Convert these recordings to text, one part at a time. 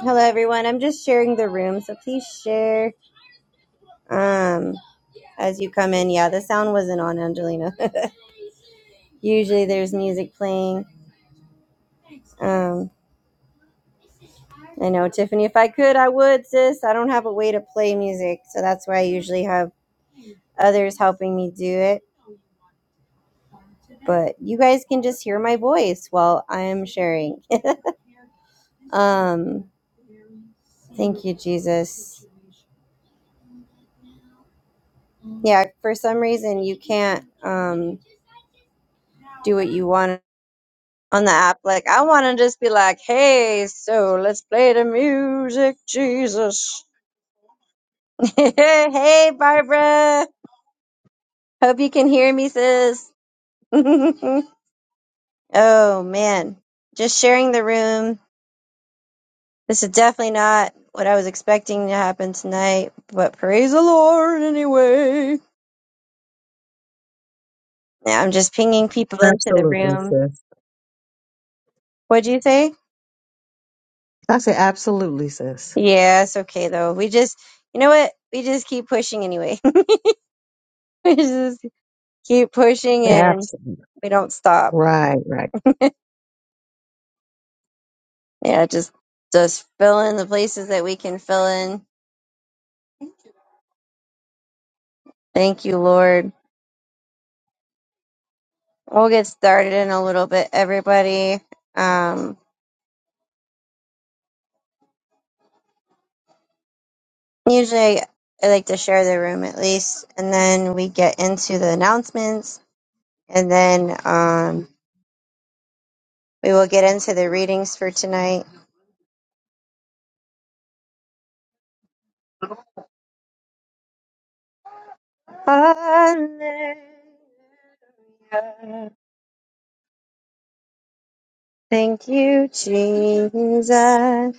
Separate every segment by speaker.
Speaker 1: Hello, everyone. I'm just sharing the room, so please share um, as you come in. Yeah, the sound wasn't on, Angelina. Usually there's music playing. Um, I know, Tiffany, if I could, I would, sis. I don't have a way to play music, so that's why I usually have others helping me do it. But you guys can just hear my voice while I am sharing. um, thank you, Jesus. Yeah, for some reason, you can't um, do what you want. on the app. Like, I want to just be like, hey, so let's play the music, Jesus. hey, Barbara. Hope you can hear me, sis. oh, man. Just sharing the room. This is definitely not what I was expecting to happen tonight, but praise the Lord anyway. Yeah, I'm just pinging people into the
Speaker 2: Absolutely,
Speaker 1: room.
Speaker 2: sis.
Speaker 1: What'd you say?
Speaker 2: I say absolutely, sis.
Speaker 1: Yeah, it's okay though. We just, you know what? We just keep pushing anyway. we just keep pushing and.
Speaker 2: Absolutely.
Speaker 1: we don't stop.
Speaker 2: Right, right.
Speaker 1: Yeah, just just fill in the places that we can fill in. Thank you, Lord. We'll get started in a little bit, everybody. Um, usually, I like to share the room at least, and then we get into the announcements, and then um, we will get into the readings for tonight. Hallelujah. Thank you, Jesus.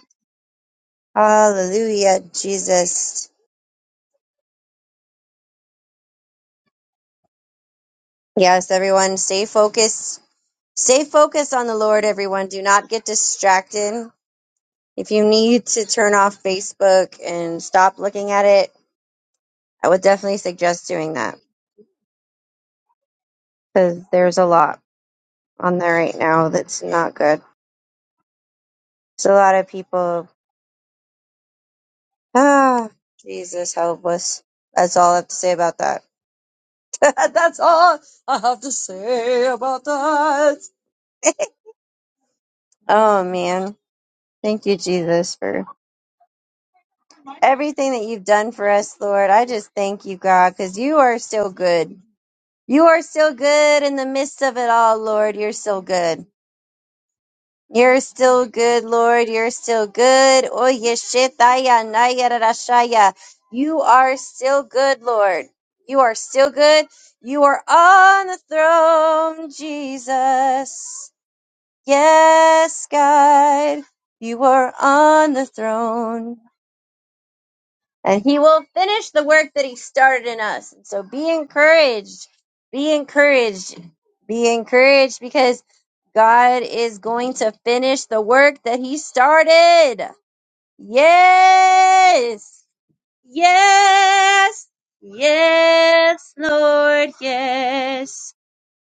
Speaker 1: Hallelujah, Jesus. Yes, everyone, stay focused. Stay focused on the Lord, everyone. Do not get distracted. If you need to turn off Facebook and stop looking at it, I would definitely suggest doing that because there's a lot on there right now that's not good. It's a lot of people. Ah, Jesus, help us. That's all I have to say about that. that's all I have to say about that. oh, man. Thank you, Jesus, for everything that you've done for us, Lord. I just thank you, God, because you are still good. You are still good in the midst of it all, Lord. You're still good. You're still good, Lord. You're still good. Oh, yeshitaya, nayarashaya. You are still good, Lord. You are still good. You are on the throne, Jesus. Yes, God. You are on the throne. and he will finish the work that he started in us. And so be encouraged. Be encouraged. Be encouraged because God is going to finish the work that he started. Yes. Yes. Yes, Lord. Yes.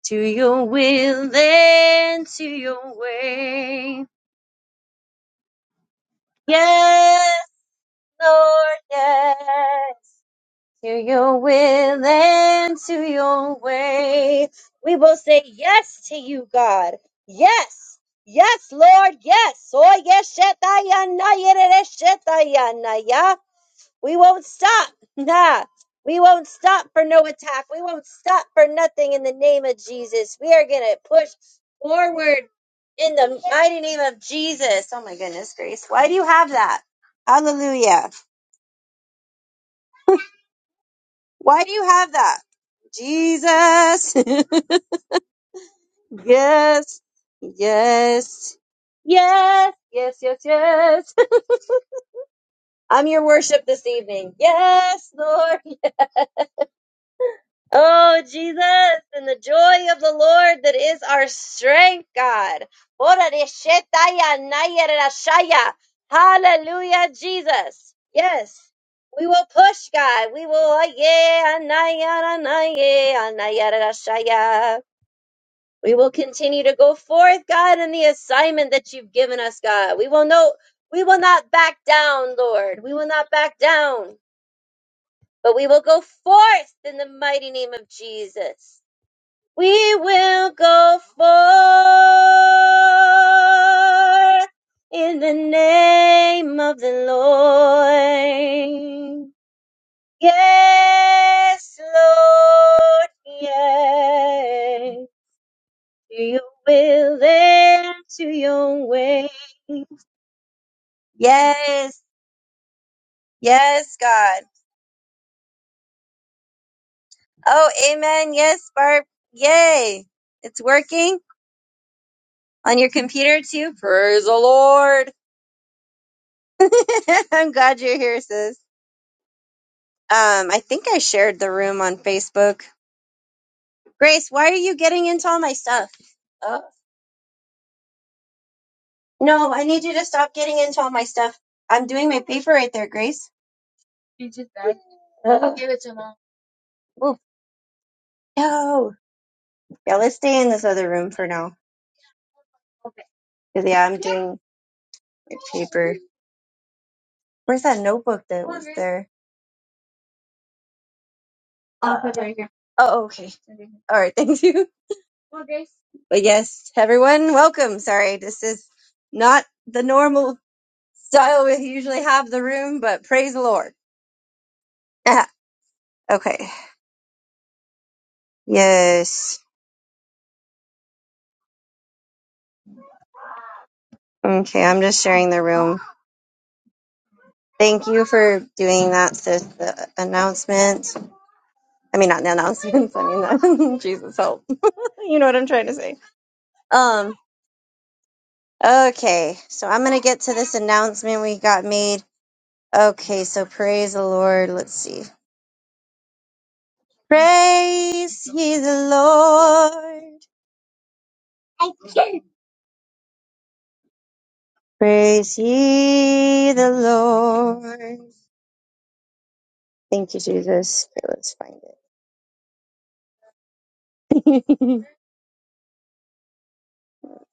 Speaker 1: To your will and to your way. Yes, Lord. Yes. to your will and to your way. We will say yes to you, God. Yes. Yes, Lord. Yes. Oh, yes. shetayana, yerere, shetayana, yeah. We won't stop. Nah. We won't stop for no attack. We won't stop for nothing in the name of Jesus. We are going to push forward in the mighty name of Jesus. Oh, my goodness, Grace. Why do you have that? Hallelujah. Why do you have that? Jesus. yes. Yes. Yes. Yes, yes, yes. I'm your worship this evening. Yes, Lord. Oh, Jesus, and the joy of the Lord that is our strength, God. Ora de shetaya naya de rashaya. Hallelujah, Jesus. Yes. We will push, God. We will, yeah, naya, naya, naya, de rashaya. We will continue to go forth, God, in the assignment that you've given us, God. We will know we will not back down, Lord. We will not back down, but we will go forth in the mighty name of Jesus. We will go forth in the name of the Lord. Yes, Lord, yes. to your will and to your way. Yes, yes, God. Oh, amen. Yes, Barb. Yay. It's working on your computer too. Praise the Lord. I'm glad you're here, sis. Um, I think I shared the room on Facebook. Grace, why are you getting into all my stuff? Oh. No, I need you to stop getting into all my stuff. I'm doing my paper right there, Grace. You just died. Oh, no. Yeah, let's stay in this other room for now. 'Cause, yeah, I'm doing my paper. Where's that notebook that was there? I'll put it right here. Oh, okay. All right, thank you. But yes, everyone, welcome. Sorry, this is not the normal style we usually have the room, but praise the Lord. Ah, okay. Yes. Okay, I'm just sharing the room. Thank you for doing that, sis. The announcement. I mean, not the announcement. I mean, that. Jesus help. you know what I'm trying to say. Um. Okay, so I'm going to get to this announcement we got made. Okay, so praise the Lord. Let's see. Praise ye the Lord. Praise ye the Lord. Thank you, Jesus. Okay, let's find it.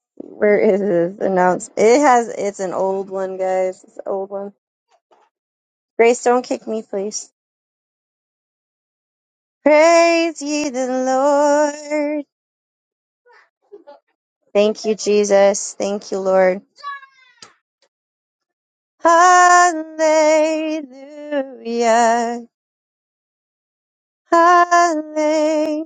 Speaker 1: Where is this announcement? It has, it's an old one, guys. It's an old one. Grace, don't kick me, please. Praise ye the Lord. Thank you, Jesus. Thank you, Lord. Hallelujah. Hallelujah.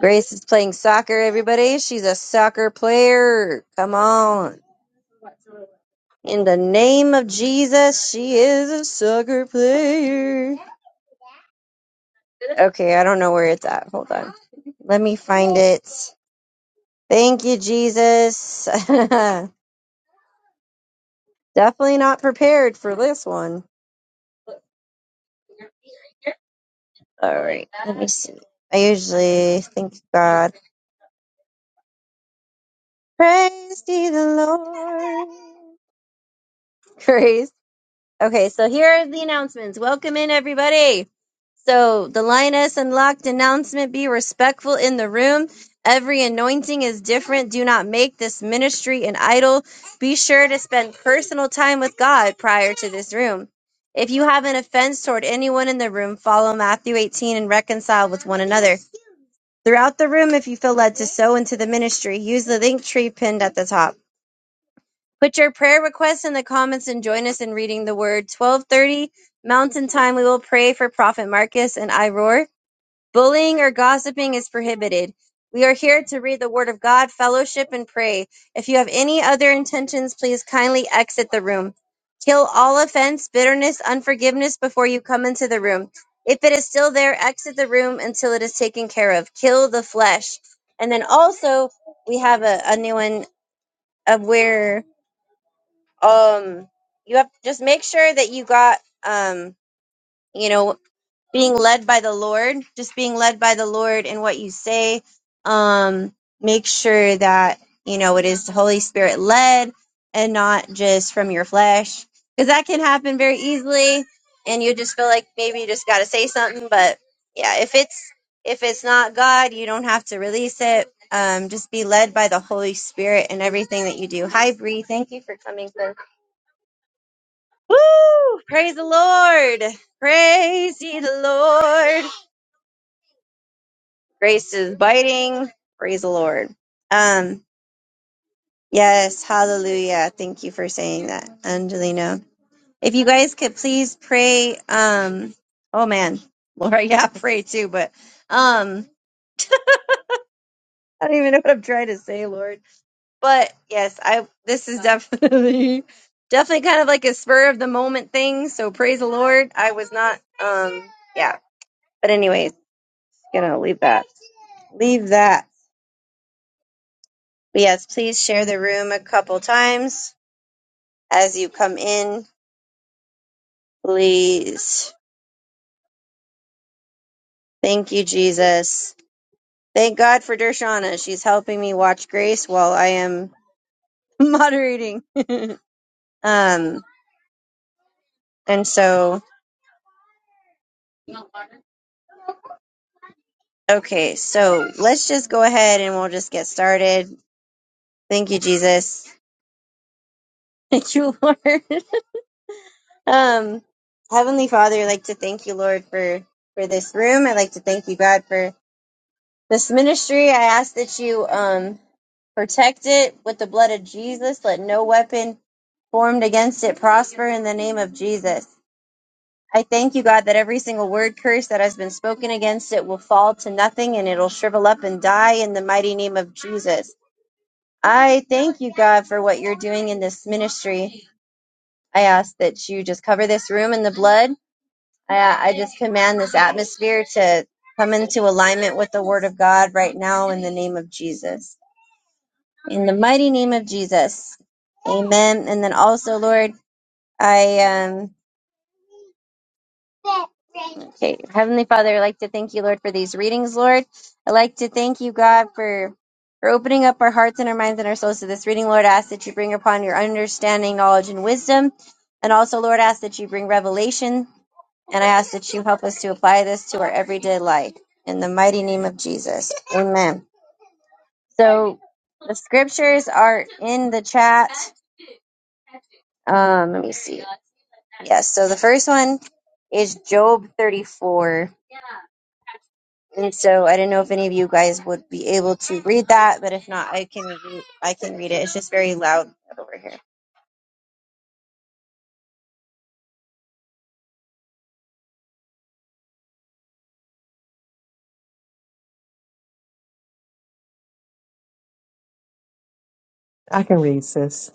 Speaker 1: Grace is playing soccer, everybody. She's a soccer player. Come on. In the name of Jesus, she is a soccer player. Okay, I don't know where it's at. Hold on. Let me find it. Thank you, Jesus. Definitely not prepared for this one. All right, let me see. I usually thank God. Praise be the Lord. Grace. Okay, so here are the announcements. Welcome in, everybody. So, the Lioness Unlocked announcement be respectful in the room. Every anointing is different. Do not make this ministry an idol. Be sure to spend personal time with God prior to this room. If you have an offense toward anyone in the room, follow Matthew 18 and reconcile with one another. Throughout the room, if you feel led to sow into the ministry, use the link tree pinned at the top. Put your prayer requests in the comments and join us in reading the word. 12:30 Mountain Time we will pray for Prophet Marcus and I Bullying or gossiping is prohibited. We are here to read the word of God, fellowship and pray. If you have any other intentions, please kindly exit the room. Kill all offense, bitterness, unforgiveness before you come into the room. If it is still there, exit the room until it is taken care of. Kill the flesh. And then also, we have a, a new one of where um you have just make sure that you got um you know being led by the lord just being led by the lord in what you say um make sure that you know it is holy spirit led and not just from your flesh because that can happen very easily and you just feel like maybe you just got to say something but yeah if it's if it's not god you don't have to release it um, just be led by the holy spirit in everything that you do hi bree thank you for coming Praise the Lord. Praise ye the Lord. Grace is biting. Praise the Lord. Um, yes, hallelujah. Thank you for saying that, Angelina. If you guys could please pray, um, oh man, Laura, yeah, pray too, but um, I don't even know what I'm trying to say, Lord. But yes, I this is definitely definitely kind of like a spur of the moment thing. So praise the Lord. I was not um yeah. But anyways, gonna leave that. leave that. But yes, please share the room a couple times as you come in. Please. Thank you, Jesus. Thank God for Dershana. She's helping me watch Grace while I am moderating. um, and so, okay, so let's just go ahead and we'll just get started. Thank you, Jesus. Thank you, Lord. um, Heavenly Father, I'd like to thank you, Lord, for for this room. I'd like to thank you, God, for This ministry, I ask that you um, protect it with the blood of Jesus. Let no weapon formed against it prosper in the name of Jesus. I thank you, God, that every single word curse that has been spoken against it will fall to nothing and it'll shrivel up and die in the mighty name of Jesus. I thank you, God, for what you're doing in this ministry. I ask that you just cover this room in the blood. I, I just command this atmosphere to come into alignment with the word of God right now in the name of Jesus. In the mighty name of Jesus. Amen. And then also, Lord, I um okay, Heavenly Father, I'd like to thank you, Lord, for these readings, Lord. I'd like to thank you, God, for for opening up our hearts and our minds and our souls to this reading, Lord. I ask that you bring upon your understanding, knowledge, and wisdom. And also, Lord, I ask that you bring revelation. And I ask that you help us to apply this to our everyday life. In the mighty name of Jesus. Amen. So the scriptures are in the chat. Um, let me see. Yes, so the first one is Job 34. And so I did not know if any of you guys would be able to read that, but if not, I can re- I can read it. It's just very loud over here.
Speaker 2: I can read, sis.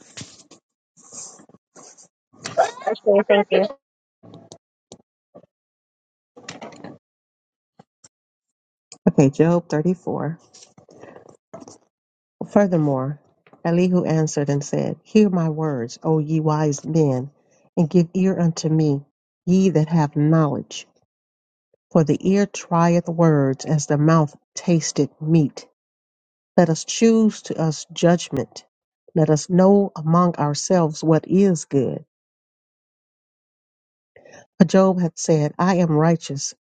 Speaker 2: Okay, Job 34. Furthermore, Elihu answered and said, Hear my words, O ye wise men, and give ear unto me, ye that have knowledge. For the ear trieth words as the mouth tasteth meat. Let us choose to us judgment. Let us know among ourselves what is good. For Job had said, I am righteous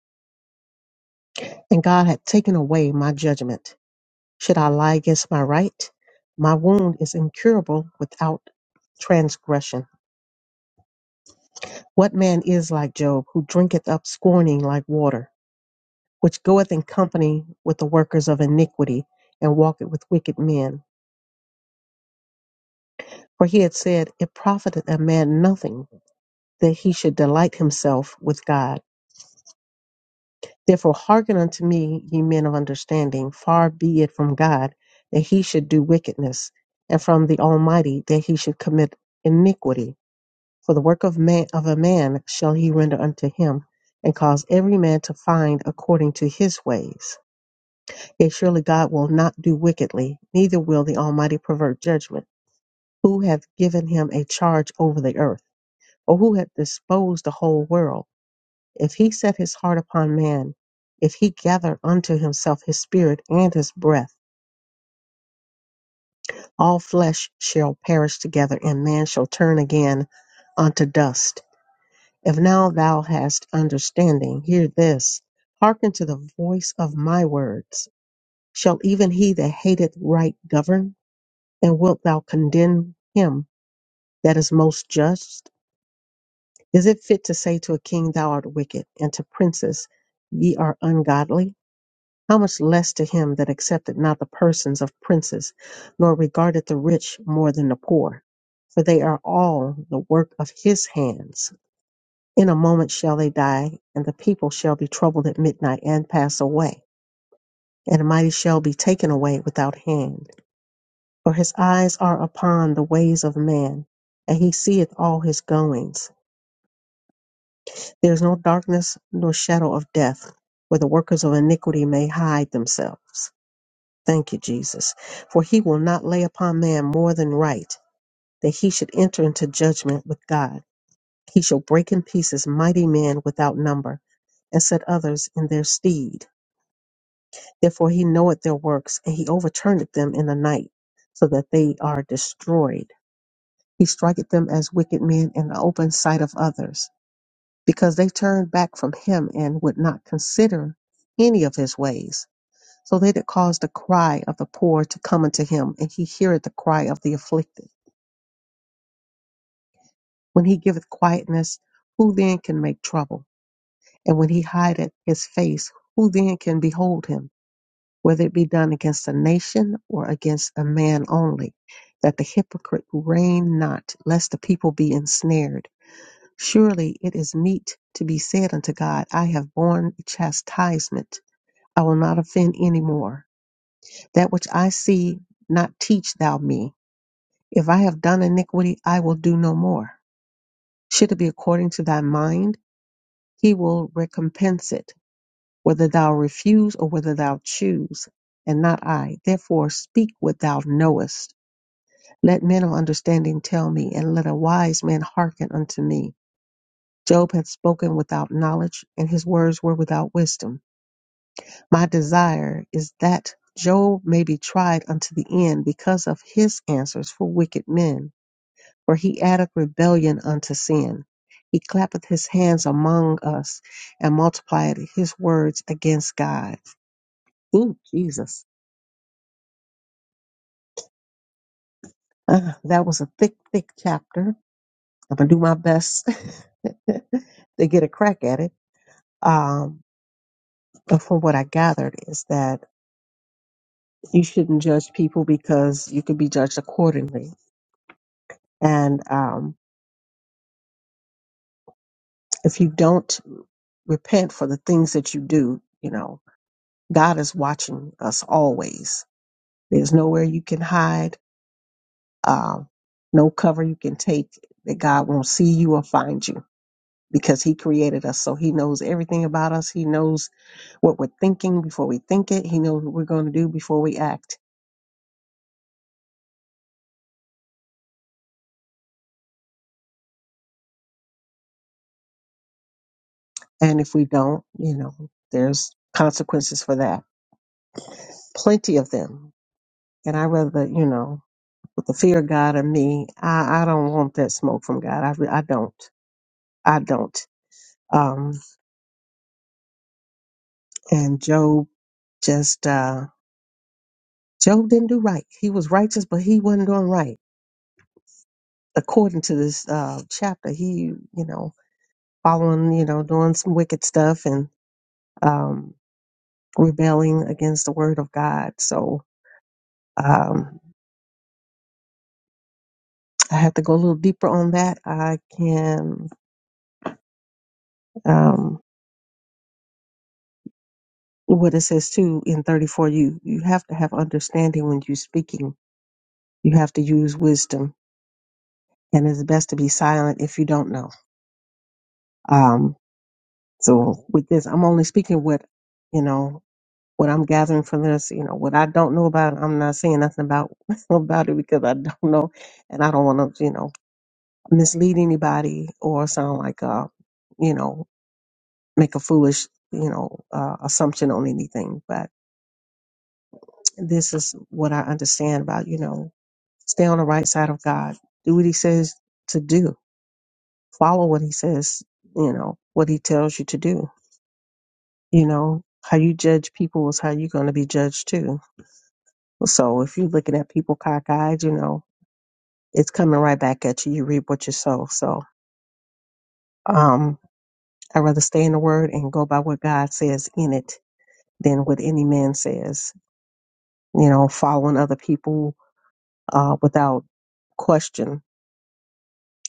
Speaker 2: and God hath taken away my judgment. Should I lie against my right? My wound is incurable without transgression. What man is like Job, who drinketh up scorning like water, which goeth in company with the workers of iniquity, and walketh with wicked men? For he had said, It profiteth a man nothing that he should delight himself with God. Therefore, hearken unto me, ye men of understanding. Far be it from God that he should do wickedness, and from the Almighty that he should commit iniquity. For the work of man of a man shall he render unto him, and cause every man to find according to his ways. Yet surely God will not do wickedly, neither will the Almighty pervert judgment. Who hath given him a charge over the earth, or who hath disposed the whole world? If he set his heart upon man, if he gather unto himself his spirit and his breath, all flesh shall perish together, and man shall turn again unto dust. If now thou hast understanding, hear this. Hearken to the voice of my words. Shall even he that hateth right govern? And wilt thou condemn him that is most just? Is it fit to say to a king, Thou art wicked, and to princes, Ye are ungodly? How much less to him that accepted not the persons of princes, nor regarded the rich more than the poor? For they are all the work of his hands. In a moment shall they die, and the people shall be troubled at midnight and pass away, and the mighty shall be taken away without hand. For his eyes are upon the ways of man, and he seeth all his goings. There is no darkness nor shadow of death, where the workers of iniquity may hide themselves. Thank you, Jesus. For he will not lay upon man more than right, that he should enter into judgment with God. He shall break in pieces mighty men without number, and set others in their stead. Therefore he knoweth their works, and he overturneth them in the night, so that they are destroyed. He striketh them as wicked men in the open sight of others, because they turned back from him and would not consider any of his ways. So that it caused the cry of the poor to come unto him, and he heareth the cry of the afflicted. When he giveth quietness, who then can make trouble? And when he hideth his face, who then can behold him? Whether it be done against a nation or against a man only, that the hypocrite reign not, lest the people be ensnared. Surely it is meet to be said unto God, I have borne chastisement. I will not offend any more. That which I see, not teach thou me If I have done iniquity, I will do no more. Should it be according to thy mind, he will recompense it, whether thou refuse or whether thou choose, and not I. Therefore speak what thou knowest. Let men of understanding tell me, and let a wise man hearken unto me. Job hath spoken without knowledge, and his words were without wisdom. My desire is that Job may be tried unto the end because of his answers for wicked men For he addeth rebellion unto sin. He clappeth his hands among us and multiplieth his words against God. Ooh, Jesus. Uh, that was a thick, thick chapter. I'm going to do my best to get a crack at it. Um, but from what I gathered is that you shouldn't judge people because you could be judged accordingly. And um, if you don't repent for the things that you do, you know, God is watching us always There's nowhere you can hide, um, no cover you can take that God won't see you or find you because He created us. So He knows everything about us. He knows what we're thinking before we think it. He knows what we're going to do before we act. And if we don't, you know, there's consequences for that. Plenty of them. And I rather, you know, with the fear of God in me, I, I don't want that smoke from God. I, re- I don't. I don't. Um, and Job just, uh, Job didn't do right. He was righteous, but he wasn't doing right. According to this uh, chapter, he, you know, following, you know, doing some wicked stuff and um, rebelling against the word of God. So um, I have to go a little deeper on that. I can, um, what it says too in 34, you, you have to have understanding when you're speaking. You have to use wisdom, and it's best to be silent if you don't know. Um, so with this, I'm only speaking what you know What I'm gathering from this, you know, what I don't know about, I'm not saying nothing about about it because I don't know, and I don't want to, you know, mislead anybody or sound like, uh, you know, make a foolish, you know, uh, assumption on anything. But this is what I understand about, you know, stay on the right side of God, do what He says to do, follow what He says, you know, what He tells you to do, you know. How you judge people is how you're going to be judged too. So if you're looking at people cockeyed, you know, it's coming right back at you. You reap what you sow. So um, I'd rather stay in the word and go by what God says in it than what any man says. You know, following other people uh, without question,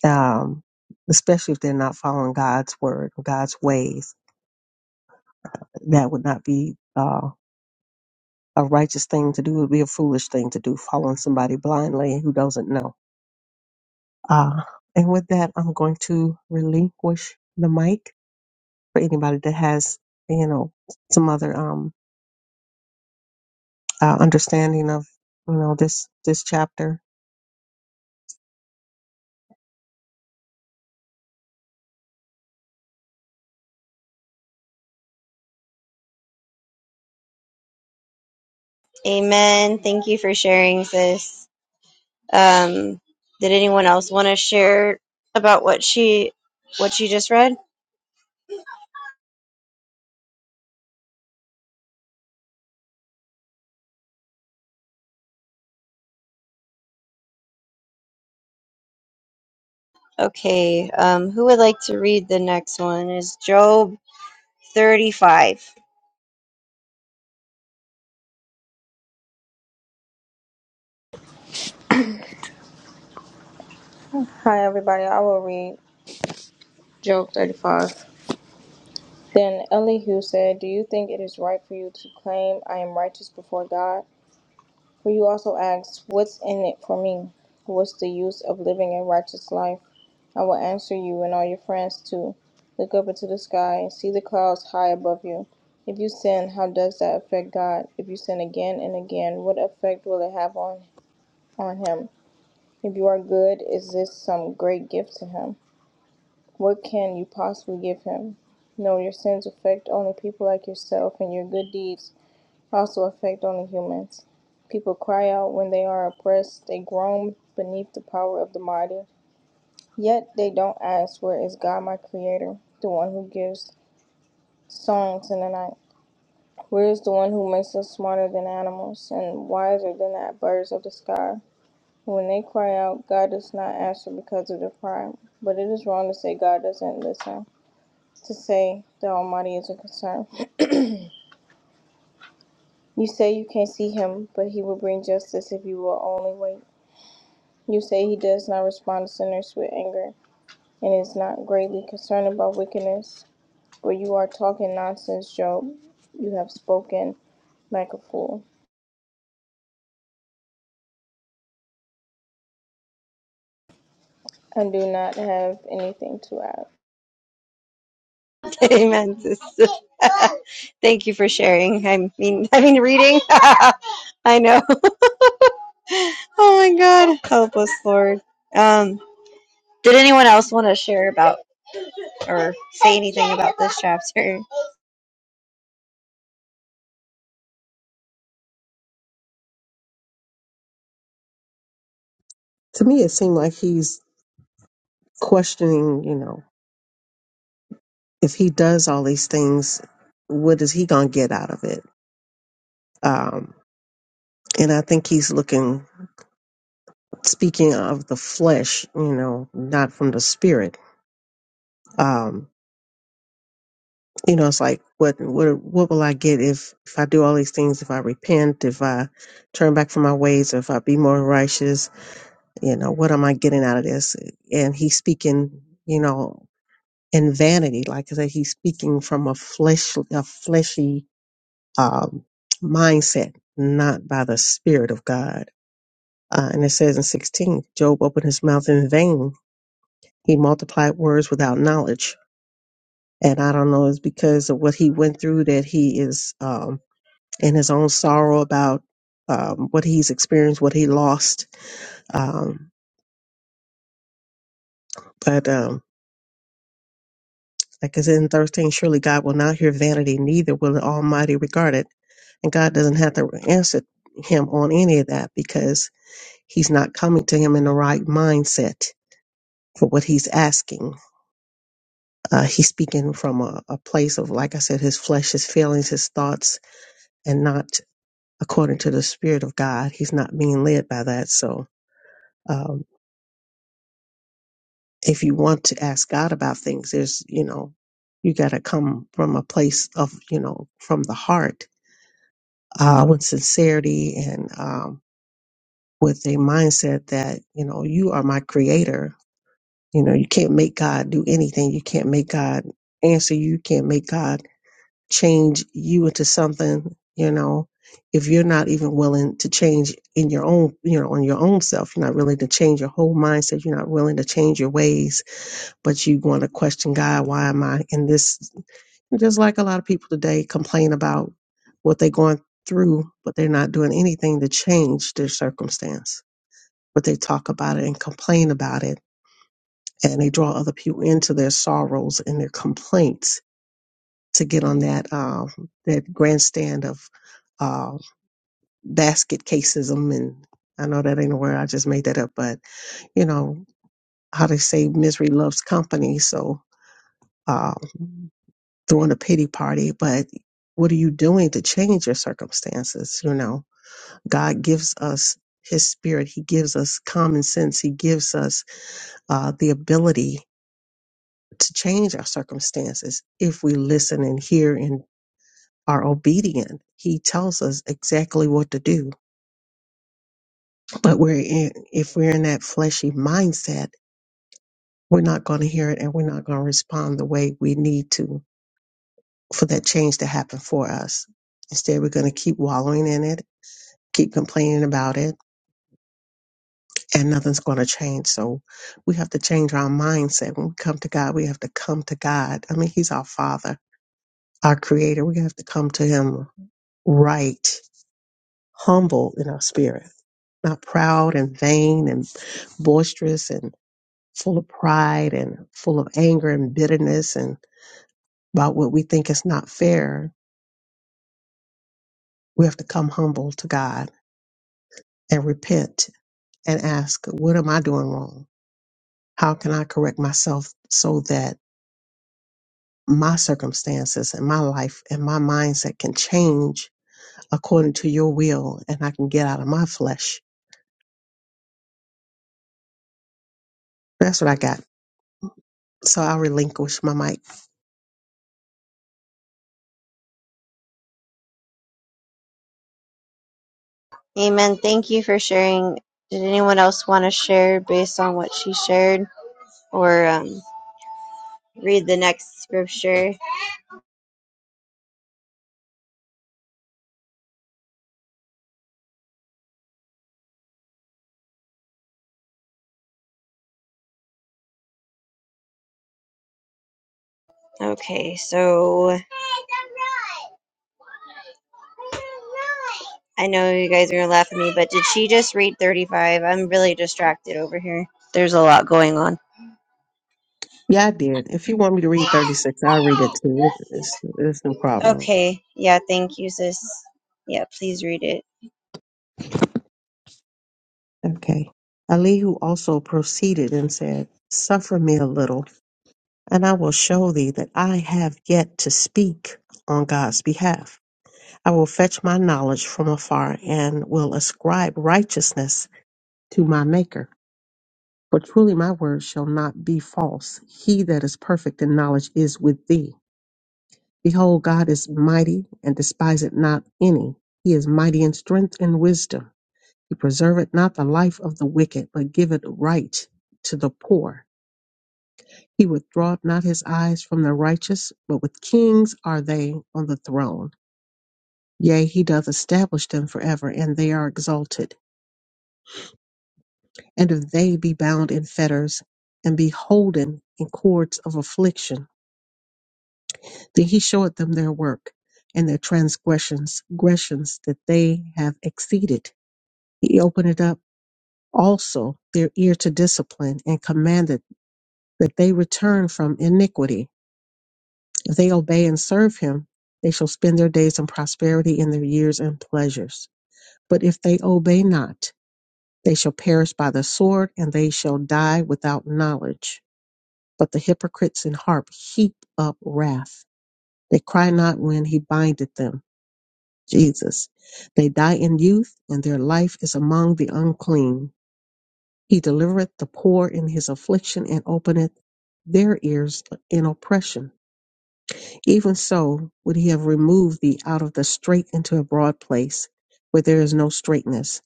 Speaker 2: um, especially if they're not following God's word, God's ways, that would not be uh, a righteous thing to do. It would be a foolish thing to do, following somebody blindly who doesn't know. Uh, and with that, I'm going to relinquish the mic. for anybody that has you know some other um uh, understanding of you know this this chapter
Speaker 1: Amen. Thank you for sharing sis. Um, did anyone else want to share about what she what she just read? Okay. Um, who would like to read the next one? Is Job 35.
Speaker 3: Hi, everybody. I will read Job 35. Then Elihu said, Do you think it is right for you to claim I am righteous before God? For you also asked, What's in it for me? What's the use of living a righteous life? I will answer you and all your friends too. Look up into the sky and see the clouds high above you. If you sin, how does that affect God? If you sin again and again, what effect will it have on, on Him? If you are good, is this some great gift to Him? What can you possibly give him? No, your sins affect only people like yourself, and your good deeds also affect only humans. People cry out when they are oppressed, they groan beneath the power of the mighty. Yet they don't ask, Where is God, my Creator, the one who gives songs in the night? Where is the one who makes us smarter than animals and wiser than the birds of the sky? When they cry out, God does not answer because of their pride. But it is wrong to say God doesn't listen. to say the Almighty is concerned. You say you can't see him, but he will bring justice if you will only wait. You say he does not respond to sinners with anger and is not greatly concerned about wickedness, but you are talking nonsense, Job. You have spoken like a fool and do not have anything to add.
Speaker 1: Amen. sis. Thank you for sharing. I mean, I mean, reading. I know. Oh my God, help us, Lord. Um, did anyone else want to share about or say anything about this chapter?
Speaker 2: to me it seemed like he's questioning you know if he does all these things what is he gonna get out of it um and i think he's looking speaking of the flesh you know not from the spirit um you know it's like what what what will i get if if i do all these things if i repent if i turn back from my ways or if i be more righteous you know what am i getting out of this and he's speaking you know in vanity like i said he's speaking from a flesh a fleshy um, mindset not by the spirit of god uh, and it says in 16 job opened his mouth in vain he multiplied words without knowledge and i don't know it's because of what he went through that he is um, in his own sorrow about um, what he's experienced what he lost um, but um, Like it says in 13, surely God will not hear vanity, neither will the Almighty regard it. And God doesn't have to answer him on any of that because he's not coming to him in the right mindset for what he's asking. Uh, he's speaking from a, a place of, like I said, his flesh, his feelings, his thoughts, and not according to the Spirit of God. He's not being led by that. So um, if you want to ask God about things, there's, you know, you got to come from a place of, you know, from the heart uh, with sincerity and um, with a mindset that you know you are my creator. You know you can't make God do anything. You can't make God answer you. You can't make God change you into something. You know if you're not even willing to change in your own you know on your own self you're not willing to change your whole mindset you're not willing to change your ways but you want to question god why am i in this just like a lot of people today complain about what they're going through, but they're not doing anything to change their circumstance. But they talk about it and complain about it, and they draw other people into their sorrows and their complaints to get on that um, that grandstand of uh, basket caseism. And I know that ain't a word; I just made that up. But you know how they say misery loves company, so. Um, throwing a pity party, but what are you doing to change your circumstances? You know, God gives us His Spirit, He gives us common sense, He gives us uh, the ability to change our circumstances if we listen and hear and are obedient. He tells us exactly what to do, but we're in, if we're in that fleshy mindset, we're not going to hear it and we're not going to respond the way we need to for that change to happen for us. Instead, we're going to keep wallowing in it keep complaining about it and nothing's going to change. So we have to change our mindset. When we come to God, we have to come to God. I mean, He's our Father, our Creator. We have to come to Him right, humble in our spirit, not proud and vain and boisterous and full of pride and full of anger and bitterness and about what we think is not fair. We have to come humble to God and repent and ask, What am I doing wrong? How can I correct myself so that? my circumstances and my life and my mindset can change according to your will and I can get out of my flesh. That's what I got. So I'll relinquish my mic.
Speaker 1: Amen. Thank you for sharing. Did anyone else want to share based on what she shared, or um, read the next scripture? Okay, so I know you guys are gonna laugh at me, but did she just read thirty-five? I'm really distracted over here. There's a lot going on.
Speaker 2: Yeah, I did. If you want me to read 36, I'll read it too. It, it's, it's no problem.
Speaker 1: Okay. Yeah, thank you, sis. Yeah, please read it.
Speaker 2: Okay. Elihu also proceeded and said, Suffer me a little, and I will show thee that I have yet to speak on God's behalf. I will fetch my knowledge from afar and will ascribe righteousness to my Maker. For truly my word shall not be false. He that is perfect in knowledge is with thee. Behold, God is mighty and despiseth not any. He is mighty in strength and wisdom. He preserveth not the life of the wicked, but giveth right to the poor. He withdraweth not his eyes from the righteous, but with kings are they on the throne. Yea, he doth establish them forever, and they are exalted. And if they be bound in fetters, and be holden in cords of affliction, Then he showed them their work and their transgressions, gressions that they have exceeded. He opened it up also their ear to discipline and commanded that they return from iniquity. If they obey and serve him, they shall spend their days in prosperity and their years in pleasures. But if they obey not, they shall perish by the sword and they shall die without knowledge. But the hypocrites in harp heap up wrath. They cry not when he bindeth them Jesus. They die in youth, and their life is among the unclean. He delivereth the poor in his affliction, and openeth their ears in oppression. Even so would he have removed thee out of the strait into a broad place, where there is no straightness,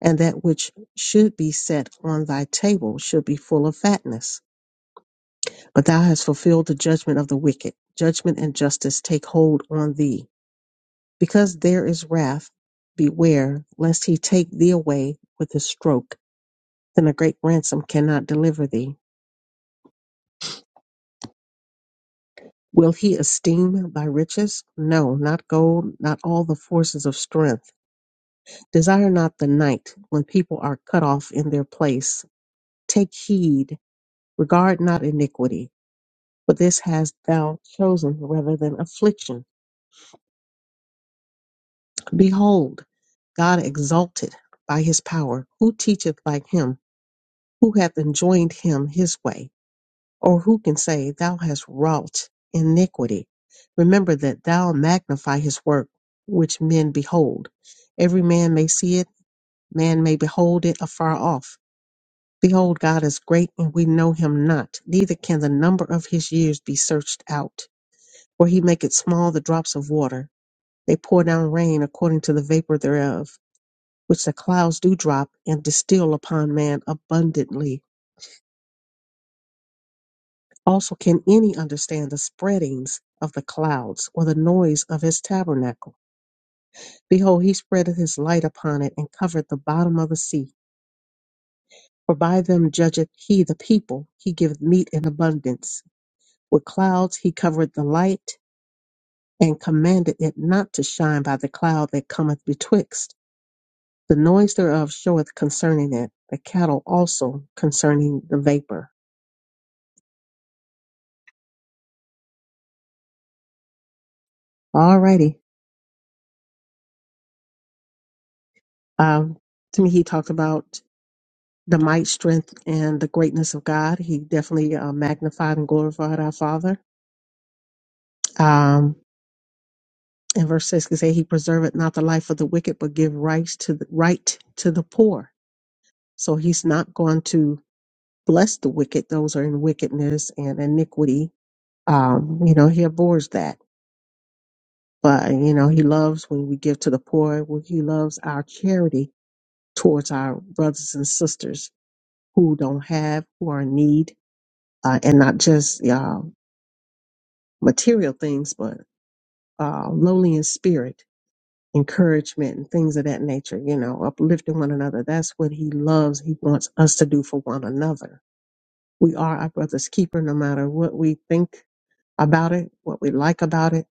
Speaker 2: and that which should be set on thy table should be full of fatness. But thou hast fulfilled the judgment of the wicked. Judgment and justice take hold on thee Because there is wrath, beware lest he take thee away with a stroke, then a great ransom cannot deliver thee. Will he esteem thy riches? No, not gold, not all the forces of strength. Desire not the night when people are cut off in their place. Take heed, regard not iniquity, for this hast thou chosen rather than affliction. Behold, God exalted by his power. Who teacheth like him? Who hath enjoined him his way? Or who can say, Thou hast wrought iniquity? Remember that thou magnify his work, which men behold. Every man may see it, man may behold it afar off. Behold, God is great, and we know him not, neither can the number of his years be searched out. For he maketh small the drops of water, they pour down rain according to the vapor thereof, which the clouds do drop, and distill upon man abundantly. Also can any understand the spreadings of the clouds, or the noise of his tabernacle? Behold, he spreadeth his light upon it, and covereth the bottom of the sea. For by them judgeth he the people, he giveth meat in abundance. With clouds he covereth the light, and commanded it not to shine by the cloud that cometh betwixt. The noise thereof showeth concerning it, the cattle also concerning the vapor. Alrighty. Um, to me, he talked about the might, strength, and the greatness of God. He definitely uh, magnified and glorified our Father. Um, in verse six, it say, "He preserveth not the life of the wicked, but give rights to the right to the poor." So He's not going to bless the wicked; those are in wickedness and iniquity. Um, you know, He abhors that, but you know, He loves when we give to the poor. When He loves our charity towards our brothers and sisters who don't have, who are in need, uh, and not just. uh, material things, but uh, lowly in spirit, encouragement, and things of that nature, you know, uplifting one another. That's what he loves. He wants us to do for one another. We are our brother's keeper, no matter what we think about it, what we like about it.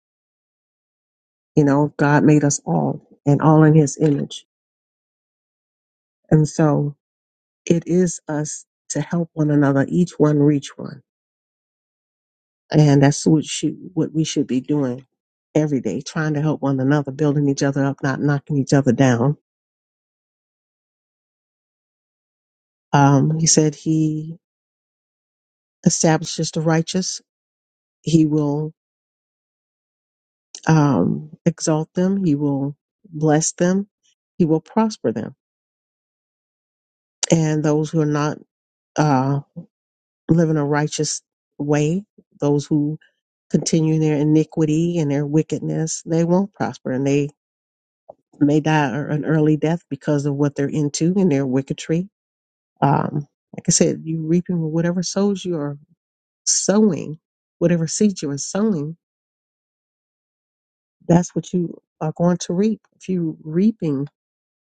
Speaker 2: You know, God made us all and all in his image. And so it is us to help one another, each one reach one. And that's what, should, what we should be doing every day, trying to help one another, building each other up, not knocking each other down Um, he said he establishes the righteous. He will um, exalt them. He will bless them. He will prosper them. And those who are not uh, living a righteous way, those who continue in their iniquity and their wickedness, they won't prosper and they may die a- an early death because of what they're into and their wickedry. Um, like I said, you reaping whatever sows you are sowing, whatever seeds you are sowing that's what you are going to reap. If you reaping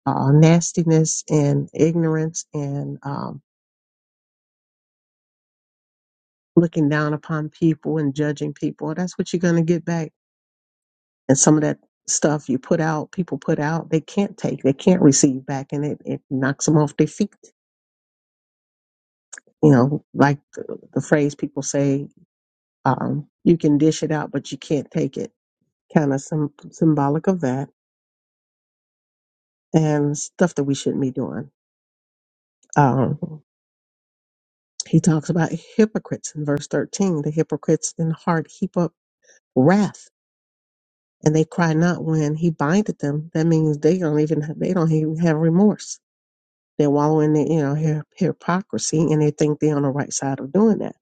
Speaker 2: uh, nastiness and ignorance and um, looking down upon people and judging people, that's what you're going to get back. And some of that stuff you put out, people put out, they can't take, they can't receive back, and it, it knocks them off their feet. You know, like the, the phrase people say, um, you can dish it out, but you can't take it. Kind of some symbolic of that and stuff that we shouldn't be doing. Um, He talks about hypocrites in verse 13. The hypocrites in heart heap up wrath and they cry not when he bindeth them. That means they don't even have, they don't even have remorse. They wallow in the, you know, hy- hypocrisy and they think they're on the right side of doing that.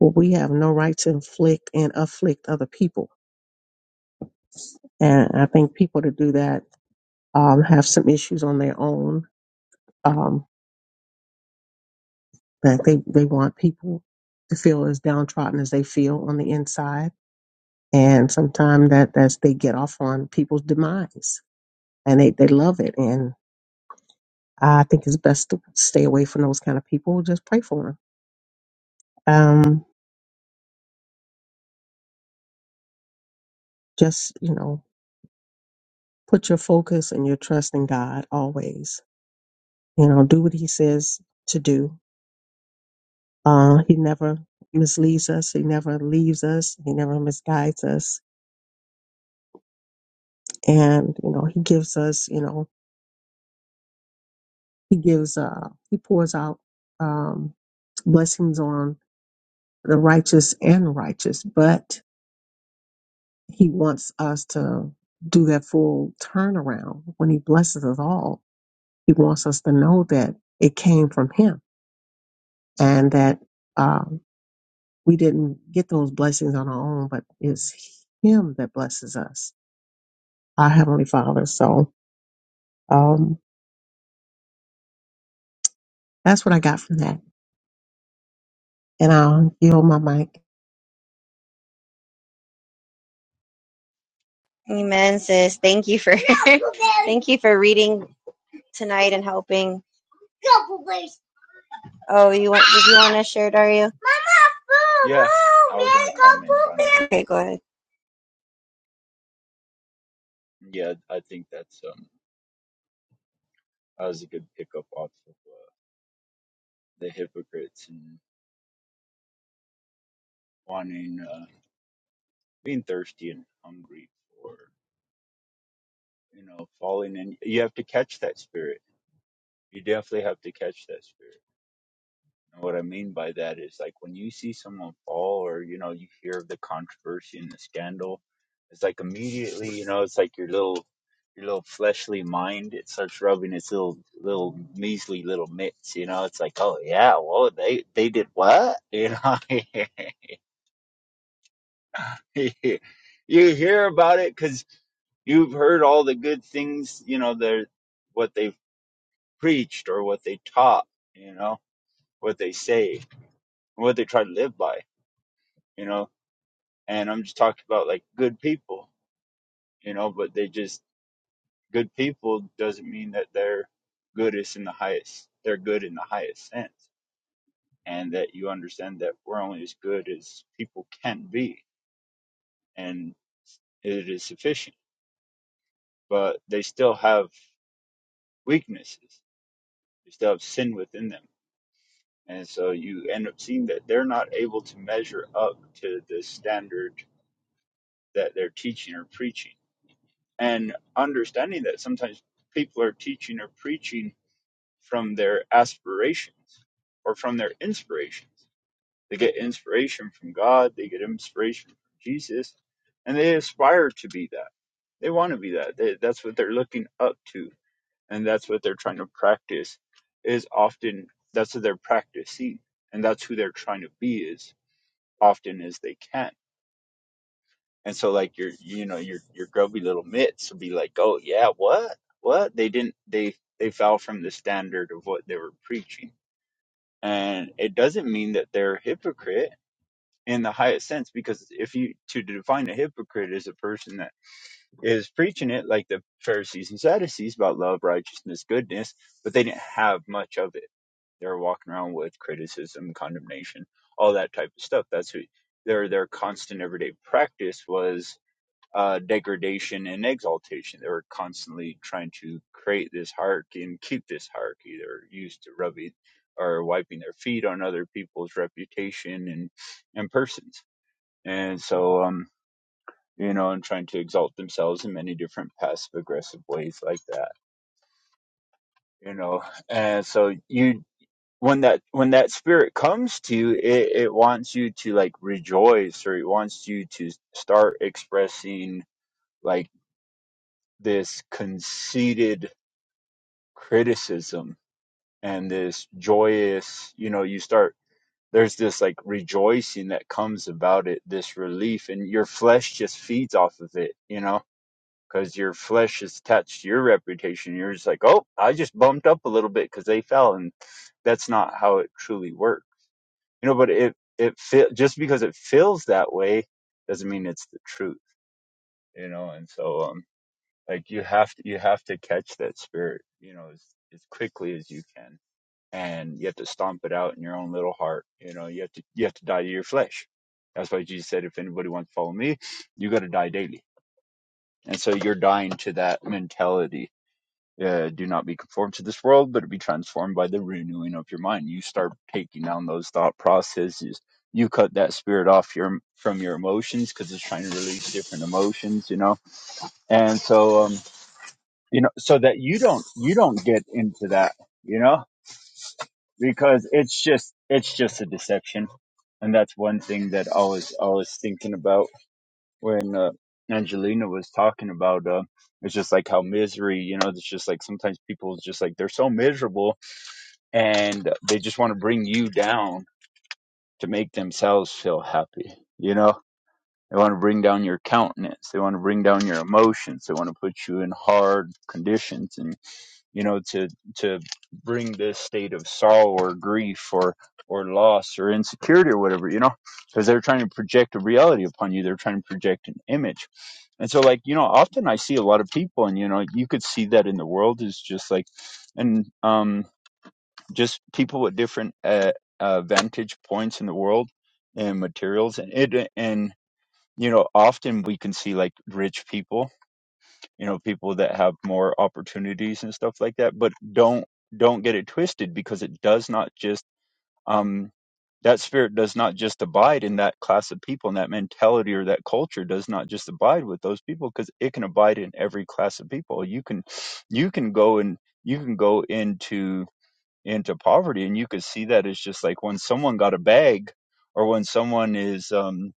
Speaker 2: Well, we have no right to inflict and afflict other people. And I think people to do that, um, have some issues on their own, um, that they, they want people to feel as downtrodden as they feel on the inside And sometimes that that's they get off on people's demise and they, they love it. And I think it's best to stay away from those kind of people. Just pray for them. Um, just, you know, put your focus and your trust in God always. You know, do what he says to do. Uh, he never misleads us. He never leaves us. He never misguides us. And, you know, he gives us, you know, he gives, uh, he pours out, um, blessings on the righteous and righteous, but he wants us to do that full turnaround. When he blesses us all, he wants us to know that it came from him and that um, we didn't get those blessings on our own, but it's him that blesses us, our Heavenly Father. So um, that's what I got from that. And I'll yield my mic.
Speaker 1: Amen, sis. Thank you for thank you for reading tonight and helping. Oh, you want did you want to share Dario?
Speaker 4: Yeah, I was gonna comment on
Speaker 1: Okay, go ahead.
Speaker 4: it. Yeah, I think that's um that was a good pickup off of uh, the hypocrites and wanting uh, being thirsty and hungry for you know falling in. You have to catch that spirit. You definitely have to catch that spirit. And what I mean by that is like when you see someone fall or you know you hear of the controversy and the scandal, it's like immediately you know it's like your little your little fleshly mind it starts rubbing its little little measly little mitts. You know it's like oh yeah well they they did what you know you hear about it because you've heard all the good things you know they're what they've preached or what they taught you know what they say what they try to live by you know and I'm just talking about like good people, you know, but they just good people doesn't mean that they're good is in the highest. They're good in the highest sense. And that you understand that we're only as good as people can be and it is sufficient. But they still have weaknesses. They still have sin within them. And so you end up seeing that they're not able to measure up to the standard that they're teaching or preaching. And understanding that sometimes people are teaching or preaching from their aspirations or from their inspirations. They get inspiration from God, they get inspiration from Jesus, and they aspire to be that. They want to be that. They, that's what they're looking up to, and that's what they're trying to practice. Is often that's what they're practicing, and that's who they're trying to be as often as they can. And so, like your, you know, your your grubby little mitts will be like, "Oh yeah, what, what? They didn't. They they fell from the standard of what they were preaching." and it doesn't mean that they're a hypocrite in the highest sense because if you to define a hypocrite as a person that is preaching it like the pharisees and sadducees about love righteousness goodness but they didn't have much of it they were walking around with criticism condemnation all that type of stuff that's who their their constant everyday practice was uh, degradation and exaltation. They were constantly trying to create this hierarchy and keep this hierarchy. They're used to rubbing or wiping their feet on other people's reputation and and persons. And so, um, you know, and trying to exalt themselves in many different passive aggressive ways like that. You know, and so you when that when that spirit comes to you, it, it wants you to like rejoice or it wants you to start expressing like this conceited criticism and this joyous, you know, you start there's this like rejoicing that comes about it, this relief, and your flesh just feeds off of it, you know, because your flesh is attached to your reputation. You're just like, oh, I just bumped up a little bit because they fell, and that's not how it truly works, you know. But it it feel just because it feels that way doesn't mean it's the truth, you know. And so, um Like you have to you have to catch that spirit, you know, as as quickly as you can. And you have to stomp it out in your own little heart. You know, you have to you have to die to your flesh. That's why Jesus said, if anybody wants to follow me, you got to die daily. And so you're dying to that mentality. Uh, do not be conformed to this world, but be transformed by the renewing of your mind. You start taking down those thought processes. You cut that spirit off your from your emotions because it's trying to release different emotions, you know. And so, um, you know, so that you don't, you don't get into that, you know, because it's just, it's just a deception. And that's one thing that I was, I was thinking about when, uh, Angelina was talking about, uh, it's just like how misery, you know, it's just like sometimes people just like, they're so miserable and they just want to bring you down to make themselves feel happy, you know? They want to bring down your countenance. They want to bring down your emotions. They want to put you in hard conditions and. you know to to bring this state of sorrow or grief or or loss or insecurity or whatever you know because they're trying to project a reality upon you they're trying to project an image and so like you know often i see a lot of people and you know you could see that in the world is just like and um just people with different uh, uh vantage points in the world and materials and it and you know often we can see like rich people you know people that have more opportunities and stuff like that but don't don't get it twisted because it does not just um that spirit does not just abide in that class of people and that mentality or that culture does not just abide with those people because it can abide in every class of people you can you can go and you can go into into poverty and you could see that as just like when someone got a bag or when someone is um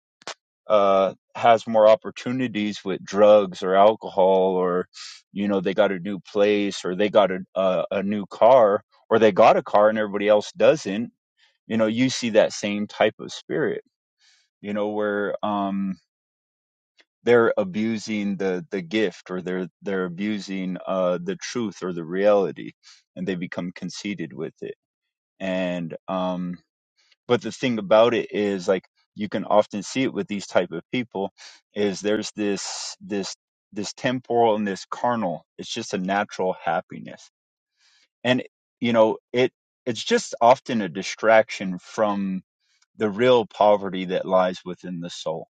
Speaker 4: uh, has more opportunities with drugs or alcohol, or you know they got a new place, or they got a a, a new car, or they got a car and everybody else doesn't. You know, you see that same type of spirit. You know, where um, they're abusing the the gift, or they're they're abusing uh, the truth or the reality, and they become conceited with it. And um, but the thing about it is like you can often see it with these type of people is there's this this this temporal and this carnal it's just a natural happiness and you know it it's just often a distraction from the real poverty that lies within the soul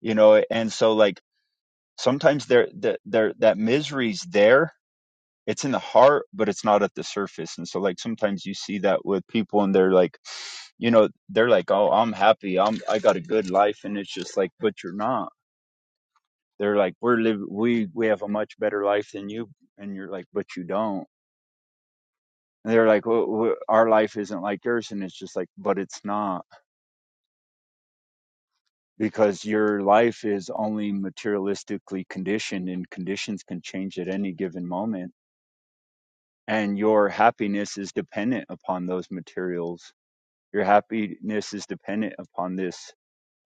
Speaker 4: you know and so like sometimes there there there- that misery's there it's in the heart but it's not at the surface and so like sometimes you see that with people and they're like you know they're like oh i'm happy i'm i got a good life and it's just like but you're not they're like we're live we we have a much better life than you and you're like but you don't and they're like well, w- our life isn't like yours and it's just like but it's not because your life is only materialistically conditioned and conditions can change at any given moment and your happiness is dependent upon those materials your happiness is dependent upon this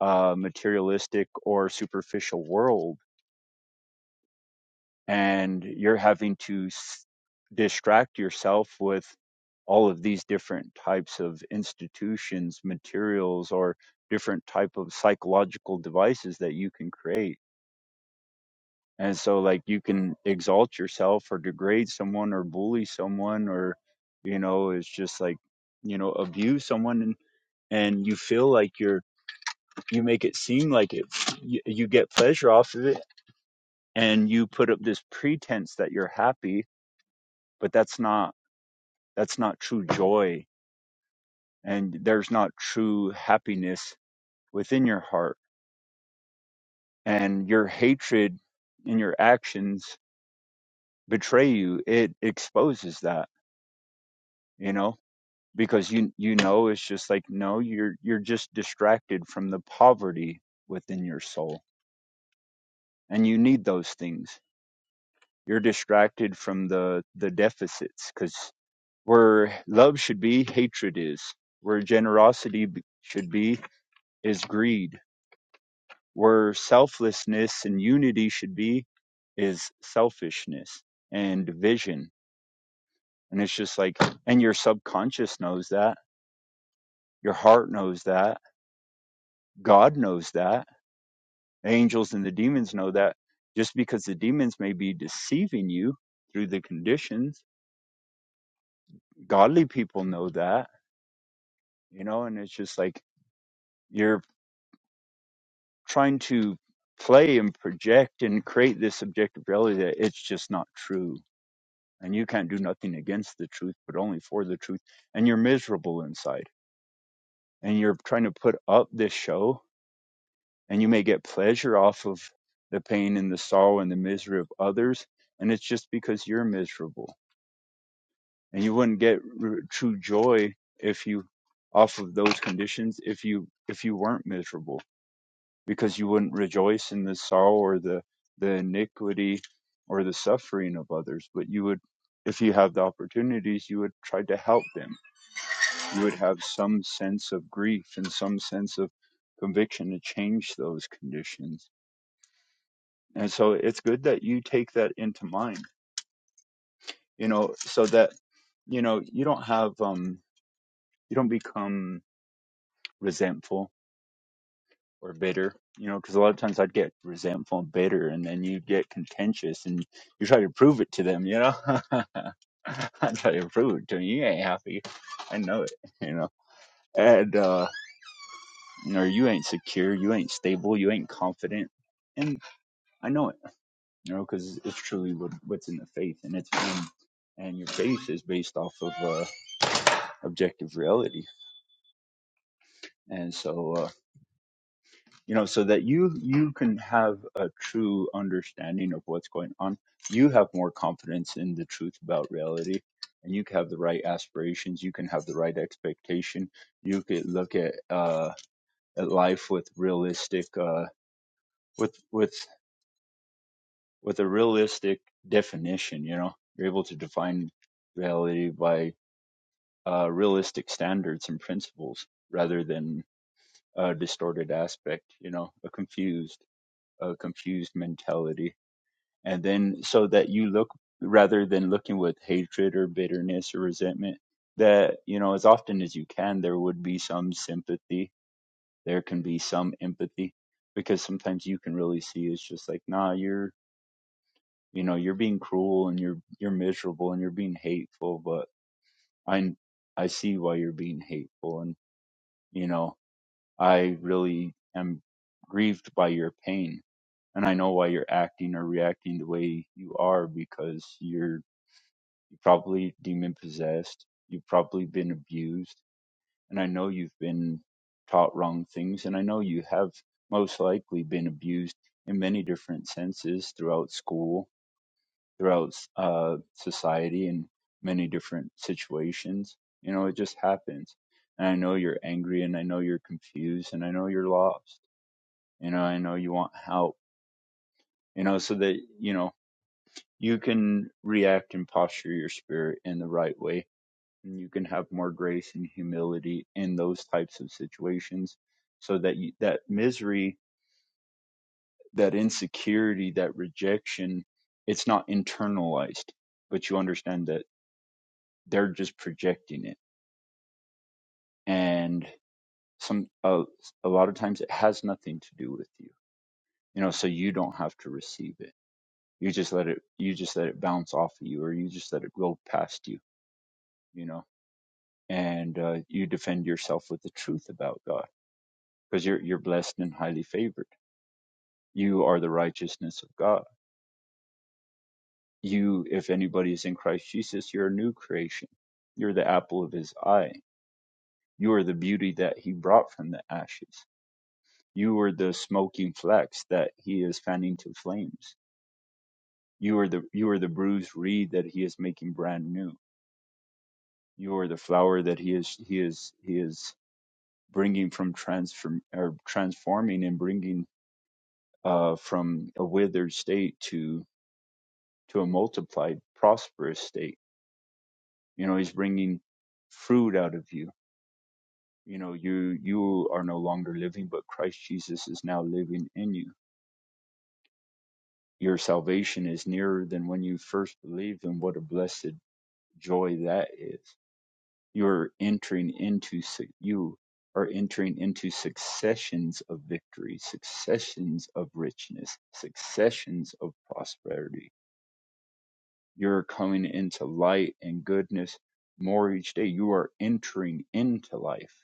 Speaker 4: uh, materialistic or superficial world and you're having to s- distract yourself with all of these different types of institutions materials or different type of psychological devices that you can create and so like you can exalt yourself or degrade someone or bully someone or you know it's just like you know abuse someone and and you feel like you're you make it seem like it you, you get pleasure off of it and you put up this pretense that you're happy but that's not That's not true joy. And there's not true happiness within your heart. And your hatred and your actions betray you. It exposes that, you know, because you, you know, it's just like, no, you're, you're just distracted from the poverty within your soul. And you need those things. You're distracted from the, the deficits because where love should be, hatred is. Where generosity b- should be, is greed where selflessness and unity should be is selfishness and division. And it's just like, and your subconscious knows that, your heart knows that, God knows that, angels and the demons know that. Just because the demons may be deceiving you through the conditions, godly people know that, you know, and it's just like you're trying to play and project and create this objective reality that it's just not true and you can't do nothing against the truth, but only for the truth. And you're miserable inside, and you're trying to put up this show, and you may get pleasure off of the pain and the sorrow and the misery of others, and it's just because you're miserable. And you wouldn't get r- true joy if you off of those conditions if you if you weren't miserable because you wouldn't rejoice in the sorrow or the the iniquity or the suffering of others but you would if you have the opportunities you would try to help them you would have some sense of grief and some sense of conviction to change those conditions. And so it's good that you take that into mind, you know, so that, you know, you don't have, um, you don't become resentful or bitter, you know, because a lot of times I'd get resentful and bitter and then you get contentious and you try to prove it to them, you know, I try to prove it to to 'em, You ain't happy. I know it, you know, and, uh, or you ain't secure, you ain't stable, you ain't confident. And I know it, you know, because it's truly what, what's in the faith, and it's and, and your faith is based off of uh, objective reality. And so, uh, you know, so that you you can have a true understanding of what's going on, you have more confidence in the truth about reality, and you can have the right aspirations, you can have the right expectation, you could look at uh, at life with realistic uh, with with with a realistic definition you know you're able to define reality by uh, realistic standards and principles rather than a distorted aspect you know a confused a confused mentality and then so that you look rather than looking with hatred or bitterness or resentment that you know as often as you can there would be some sympathy there can be some empathy because sometimes you can really see it's just like nah you're you know you're being cruel and you're you're miserable and you're being hateful but i i see why you're being hateful and you know i really am grieved by your pain and i know why you're acting or reacting the way you are because you're probably demon possessed you've probably been abused and i know you've been taught wrong things and i know you have most likely been abused in many different senses throughout school throughout uh, society in many different situations. You know, it just happens. And I know you're angry and I know you're confused and I know you're lost. You know, I know you want help, you know, so that, you know, you can react and posture your spirit in the right way. And you can have more grace and humility in those types of situations so that you, that misery, that insecurity, that rejection, it's not internalized, but you understand that they're just projecting it and some uh, a lot of times it has nothing to do with you you know so you don't have to receive it you just let it you just let it bounce off of you or you just let it go past you you know and uh, you defend yourself with the truth about god because you're you're blessed and highly favored you are the righteousness of god you if anybody is in christ jesus you're a new creation you're the apple of his eye you are the beauty that he brought from the ashes You are the smoking flax that he is fanning to flames. You are the you are the bruised reed that he is making brand new. You are the flower that he is he is he is bringing from transform or transforming and bringing uh, from a withered state to to a multiplied prosperous state. You know he's bringing fruit out of you. You know you you are no longer living, but Christ Jesus is now living in you your salvation is nearer than when you first believed and what a blessed joy that is. You're entering into you are entering into successions of victory, successions of richness, successions of prosperity. You're coming into light and goodness more each day. You are entering into life.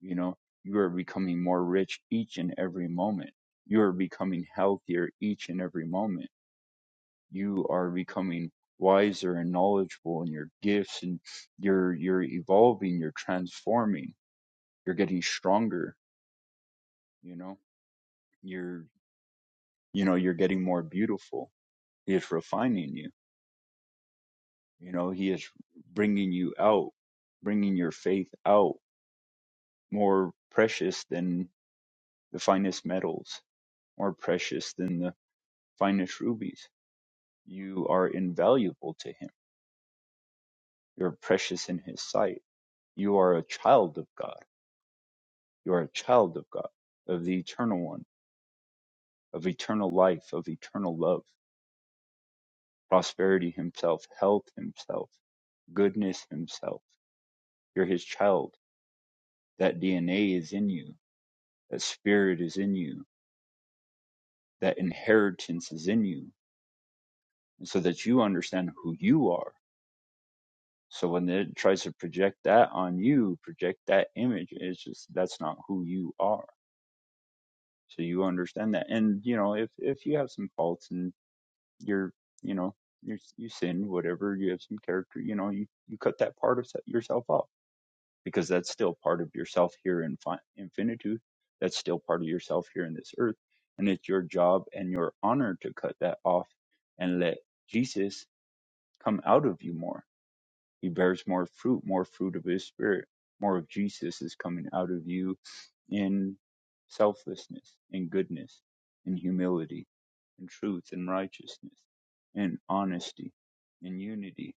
Speaker 4: You know, you are becoming more rich each and every moment. You are becoming healthier each and every moment you are becoming wiser and knowledgeable in your gifts and you're you're evolving you're transforming you're getting stronger you know you're you know you're getting more beautiful he is refining you you know he is bringing you out bringing your faith out more precious than the finest metals more precious than the finest rubies you are invaluable to him you're precious in his sight you are a child of god You are a child of God, of the eternal one, of eternal life, of eternal love, prosperity himself, health himself, goodness himself. You're his child. That DNA is in you. That spirit is in you. That inheritance is in you. And so that you understand who you are. So when it tries to project that on you, project that image, it's just that's not who you are. So you understand that. And you know, if if you have some faults and. you're you know you're you sin whatever you have some character you know you you cut that part of se- yourself off because that's still part of yourself here in fi- infinitude that's still part of yourself here in this earth and it's your job and your honor to cut that off and let jesus come out of you more he bears more fruit, more fruit of His Spirit, more of Jesus is coming out of you in selflessness, in goodness, in humility, in truth, in righteousness, in honesty, in unity,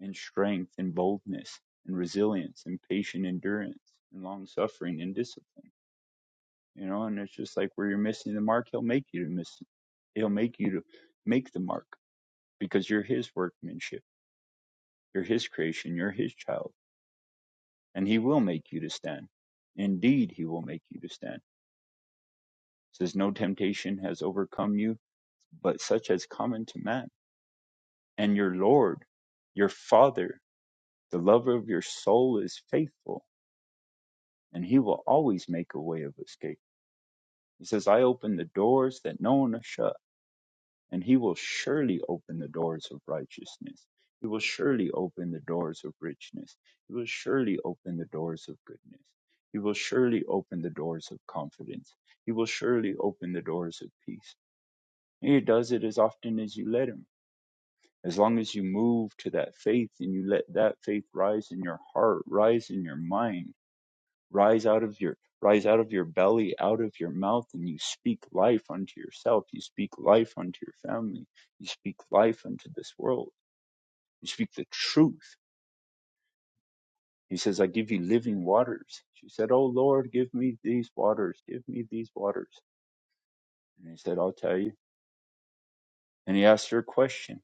Speaker 4: in strength, in boldness, in resilience, in patient endurance, in long suffering, in discipline. You know, and it's just like where you're missing the mark, He'll make you to miss it. He'll make you to make the mark because you're His workmanship, you're His creation, you're His child and he will make you to stand. Indeed, he will make you to stand. Says, No temptation has overcome you, but such as common to man. And your Lord, your Father, the lover of your soul is faithful, and he will always make a way of escape. He says, I open the doors that no one has shut and he will surely open the doors of righteousness. He will surely open the doors of richness. He will surely open the doors of goodness. He will surely open the doors of confidence. He will surely open the doors of peace. And he does it as often as you let him. As long as you move to that faith and you let that faith rise in your heart, rise in your mind, rise out of your rise out of your belly out of your mouth and you speak life unto yourself you speak life unto your family you speak life unto this world you speak the truth he says i give you living waters she said oh lord give me these waters give me these waters and he said i'll tell you and he asked her a question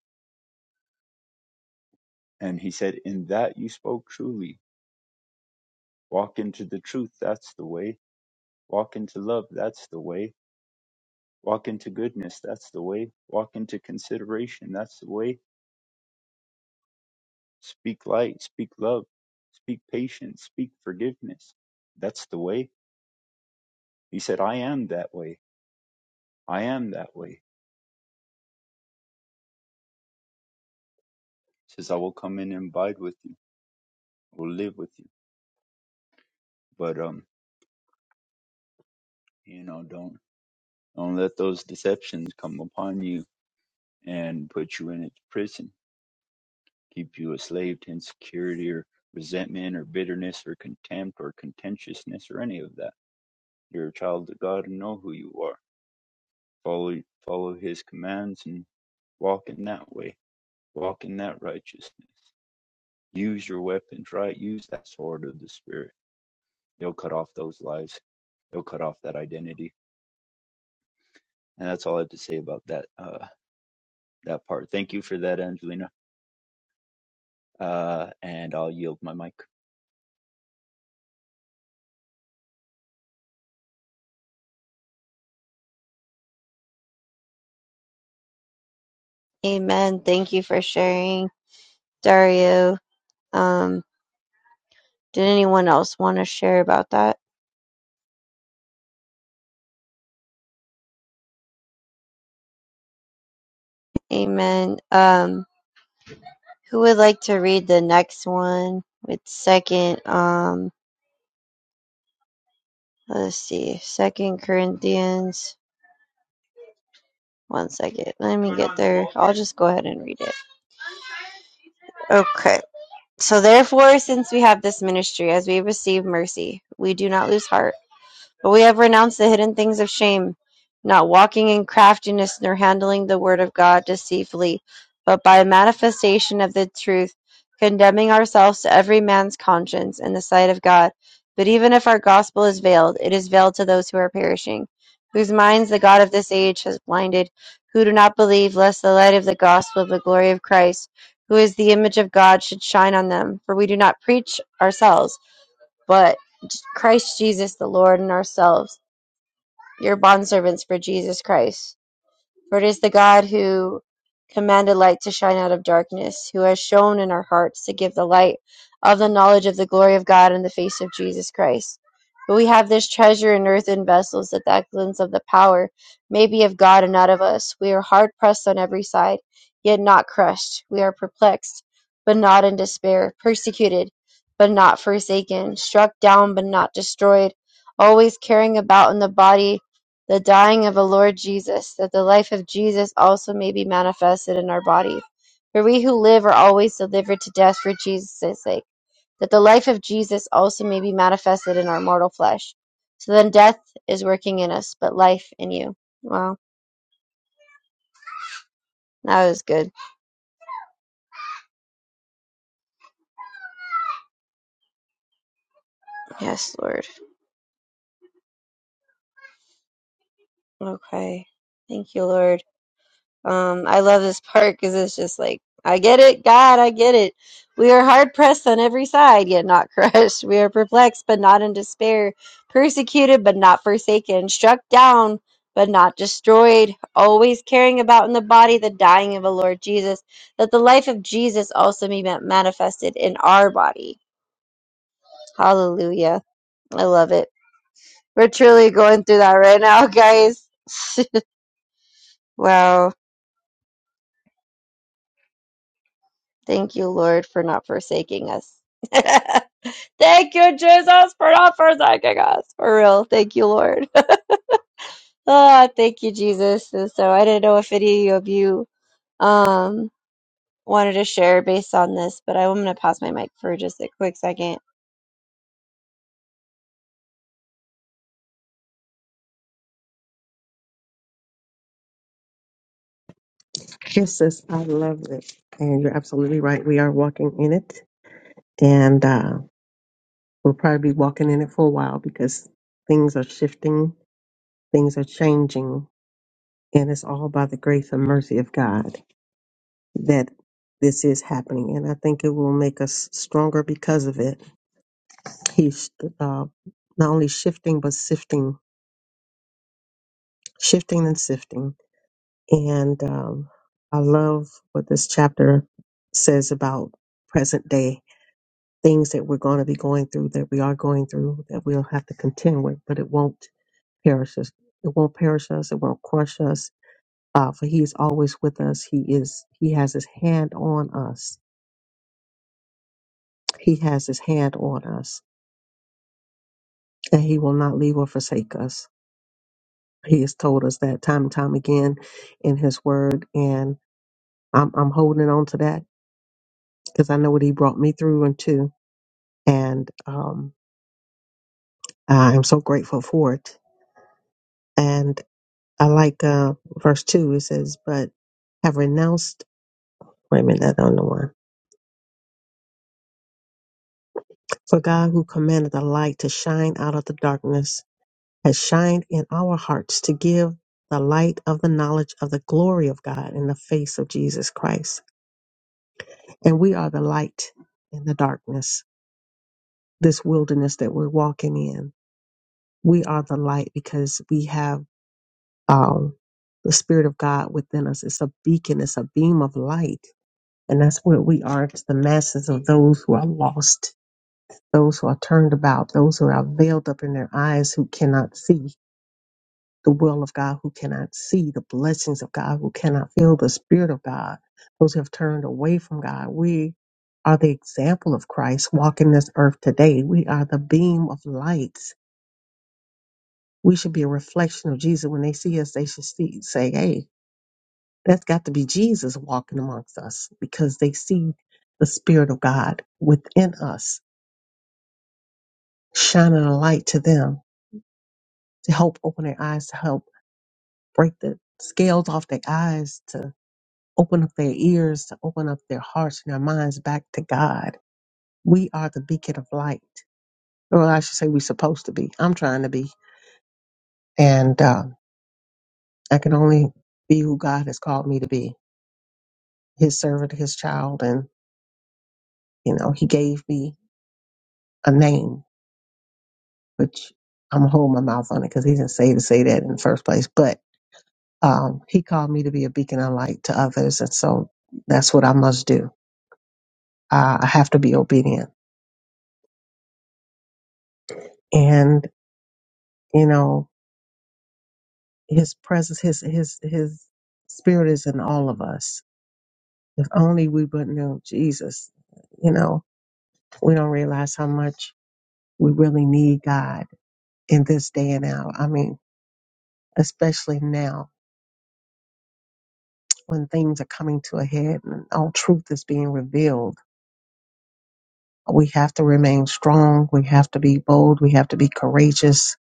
Speaker 4: and he said in that you spoke truly walk into the truth that's the way walk into love that's the way walk into goodness that's the way walk into consideration that's the way Speak light, speak love, speak patience, speak forgiveness. That's the way. He said, I am that way. I am that way. He says, I will come in and abide with you. I will live with you. But um, you know, don't don't let those deceptions come upon you and put you in its prison, keep you a slave to insecurity or resentment or bitterness or contempt or contentiousness or any of that. You're a child of God and know who you are. Follow follow his commands and walk in that way walk in that righteousness. Use your weapons, right? Use that sword of the Spirit. It'll cut off those lies. It'll cut off that identity. And that's all I have to say about that uh, that part. Thank you for that, Angelina. Uh, and I'll yield my mic.
Speaker 1: Amen. Thank you for sharing, Dario. Um, did anyone else want to share about that? Amen. Um, who would like to read the next one with second um let's see, second Corinthians. One second. Let me get there. I'll just go ahead and read it. Okay. So therefore, since we have this ministry, as we receive mercy, we do not lose heart. But we have renounced the hidden things of shame, not walking in craftiness, nor handling the word of God deceitfully, but by manifestation of the truth, condemning ourselves to every man's conscience in the sight of God. But even if our gospel is veiled, it is veiled to those who are perishing, whose minds the God of this age has blinded, who do not believe, lest the light of the gospel of the glory of Christ, who is the image of God, should shine on them. For we do not preach ourselves but Christ Jesus the Lord, and ourselves, your bondservants for Jesus Christ. For it is the God who commanded light to shine out of darkness, who has shown in our hearts to give the light of the knowledge of the glory of God in the face of Jesus Christ. But we have this treasure in earthen vessels, that the excellence of the power may be of God and not of us. We are hard pressed on every side, yet not crushed. We are perplexed, but not in despair, persecuted, but not forsaken, struck down, but not destroyed, always carrying about in the body the dying of the Lord Jesus, that the life of Jesus also may be manifested in our bodies. For we who live are always delivered to death for Jesus' sake, that the life of Jesus also may be manifested in our mortal flesh. So then death is working in us, but life in you. Wow, that was good. Yes, Lord. Okay. Thank you, Lord. Um, I love this part because it's just like, I get it, God, I get it. We are hard pressed on every side, yet not crushed. We are perplexed, but not in despair. Persecuted, but not forsaken. Struck down, but not destroyed. Always carrying about in the body the dying of the Lord Jesus, that the life of Jesus also may be manifested in our body. Hallelujah. I love it. We're truly going through that right now, guys. wow. Thank you, Lord, for not forsaking us. Thank you, Jesus, for not forsaking us. For real. Thank you, Lord. ah, thank you, Jesus. And so I didn't know if any of you um wanted to share based on this, but I'm gonna pause my mic for just a quick second.
Speaker 2: Yes, sis, I love it. And you're absolutely right. We are walking in it. And uh, We'll probably be walking in it for a while because things are shifting, things are changing, and it's all by the grace and mercy of God that this is happening. And I think it will make us stronger because of it. He's uh, not only shifting, but sifting, shifting and sifting. And um, I love what this chapter says about present day things that we're going to be going through, that we are going through, that we'll have to contend with, but it won't perish us. It won't perish us. It won't crush us. Uh, for He is always with us. He is. He has His hand on us. He has His hand on us, and He will not leave or forsake us. He has told us that time and time again in His Word, and I'm I'm holding on to that because I know what He brought me through and to, and um, I am so grateful for it. And I like uh, verse two. It says, "But have renounced." Wait a minute, I don't know why. For God, who commanded the light to shine out of the darkness, has shined in our hearts to give the light of the knowledge of the glory of God in the face of Jesus Christ. And we are the light in the darkness, this wilderness that we're walking in. We are the light because we have um, the Spirit of God within us. It's a beacon, it's a beam of light. And that's what we are to the masses of those who are lost, those who are turned about, those who are veiled up in their eyes who cannot see the will of God who cannot see, the blessings of God who cannot feel, the Spirit of God, those who have turned away from God. We are the example of Christ walking this earth today. We are the beam of lights. We should be a reflection of Jesus. When they see us, they should see, say, hey, that's got to be Jesus walking amongst us because they see the Spirit of God within us, shining a light to them to help open their eyes, to help break the scales off their eyes, open up their ears, to open up their hearts and their minds back to God. We are the beacon of light. Or I should say, we're supposed to be. I'm trying to be. And um, I can only be who God has called me to be His servant, His child. And, you know, He gave me a name, which I'm going to hold my mouth on it because He didn't say to say that in the first place. But um, He called me to be a beacon of light to others. And so that's what I must do. Uh, I have to be obedient. And, you know, his presence, his his his spirit is in all of us. If only we would know Jesus, you know, we don't realize how much we really need God in this day and hour. I mean, especially now when things are coming to a head and all truth is being revealed. We have to remain strong. We have to be bold. We have to be courageous.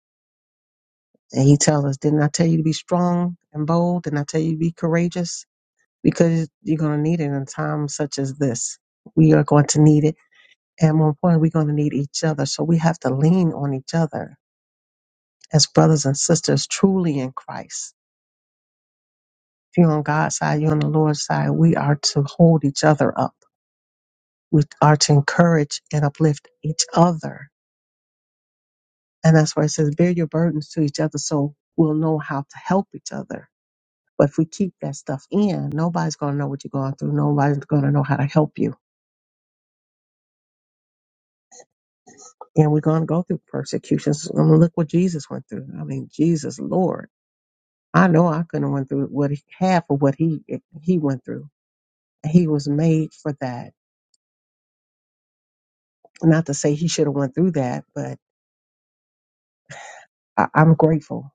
Speaker 2: And he tells us, didn't I tell you to be strong and bold? Didn't I tell you to be courageous? because you're going to need it in times such as this. We are going to need it. And more importantly, we're going to need each other. So we have to lean on each other as brothers and sisters truly in Christ. If you're on God's side, you're on the Lord's side, we are to hold each other up. We are to encourage and uplift each other. And that's why it says, bear your burdens to each other so we'll know how to help each other. But if we keep that stuff in, nobody's going to know what you're going through. Nobody's going to know how to help you and we're going to go through persecutions. I mean, look what Jesus went through. I mean, Jesus, Lord, I know I couldn't have went through what he, half of what he he went through. He was made for that. Not to say he should have went through that, but I, I'm grateful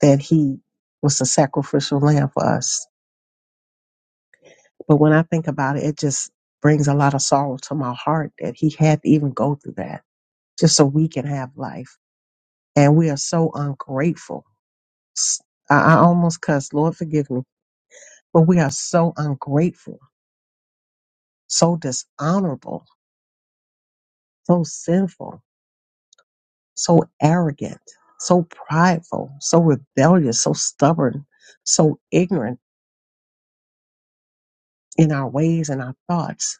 Speaker 2: that he was a sacrificial lamb for us. But when I think about it, it just brings a lot of sorrow to my heart that he had to even go through that just so we can have life. And we are so ungrateful. S- I I almost cussed. Lord, forgive me But we are so ungrateful, so dishonorable, so sinful, so arrogant, so prideful, so rebellious, so stubborn, so ignorant in our ways and our thoughts,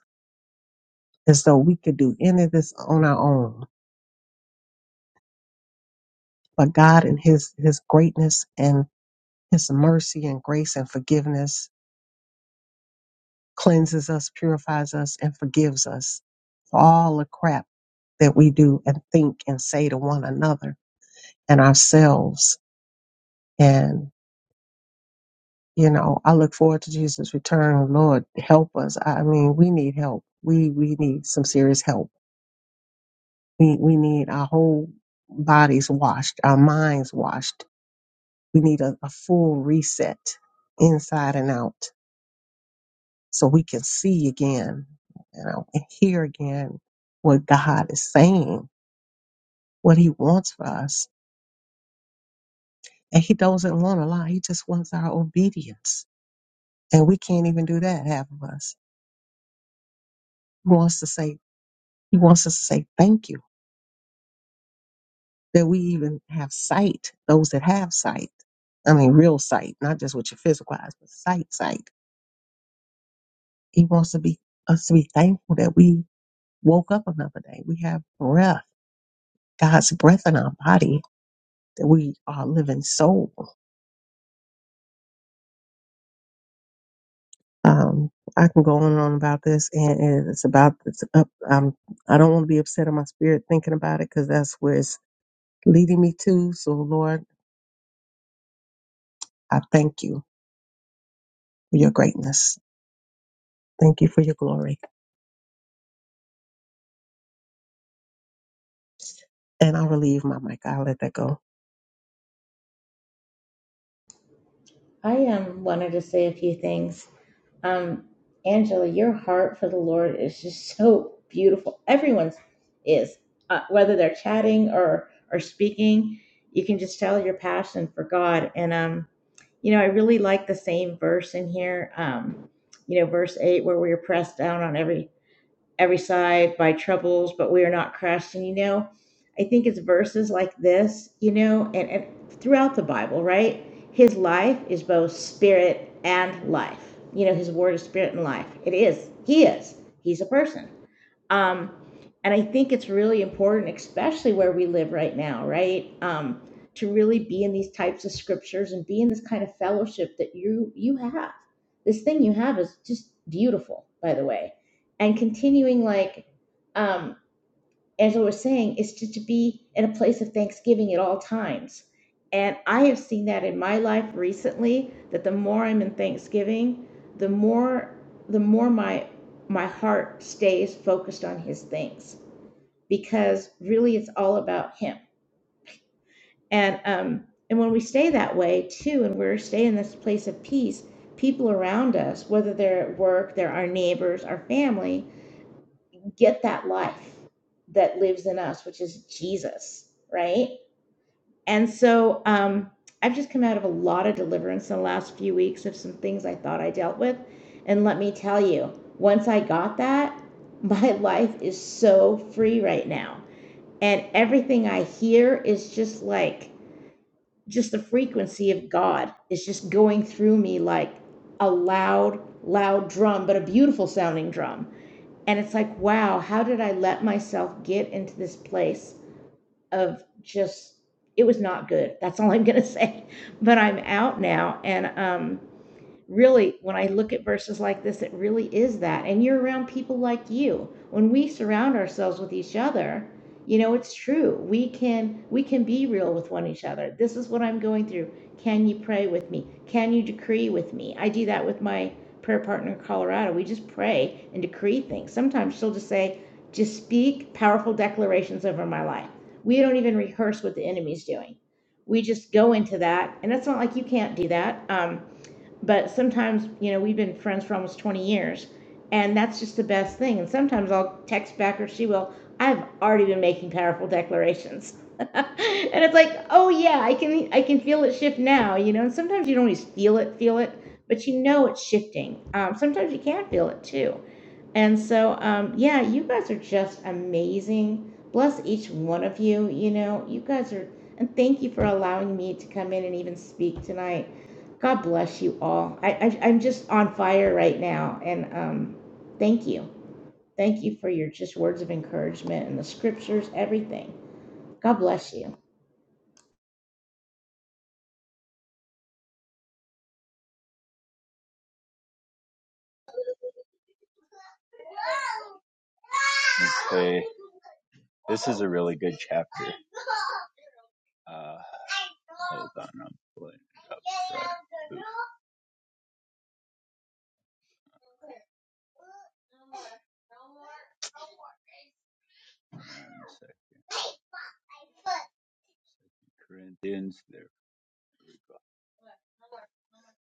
Speaker 2: as though we could do any of this on our own. But God and His His greatness and His mercy and grace and forgiveness cleanses us, purifies us, and forgives us for all the crap that we do and think and say to one another and ourselves And, you know, I look forward to Jesus' return. Lord, help us. I mean, we need help. We, we need some serious help. We, we need our whole bodies washed, our minds washed. We need a, a full reset inside and out so we can see again, you know, and hear again what God is saying, what he wants for us. And he doesn't want a lot. He just wants our obedience. And we can't even do that, half of us. He wants to say He wants us to say thank you that we even have sight, those that have sight. I mean, real sight, not just with your physical eyes, but sight, sight. He wants to be us to be thankful that we woke up another day. We have breath, God's breath in our body, that we are a living soul. Um, I can go on and on about this, and, and it's about it's up. Um, I don't want to be upset in my spirit thinking about it because that's where it's leading me to. So, Lord, I thank you for your greatness. Thank you for your glory. And I'll relieve my mic. I'll let that go.
Speaker 5: I um, wanted to say a few things. Um, Angela, your heart for the Lord is just so beautiful. Everyone's is, uh, whether they're chatting or or speaking, you can just tell your passion for God. And um, you know, I really like the same verse in here. Um, you know, verse eight where we are pressed down on every every side by troubles, but we are not crushed. And you know, I think it's verses like this, you know, and, and throughout the Bible, right? His life is both spirit and life. You know, his word is spirit and life. It is. He is. He's a person. Um, and I think it's really important, especially where we live right now, right? Um, to really be in these types of scriptures and be in this kind of fellowship that you you have. This thing you have is just beautiful, by the way. And continuing like um as I was saying, is to, to be in a place of thanksgiving at all times. And I have seen that in my life recently, that the more I'm in thanksgiving, the more the more my my heart stays focused on his things because really it's all about him. And um and when we stay that way too, and we're staying in this place of peace, people around us, whether they're at work, they're our neighbors, our family, get that life that lives in us, which is Jesus, right? And so um, I've just come out of a lot of deliverance in the last few weeks of some things I thought I dealt with. And let me tell you, once I got that, my life is so free right now. And everything I hear is just like, just the frequency of God is just going through me like a loud, loud drum, but a beautiful sounding drum and it's like, wow, how did I let myself get into this place of just, it was not good. That's all I'm going to say. But I'm out now. And um, really, when I look at verses like this, it really is that. And you're around people like you. When we surround ourselves with each other, you know, it's true. We can we can be real with one each other. This is what I'm going through. Can you pray with me? Can you decree with me? I do that with my prayer partner in Colorado. We just pray and decree things. Sometimes she'll just say, just speak powerful declarations over my life. We don't even rehearse what the enemy's doing. We just go into that. And it's not like you can't do that. Um, but sometimes you know we've been friends for almost 20 years and that's just the best thing and sometimes i'll text back or she will i've already been making powerful declarations and it's like oh yeah i can i can feel it shift now you know and sometimes you don't always feel it feel it but you know it's shifting um, sometimes you can feel it too and so, um, yeah, you guys are just amazing. Bless each one of you. You know, you guys are, and thank you for allowing me to come in and even speak tonight. God bless you all. I, I, I'm just on fire right now. And um, thank you. Thank you for your just words of encouragement and the scriptures, everything. God bless you.
Speaker 4: Okay. This is a really good chapter. Uh, hold on, I'm pulling it up. Right. Boom. One second. Corinthians. there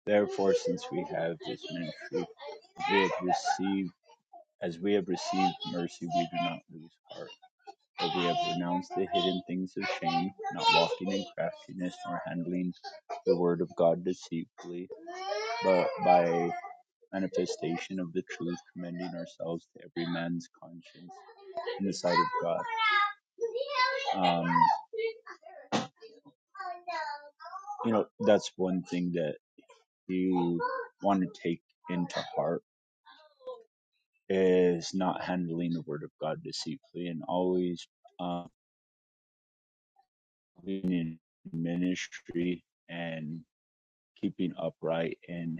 Speaker 4: Therefore, since we have this ministry, we have received, as we have received mercy, we do not lose heart. But we have renounced the hidden things of shame, not walking in craftiness nor handling the word of God deceitfully, but by manifestation of the truth, commending ourselves to every man's conscience in the sight of God. Um, you know, that's one thing that you want to take into heart is not handling the word of God deceitfully and always um, being in ministry and keeping upright and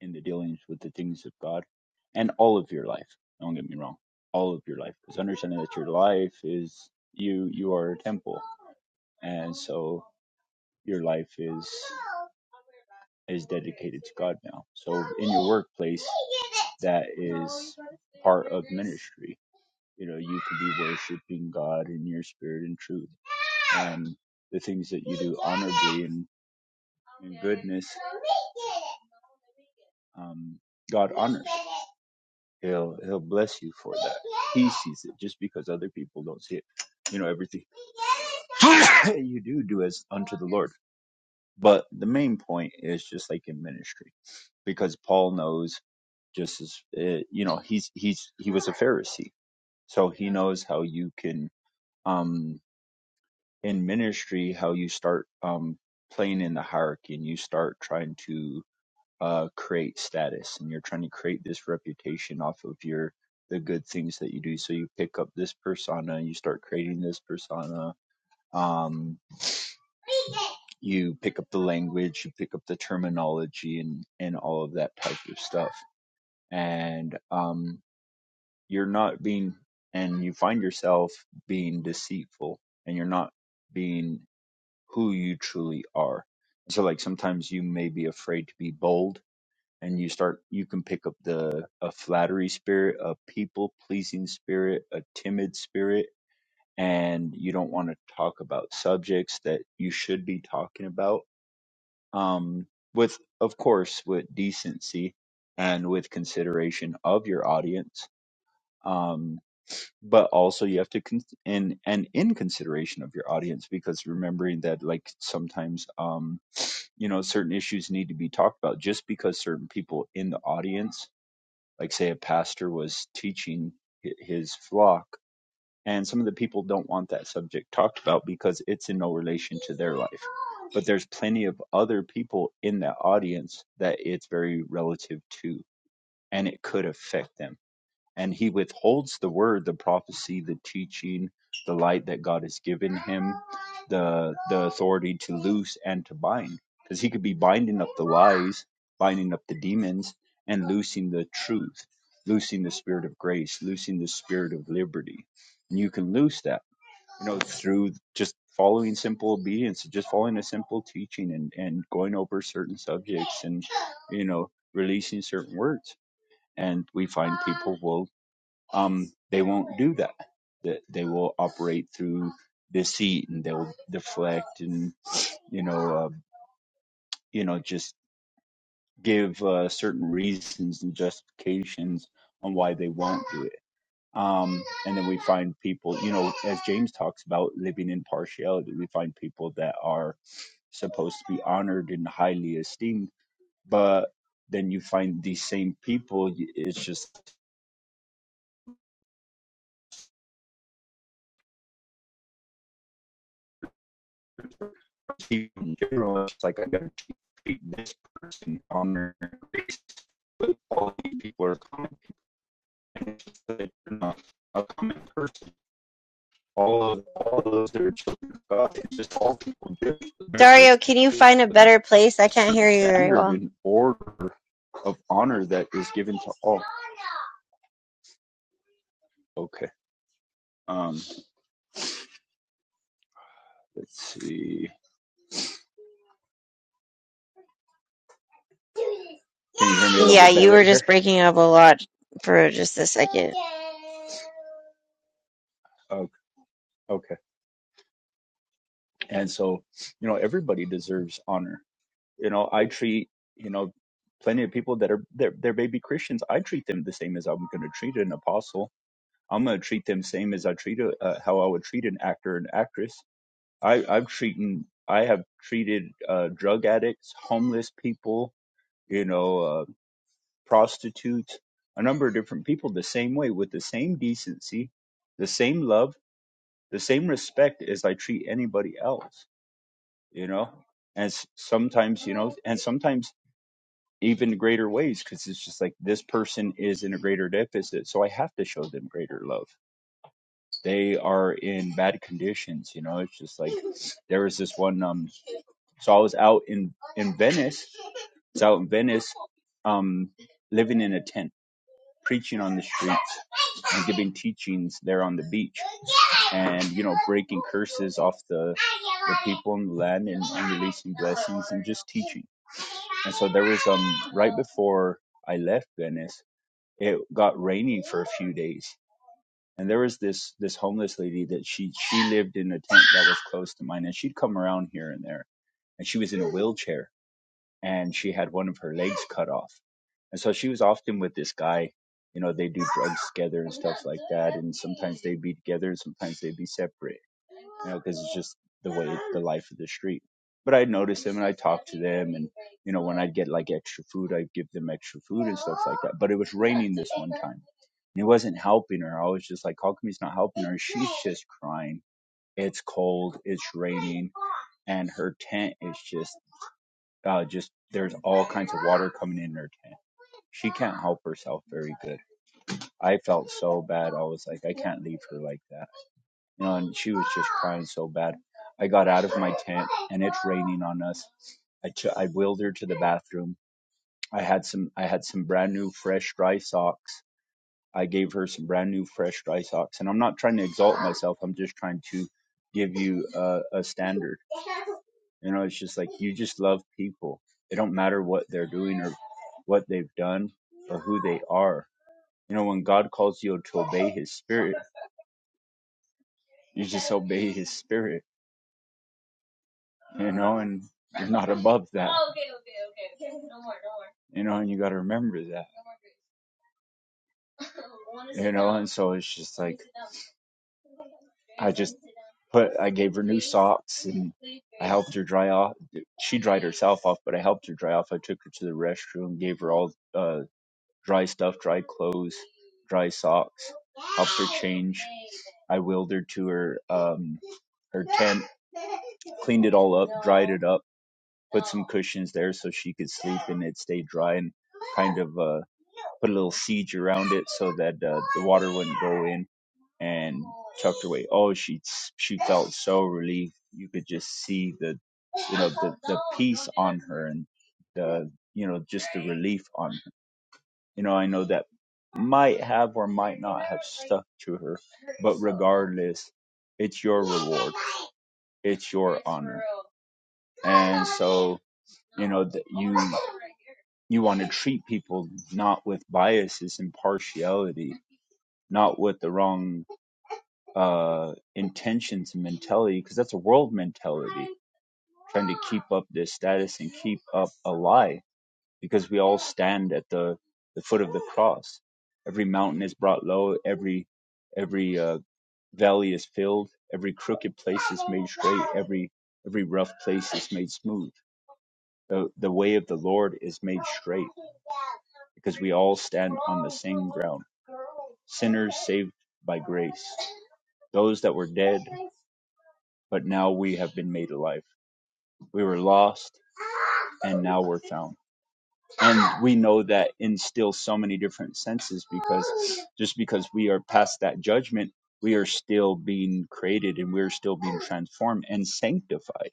Speaker 4: in in the dealings with the things of God and all of your life. Don't get me wrong, all of your life, because understanding that your life is you you are a temple, and so your life is. is dedicated to God now. So in your workplace, that is part of ministry. You know, you could be worshiping God in your spirit and truth, and the things that you do honorably and in goodness, um, God honors. He'll He'll bless you for that. He sees it just because other people don't see it. You know, everything you do do as unto the Lord. But the main point is just like in ministry, because Paul knows just as uh, you know he's he's he was a Pharisee, so he knows how you can um in ministry how you start um playing in the hierarchy and you start trying to uh create status and you're trying to create this reputation off of your the good things that you do so you pick up this persona you start creating this persona um you pick up the language, you pick up the terminology and, and all of that type of stuff. And um, you're not being, and you find yourself being deceitful and you're not being who you truly are. So, like, sometimes you may be afraid to be bold and you start, you can pick up the, a flattery spirit, a people pleasing spirit, a timid spirit, and you don't want to talk about subjects that you should be talking about um, with of course with decency and with consideration of your audience um, but also you have to con- and and in consideration of your audience because remembering that like sometimes um, you know certain issues need to be talked about just because certain people in the audience like say a pastor was teaching hi- his flock and some of the people don't want that subject talked about because it's in no relation to their life. But there's plenty of other people in that audience that it's very relative to and it could affect them and he withholds the word, the prophecy, the teaching, the light that God has given him, the the authority to loose and to bind, because he could be binding up the lies, binding up the demons, and loosing the truth, loosing the spirit of grace, loosing the spirit of liberty, and you can loose that, you know, through just following simple obedience, just following a simple teaching, and and going over certain subjects, and you know, releasing certain words and we find people will um, they won't do that. That they will operate through deceit and they'll deflect and you know uh, you know just give uh, certain reasons and justifications on why they won't do it. Um, and then we find people, you know, as James talks about living in partiality, we find people that are supposed to be honored and highly esteemed, but then you find these same people. y- It's just people in general. It's like I've this person on their Facebook, all these people are common, and it's just that they're not a common person. All of all those that are children of God, it's just all people do. There's
Speaker 1: Dario,
Speaker 4: this
Speaker 1: can you find a better place? I can't hear you very
Speaker 4: standard
Speaker 1: well.
Speaker 4: and order of honor that is given to all. Okay. Um. Let's see. Can you hear me a little
Speaker 1: Yeah,
Speaker 4: bit better
Speaker 1: you were
Speaker 4: right here?
Speaker 1: just breaking up a lot for just a second.
Speaker 4: Okay. okay. And so, you know, everybody deserves honor. you know i treat you know plenty of people that are they're, they're baby christians i treat them the same as i'm going to treat an apostle i'm going to treat them same as i treat a, uh, how i would treat an actor and actress i i've treated i have treated uh drug addicts homeless people you know uh prostitutes a number of different people the same way with the same decency the same love the same respect as i treat anybody else you know and s- sometimes you know and sometimes even greater ways because it's just like this person is in a greater deficit so i have to show them greater love they are in bad conditions you know it's just like there was this one um so i was out in in venice it's out in venice um living in a tent preaching on the streets and giving teachings there on the beach and you know breaking curses off the the people in the land and, and releasing blessings and just teaching and so there was um right before i left venice it got rainy for a few days and there was this this homeless lady that she she lived in a tent that was close to mine and she'd come around here and there and she was in a wheelchair and she had one of her legs cut off. And so she was often with this guy. You know, they do drugs together and stuff like that. And sometimes they'd be together and sometimes they'd be separate, you know, because it's just the way, the life of the street. But I'd notice them and I'd talk to them. And, you know, when I'd get like extra food, I'd give them extra food and stuff like that. But it was raining this one time and he wasn't helping her. I was just like, how come he's not helping her? She's just crying. It's cold. It's raining and her tent is just uh, just there's all kinds of water coming in her tank. She can't help herself very good. I felt so bad. I was like, I can't leave her like that. You know, and she was just crying so bad. I got out of my tent and it's raining on us. I ch- I wheeled her to the bathroom. I had some I had some brand new fresh dry socks. I gave her some brand new fresh dry socks. And I'm not trying to exalt myself. I'm just trying to give you a, a standard You know, it's just like you just love people. It don't matter what they're doing or what they've done or who they are. You know, when God calls you to obey his spirit, you just obey his spirit, you know, and you're not above that. Oh, Okay, okay, okay. No no more, no more. You know, and you gotta remember that. You know, and so it's just like I just put I gave her new socks and I helped her dry off. She dried herself off, but I helped her dry off. I took her to the restroom, gave her all uh, dry stuff, dry clothes, dry socks, helped her change. I wheeled her to her um her tent, cleaned it all up, dried it up, put some cushions there so she could sleep and it stayed dry and kind of uh put a little siege around it so that uh, the water wouldn't go in and tucked her away. Oh, she she felt so relieved. You could just see the you know the the peace on her and the you know just the relief on you know, I know that might have or might not have stuck to her, but regardless, it's your reward, it's your honor, and so you know that you you want to treat people not with biases and partiality, not with the wrong uh, intentions and mentality, because that's a world mentality, trying to keep up this status and keep up a lie because we all stand at the, the foot of the cross. Every mountain is brought low, every every uh, valley is filled, every crooked place is made straight, every every rough place is made smooth. The the way of the Lord is made straight, because we all stand on the same ground. Sinners saved by grace, those that were dead, but now we have been made alive. We were lost, and now we're found and we know that instills so many different senses because just because we are past that judgment we are still being created and we're still being transformed and sanctified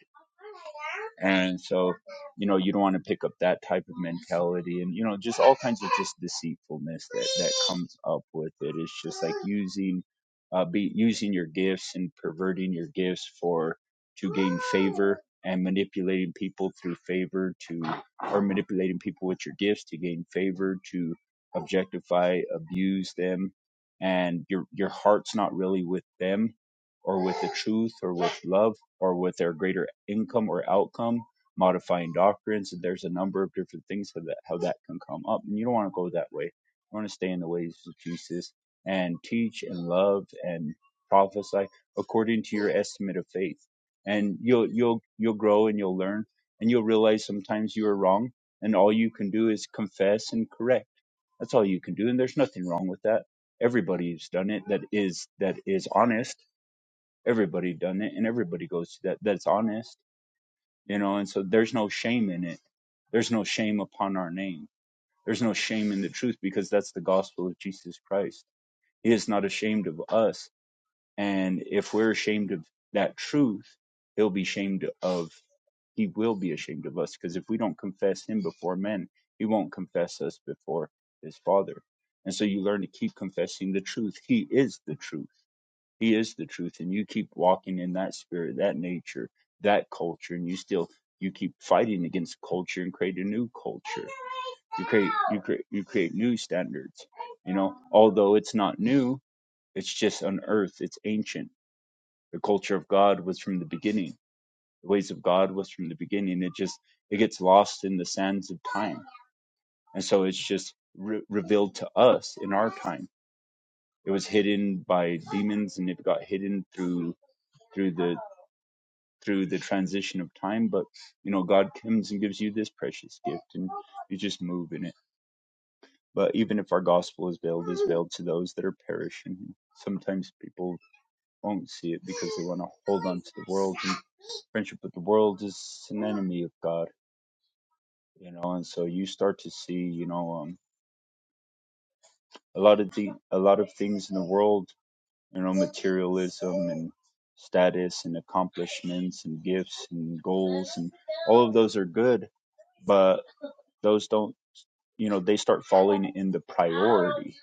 Speaker 4: and so you know you don't want to pick up that type of mentality and you know just all kinds of just deceitfulness that that comes up with it it's just like using uh be using your gifts and perverting your gifts for to gain favor and manipulating people through favor to or manipulating people with your gifts to gain favor to objectify abuse them and your your heart's not really with them or with the truth or with love or with their greater income or outcome, modifying doctrines. There's a number of different things for that, how that can come up. And you don't want to go that way. You want to stay in the ways of Jesus and teach and love and prophesy according to your estimate of faith. And you'll, you'll, you'll grow and you'll learn and you'll realize sometimes you are wrong and all you can do is confess and correct. That's all you can do. And there's nothing wrong with that. Everybody's done it that is, that is honest Everybody done it and everybody goes to that. That's honest, you know, and so there's no shame in it. There's no shame upon our name. There's no shame in the truth because that's the gospel of Jesus Christ. He is not ashamed of us. And if we're ashamed of that truth, he'll be ashamed of, he will be ashamed of us because if we don't confess him before men, he won't confess us before his father. And so you learn to keep confessing the truth. He is the truth he is the truth, and you keep walking in that spirit, that nature, that culture, and you still you keep fighting against culture and create a new culture. You create you create you create new standards. You know, although it's not new, it's just unearthed. It's ancient. The culture of God was from the beginning. The ways of God was from the beginning. It just it gets lost in the sands of time, and so it's just re- revealed to us in our time. It was hidden by demons, and it got hidden through through the through the transition of time but you know god comes and gives you this precious gift and you just move in it but even if our gospel is veiled is veiled to those that are perishing sometimes people won't see it because they want to hold on to the world and friendship with the world is an enemy of god you know and so you start to see you know um a lot of the a lot of things in the world you know materialism and status and accomplishments and gifts and goals and all of those are good but those don't you know they start falling in the priority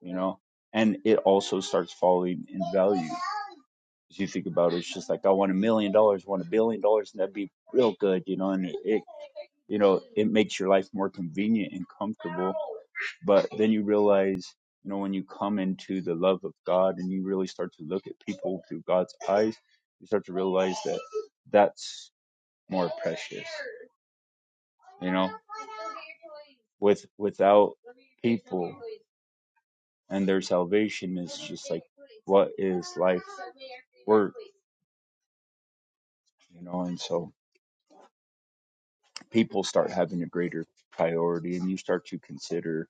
Speaker 4: you know and it also starts falling in value as you think about it it's just like i want a million dollars want a billion dollars and that'd be real good you know and it, it you know it makes your life more convenient and comfortable but then you realize you know when you come into the love of god and you really start to look at people through god's eyes you start to realize that that's more precious you know with without people and their salvation is just like what is life worth you know and so people start having a greater priority and you start to consider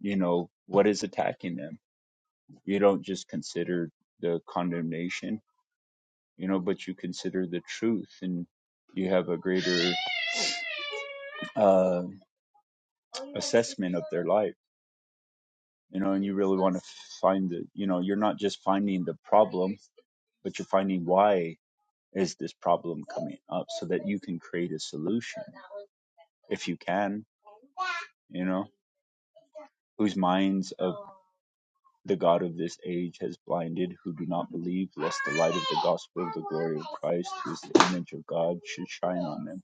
Speaker 4: you know what is attacking them you don't just consider the condemnation you know but you consider the truth and you have a greater uh assessment of their life you know and you really want to find the you know you're not just finding the problem but you're finding why is this problem coming up so that you can create a solution if you can you know whose minds of the god of this age has blinded who do not believe lest the light of the gospel of the glory of christ who is the image of god should shine on them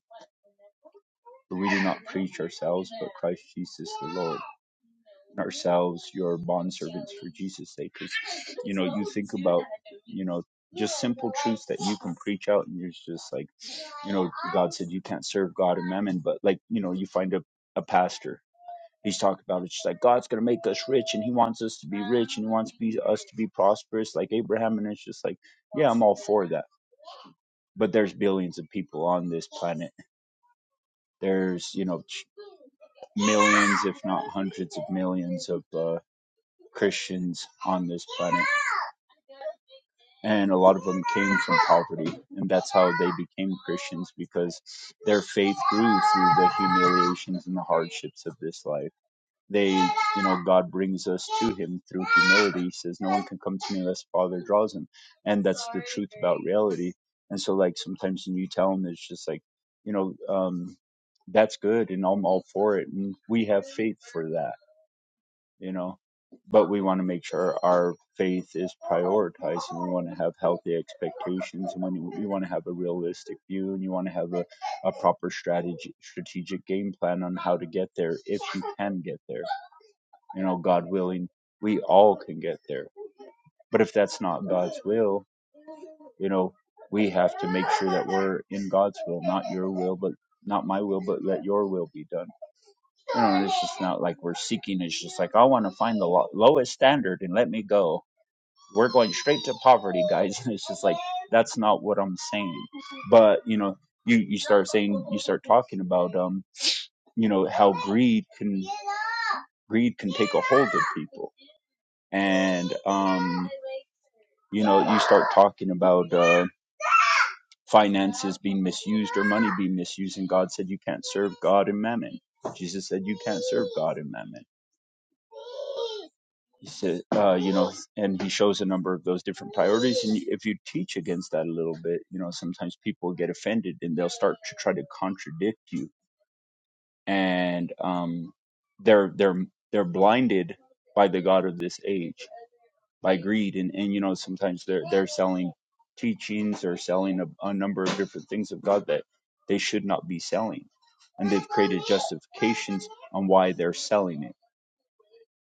Speaker 4: for we do not preach ourselves, but Christ Jesus the Lord. and Ourselves, your bondservants for Jesus' sake. Cause you know, you think about, you know, just simple truths that you can preach out, and you're just like, you know, God said you can't serve God and mammon, but like, you know, you find a, a pastor. He's talking about it, it's just like God's gonna make us rich, and He wants us to be rich, and He wants be, us to be prosperous, like Abraham. And it's just like, yeah, I'm all for that. But there's billions of people on this planet. There's, you know, millions, if not hundreds of millions, of uh, Christians on this planet. And a lot of them came from poverty. And that's how they became Christians because their faith grew through the humiliations and the hardships of this life they you know god brings us to him through humility he says no one can come to me unless the father draws him and that's the truth about reality and so like sometimes when you tell them it's just like you know um that's good and i'm all for it and we have faith for that you know but we want to make sure our faith is prioritized and we want to have healthy expectations and when you, you want to have a realistic view and you want to have a, a proper strategy strategic game plan on how to get there if you can get there you know, God willing, we all can get there. But if that's not God's will, you know, we have to make sure that we're in God's will, not your will, but not my will, but let your will be done. You know, it's just not like we're seeking. It's just like, I want to find the lo- lowest standard and let me go. We're going straight to poverty, guys. And it's just like, that's not what I'm saying. But, you know, you, you start saying, you start talking about, um, you know, how greed can, greed can take a hold of people and um, you know you start talking about uh, finances being misused or money being misused and god said you can't serve god and mammon jesus said you can't serve god and mammon he said uh, you know and he shows a number of those different priorities and if you teach against that a little bit you know sometimes people get offended and they'll start to try to contradict you and um, they're they're they're blinded by the god of this age by greed and and you know sometimes they're they're selling teachings or selling a, a number of different things of god that they should not be selling and they've created justifications on why they're selling it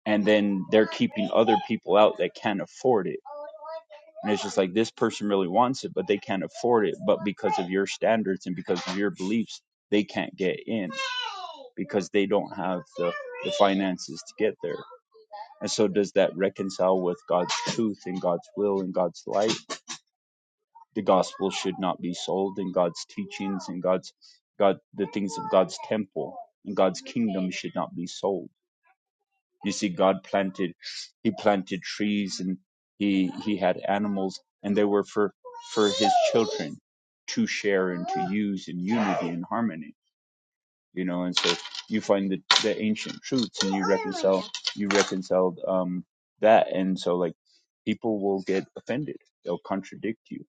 Speaker 4: and then they're keeping other people out that can't afford it and it's just like this person really wants it but they can't afford it but because of your standards and because of your beliefs they can't get in because they don't have the the finances to get there and so, does that reconcile with God's truth and God's will and God's light? The gospel should not be sold, and God's teachings and God's God, the things of God's temple and God's kingdom should not be sold. You see, God planted, He planted trees, and He He had animals, and they were for for His children to share and to use in unity and harmony you know and so you find the, the ancient truths and you reconcile you reconciled um that and so like people will get offended they'll contradict you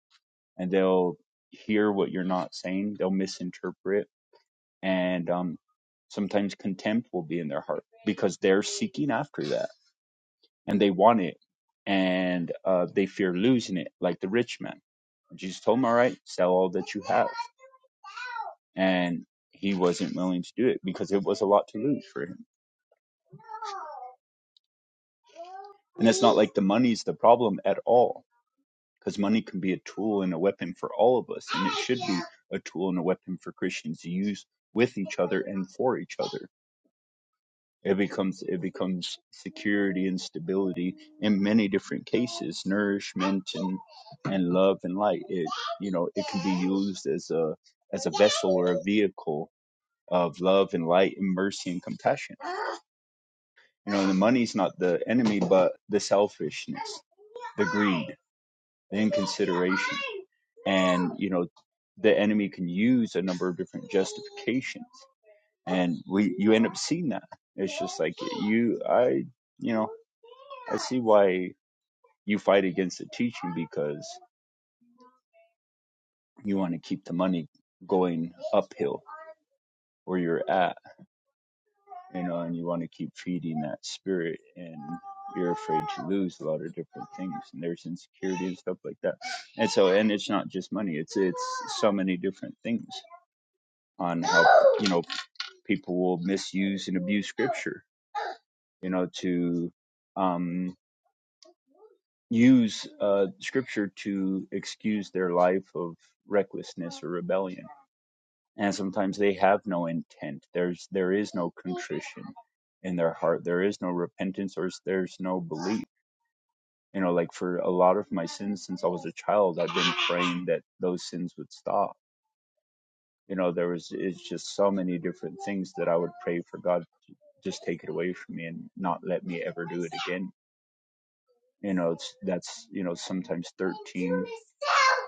Speaker 4: and they'll hear what you're not saying they'll misinterpret and um sometimes contempt will be in their heart because they're seeking after that and they want it and uh they fear losing it like the rich man jesus told him all right sell all that you have and he wasn't willing to do it because it was a lot to lose for him And it's not like the money's the problem at all, because money can be a tool and a weapon for all of us, and it should be a tool and a weapon for Christians to use with each other and for each other. It becomes it becomes security and stability in many different cases, nourishment and, and love and light. It you know it can be used as a as a vessel or a vehicle of love and light and mercy and compassion. You know, the money's not the enemy, but the selfishness the greed, in consideration. And, you know, the enemy can use a number of different justifications. And we, you end up seeing that. It's just like you, I, you know, I see why you fight against the teaching because you want to keep the money going uphill where you're at. you know, and you want to keep feeding that spirit and you're afraid to lose a lot of different things and there's insecurity and stuff like that. And so and it's not just money, it's it's so many different things on how you know people will misuse and abuse scripture, you know, to um use uh scripture to excuse their life of recklessness or rebellion and sometimes they have no intent there's there is no contrition in their heart there is no repentance or there's no belief you know like for a lot of my sins since i was a child i've been praying that those sins would stop you know there was it's just so many different things that i would pray for god just take it away from me and not let me ever do it again you know it's that's you know sometimes 13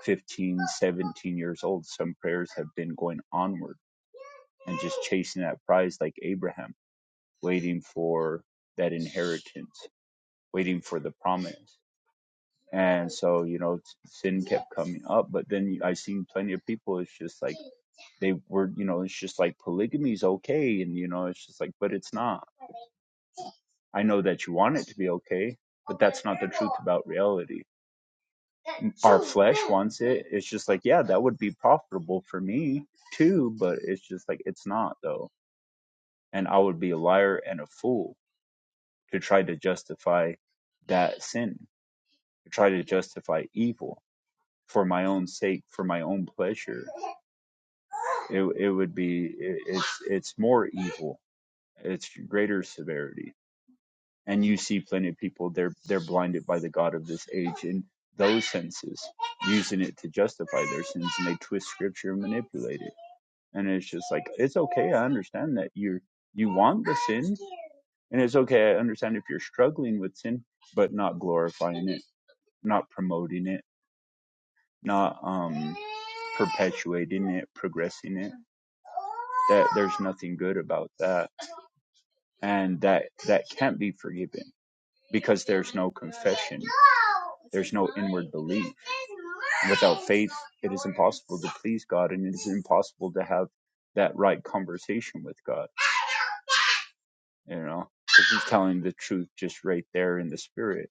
Speaker 4: 15 17 years old some prayers have been going onward and just chasing that prize like abraham waiting for that inheritance waiting for the promise and so you know sin kept coming up but then i seen plenty of people it's just like they were you know it's just like polygamy is okay and you know it's just like but it's not i know that you want it to be okay but that's not the truth about reality our flesh wants it. It's just like, yeah, that would be profitable for me too, but it's just like it's not though. And I would be a liar and a fool to try to justify that sin, to try to justify evil for my own sake, for my own pleasure. It it would be it, it's it's more evil. It's greater severity. and you see plenty of people they're they're blinded by the god of this age in those senses using it to justify their sins and they twist scripture and manipulate it and it's just like it's okay i understand that you you want the sin and it's okay i understand if you're struggling with sin but not glorifying it not promoting it not um perpetuating it progressing it that there's nothing good about that and that that can't be forgiven because there's no confession, there's no inward belief. Without faith, it is impossible to please God, and it is impossible to have that right conversation with God. You know, because He's telling the truth just right there in the spirit,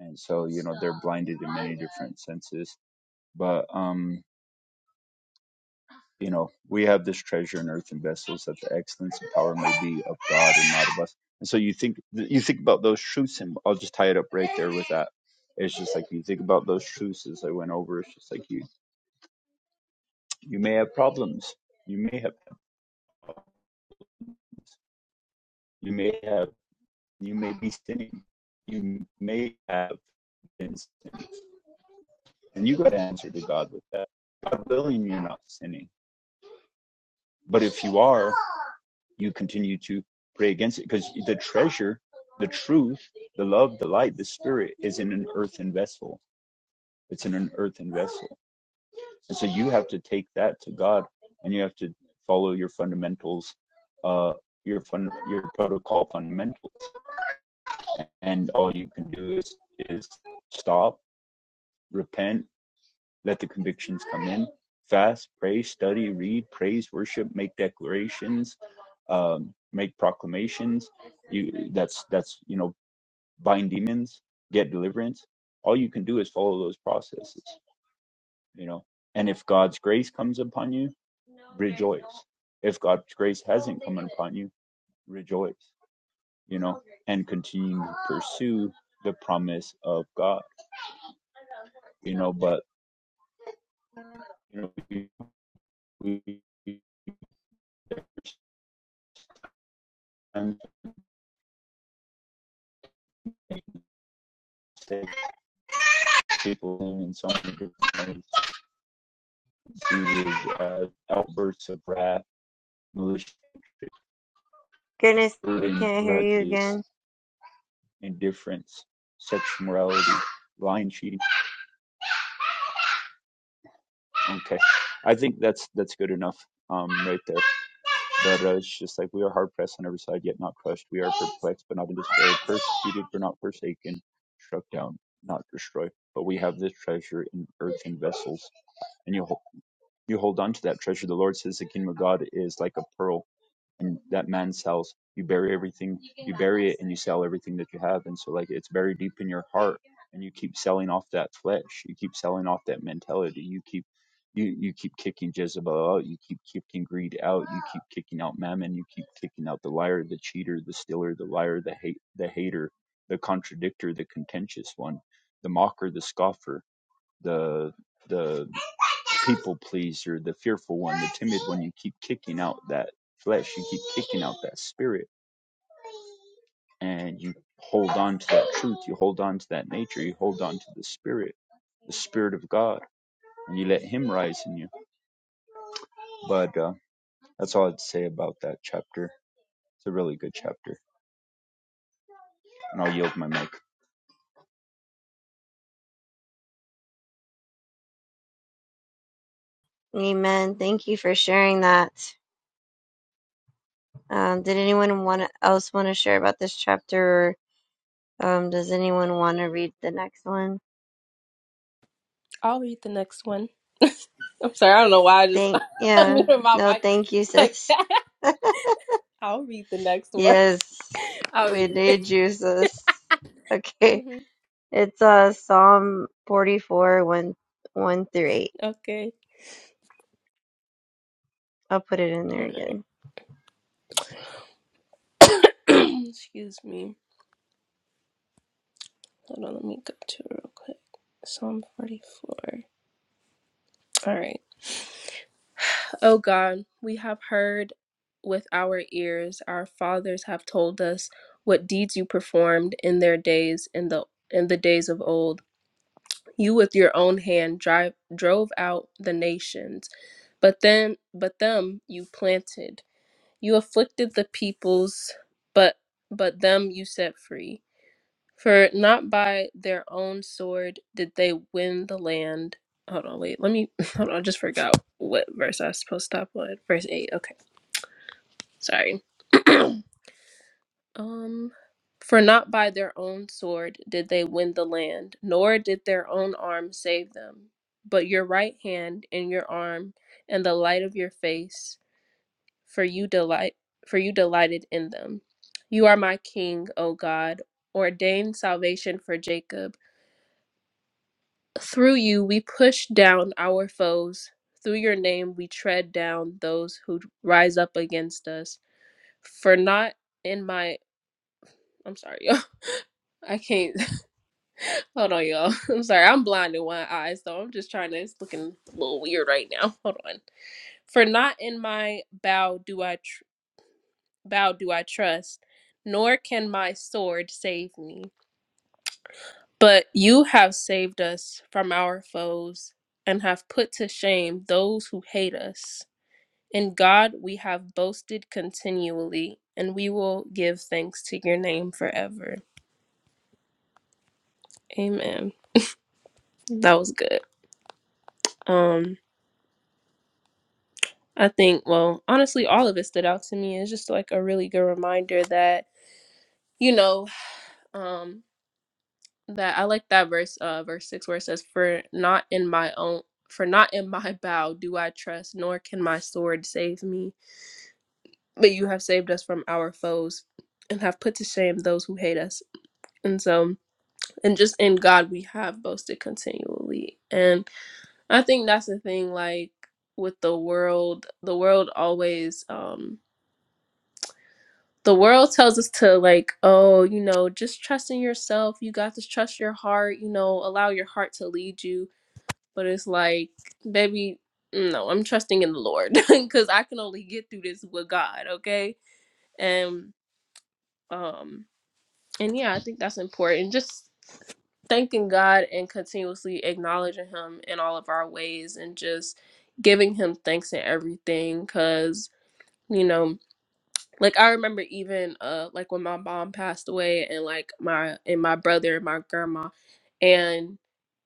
Speaker 4: and so you know they're blinded in many different senses. But um, you know, we have this treasure in earthen vessels that the excellence and power may be of God and not of us. And so you think you think about those truths, and I'll just tie it up right there with that. It's just like you think about those truths as I went over. It's just like you you may have problems, you may have you may have you may be sinning, you may have been sinning, and you got to answer to God with that. God willing, you're not sinning But if you are, you continue to pray against it because the treasure, the truth, the love, the light, the spirit is in an earthen vessel. It's in an earthen vessel. And so you have to take that to God and you have to follow your fundamentals, uh, your fun, your protocol fundamentals. And all you can do is, is stop, repent, Let the convictions come in. Fast, pray, study, read, praise, worship, make declarations, um, make proclamations. You that's that's you know bind demons, get deliverance. All you can do is follow those processes. You know, and if God's grace comes upon you, rejoice. If God's grace hasn't come upon you, rejoice. You know, and continue to pursue the promise of God. You know, but you know we, we people in so many different ways. He was uh, outbursts of wrath, malicious
Speaker 1: Goodness, we
Speaker 4: holdings,
Speaker 1: can't hear you
Speaker 4: grudges,
Speaker 1: again.
Speaker 4: indifference, sexual morality, lying, cheating. Okay, I think that's that's good enough um, right there. But uh, it's just like we are hard pressed on every side, yet not crushed. We are perplexed, but not in despair. Persecuted, but not forsaken. Struck down, not destroyed. But we have this treasure in earthen vessels, and you hold, you hold on to that treasure. The Lord says the kingdom of God is like a pearl and that man sells you bury everything you bury it and you sell everything that you have and so like it's very deep in your heart and you keep selling off that flesh you keep selling off that mentality you keep you you keep kicking jezebel out you keep kicking greed out you keep kicking out mammon you keep kicking out the liar the cheater the stealer the liar the hate the hater the contradictor the contentious one the mocker the scoffer the the people pleaser, the fearful one, the timid one. You keep kicking out that flesh, you keep kicking out that spirit, and you hold on to that truth, you hold on to that nature, you hold on to the spirit, the spirit of God, and you let Him rise in you. But uh, that's all I'd say about that chapter. It's a really good chapter, and I'll yield my mic.
Speaker 1: Amen. Thank you for sharing that. Um, did anyone want else want to share about this chapter Um, does anyone want to read the next one?
Speaker 6: I'll read the next one. I'm sorry, I don't know why I just
Speaker 1: Thank, yeah,
Speaker 6: muted my
Speaker 1: no,
Speaker 6: mic
Speaker 1: thank you,
Speaker 6: like
Speaker 1: sis.
Speaker 6: that. I'll read the next one.
Speaker 1: Yes,
Speaker 6: I'll
Speaker 1: we
Speaker 6: read it.
Speaker 1: need you, sis. Okay,
Speaker 6: hmm
Speaker 1: it's uh Psalm forty-four, one, one through 8.
Speaker 6: Okay.
Speaker 1: I'll put it in there
Speaker 6: All
Speaker 1: again.
Speaker 6: right. Excuse me. Hold on, let me go to it real quick. Psalm 44. All right. Oh God, we have heard with our ears, our fathers have told us what deeds you performed in their days, in the in the days of old. You with your own hand drive, drove out the nations, but then but them you planted. You afflicted the peoples, but but them you set free. For not by their own sword did they win the land. Hold on, wait, let me hold on, I just forgot what verse I was supposed to stop on. Verse eight, okay. Sorry. Um, for not by their own sword did they win the land, nor did their own arm save them, but your right hand and your arm and the light of your face, for you delight for you delighted in them. You are my king, O God, ordained salvation for Jacob. Through you we push down our foes. Through your name we tread down those who rise up against us. For not in my I'm sorry, I can't Hold on, y'all. I'm sorry. I'm blind in one eye, so I'm just trying to. It's looking a little weird right now. Hold on. For not in my bow do I tr- bow do I trust, nor can my sword save me. But you have saved us from our foes and have put to shame those who hate us. In God we have boasted continually, and we will give thanks to your name forever. Amen. That was good. Um. I think, well, honestly, all of it stood out to me. It's just like a really good reminder that, you know, um, that I like that verse, uh, verse six, where it says, "For not in my own, for not in my bow do I trust, nor can my sword save me. But you have saved us from our foes, and have put to shame those who hate us." And so, and just in God we have boasted continually. And I think that's the thing, like with the world, the world always, um, the world tells us to like oh you know just trust in yourself you got to trust your heart you know allow your heart to lead you but it's like baby no i'm trusting in the lord because i can only get through this with god okay and um and yeah i think that's important just thanking god and continuously acknowledging him in all of our ways and just giving him thanks in everything because you know like I remember even uh like when my mom passed away and like my and my brother and my grandma and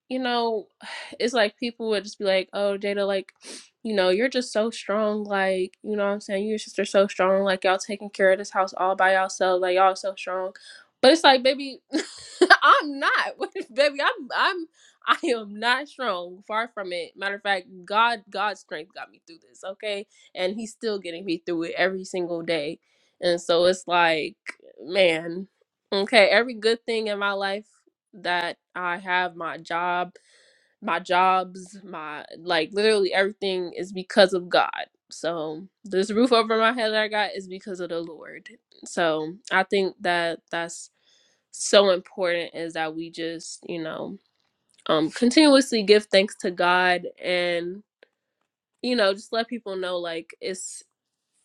Speaker 6: you know, it's like people would just be like, "Oh, Jada, like, you know, you're just so strong. Like, you know what I'm saying? You and your sister are so strong. Like, y'all taking care of this house all by yourself. Like, y'all so strong." But it's like, baby, I'm not. baby, I'm I'm I am not strong. Far from it. Matter of fact, God God's strength got me through this, okay? And he's still getting me through it every single day. And so it's like, man, okay, every good thing in my life that I have my job my jobs, my like literally everything is because of God. So this roof over my head that I got is because of the Lord. So I think that that's so important is that we just, you know, um continuously give thanks to God and you know, just let people know like it's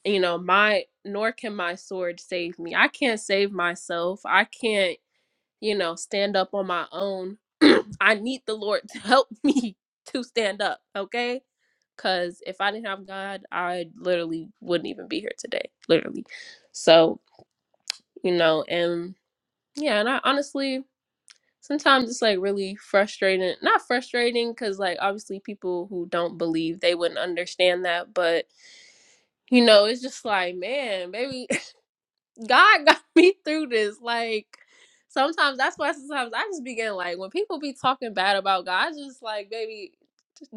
Speaker 6: you know, my nor can my sword save me. I can't save myself. I can't, you know, stand up on my own. I need the Lord to help me to stand up, okay? Cause if I didn't have God, I literally wouldn't even be here today. Literally. So, you know, and yeah, and I honestly sometimes it's like really frustrating. Not frustrating because like obviously people who don't believe they wouldn't understand that, but you know, it's just like, man, baby, God got me through this. Like sometimes that's why sometimes I just begin like when people be talking bad about God, I just like, baby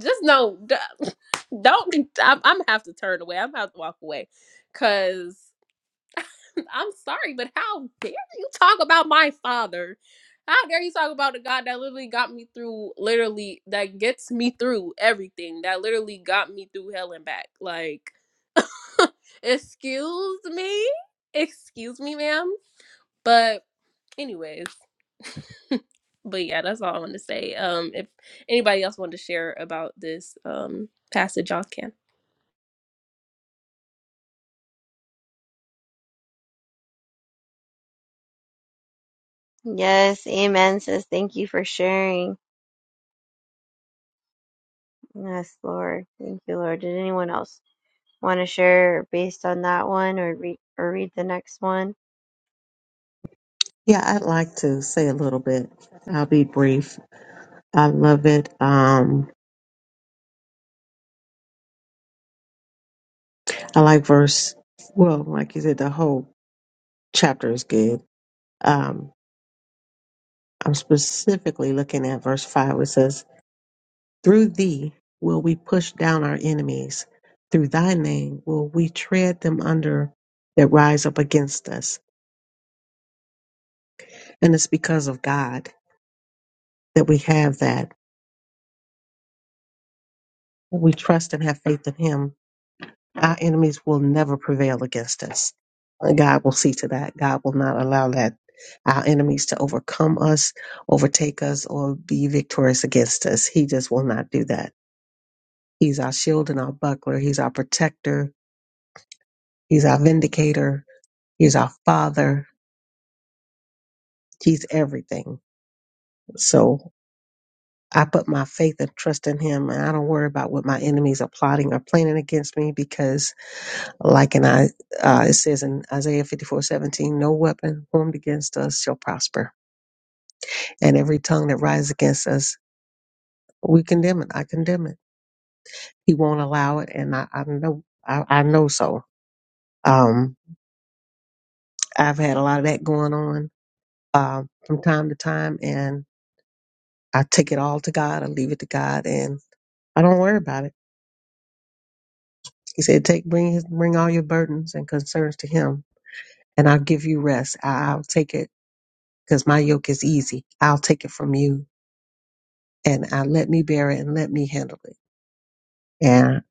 Speaker 6: just know, d- don't. I'm, I'm gonna have to turn away. I'm gonna have to walk away, cause I'm sorry, but how dare you talk about my father? How dare you talk about the God that literally got me through, literally that gets me through everything, that literally got me through hell and back? Like, excuse me, excuse me, ma'am. But anyways, but yeah, that's all I want to say. Um, if anybody else wanted to share about this um passage, y'all can.
Speaker 1: Yes, amen, sis. Thank you for sharing. Yes, Lord. Thank you, Lord. Did anyone else want to share based on that one or read or read the next one?
Speaker 2: Yeah, I'd like to say a little bit. I'll be brief. I love it. Um, I like verse. Well, like you said, the whole chapter is good. Um, I'm specifically looking at verse five, which says, "Through thee will we push down our enemies; through thy name will we tread them under that rise up against us." And it's because of God that we have that. We trust and have faith in Him Our enemies will never prevail against us. And God will see to that. God will not allow that our enemies to overcome us, overtake us, or be victorious against us. He just will not do that. He's our shield and our buckler. He's our protector. He's our vindicator. He's our father. He's everything. So I put my faith and trust in him, and I don't worry about what my enemies are plotting or planning against me because Like in I, uh, it says in Isaiah fifty four seventeen, no weapon formed against us shall prosper, and every tongue that rises against us, we condemn it. I condemn it. He won't allow it, and I, I know, I, I know so. Um, I've had a lot of that going on uh, from time to time, and I take it all to God. I leave it to God, and I don't worry about it. He said, "Take, bring, his, bring all your burdens and concerns to Him, and I'll give you rest. I, I'll take it because my yoke is easy. I'll take it from you and I let me bear it and let me handle it. And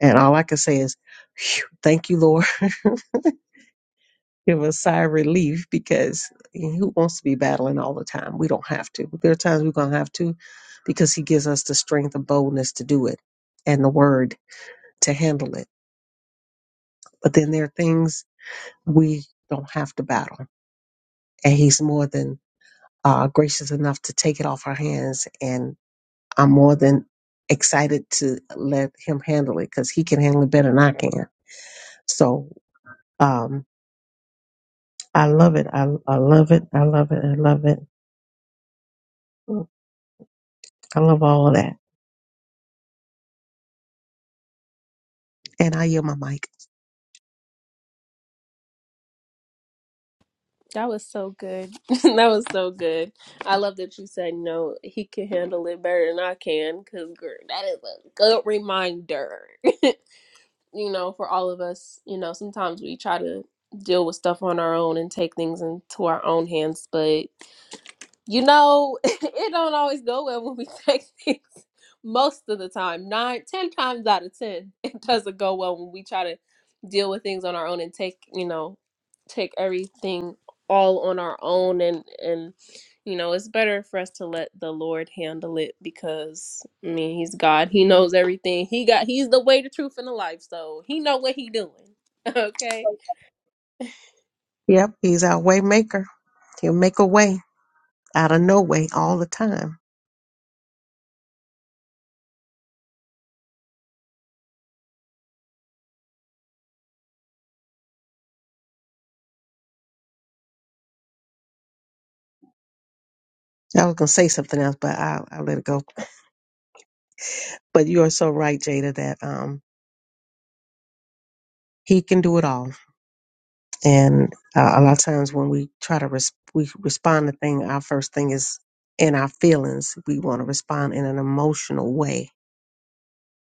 Speaker 2: and all I can say is, phew, thank you, Lord. Give us sigh of relief because who wants to be battling all the time? We don't have to. There are times we're gonna have to because he gives us the strength and boldness to do it and the word to handle it. But then there are things we don't have to battle. And he's more than uh, gracious enough to take it off our hands. And I'm more than excited to let him handle it because he can handle it better than I can So um, I love it. I, I love it. I love it. I love it. I love all of that. And I yield my mic.
Speaker 6: That was so good. that was so good. I love that you said no. He can handle it better than I can, because that is a good reminder. you know, for all of us. You know, sometimes we try to deal with stuff on our own and take things into our own hands, but you know, it don't always go well when we take things most of the time. Nine, ten times out of ten, it doesn't go well when we try to deal with things on our own and take, you know, take everything all on our own and and you know, it's better for us to let the Lord handle it because I mean he's God. He knows everything. He got he's the way, the truth, and the life. So he know what he doing. Okay.
Speaker 2: Yep, he's our way maker. He'll make a way out of no way all the time. I was gonna say something else, but I I will let it go. But you are so right, Jada, that um, he can do it all. And uh, a lot of times when we try to res- we respond to thing, our first thing is in our feelings. We want to respond in an emotional way.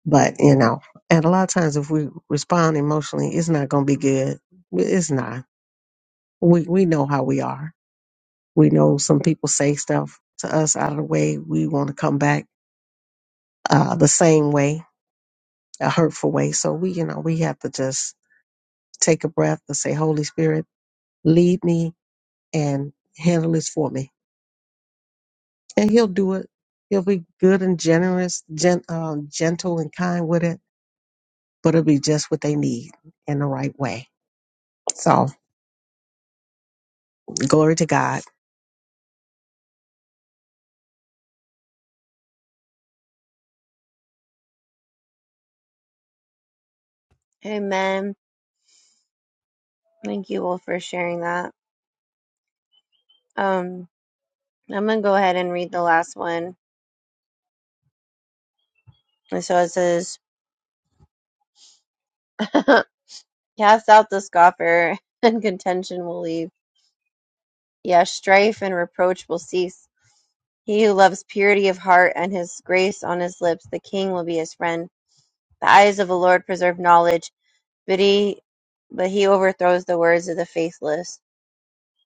Speaker 2: But you know, and a lot of times if we respond emotionally, it's not going to be good. It's not. We we know how we are. We know some people say stuff to us out of the way. We want to come back uh, the same way, a hurtful way. So we, you know, we have to just take a breath and say, Holy Spirit lead me and handle this for me. And he'll do it. He'll be good and generous, gen- um, gentle and kind with it, but it'll be just what they need in the right way. So glory to God.
Speaker 1: Amen. Thank you all for sharing that. Um, I'm gonna go ahead and read the last one. And so it says, Cast out the scoffer, and contention will leave. Yes, strife and reproach will cease. He who loves purity of heart and his grace on his lips, the king will be his friend. The eyes of the Lord preserve knowledge, but he but he overthrows the words of the faithless.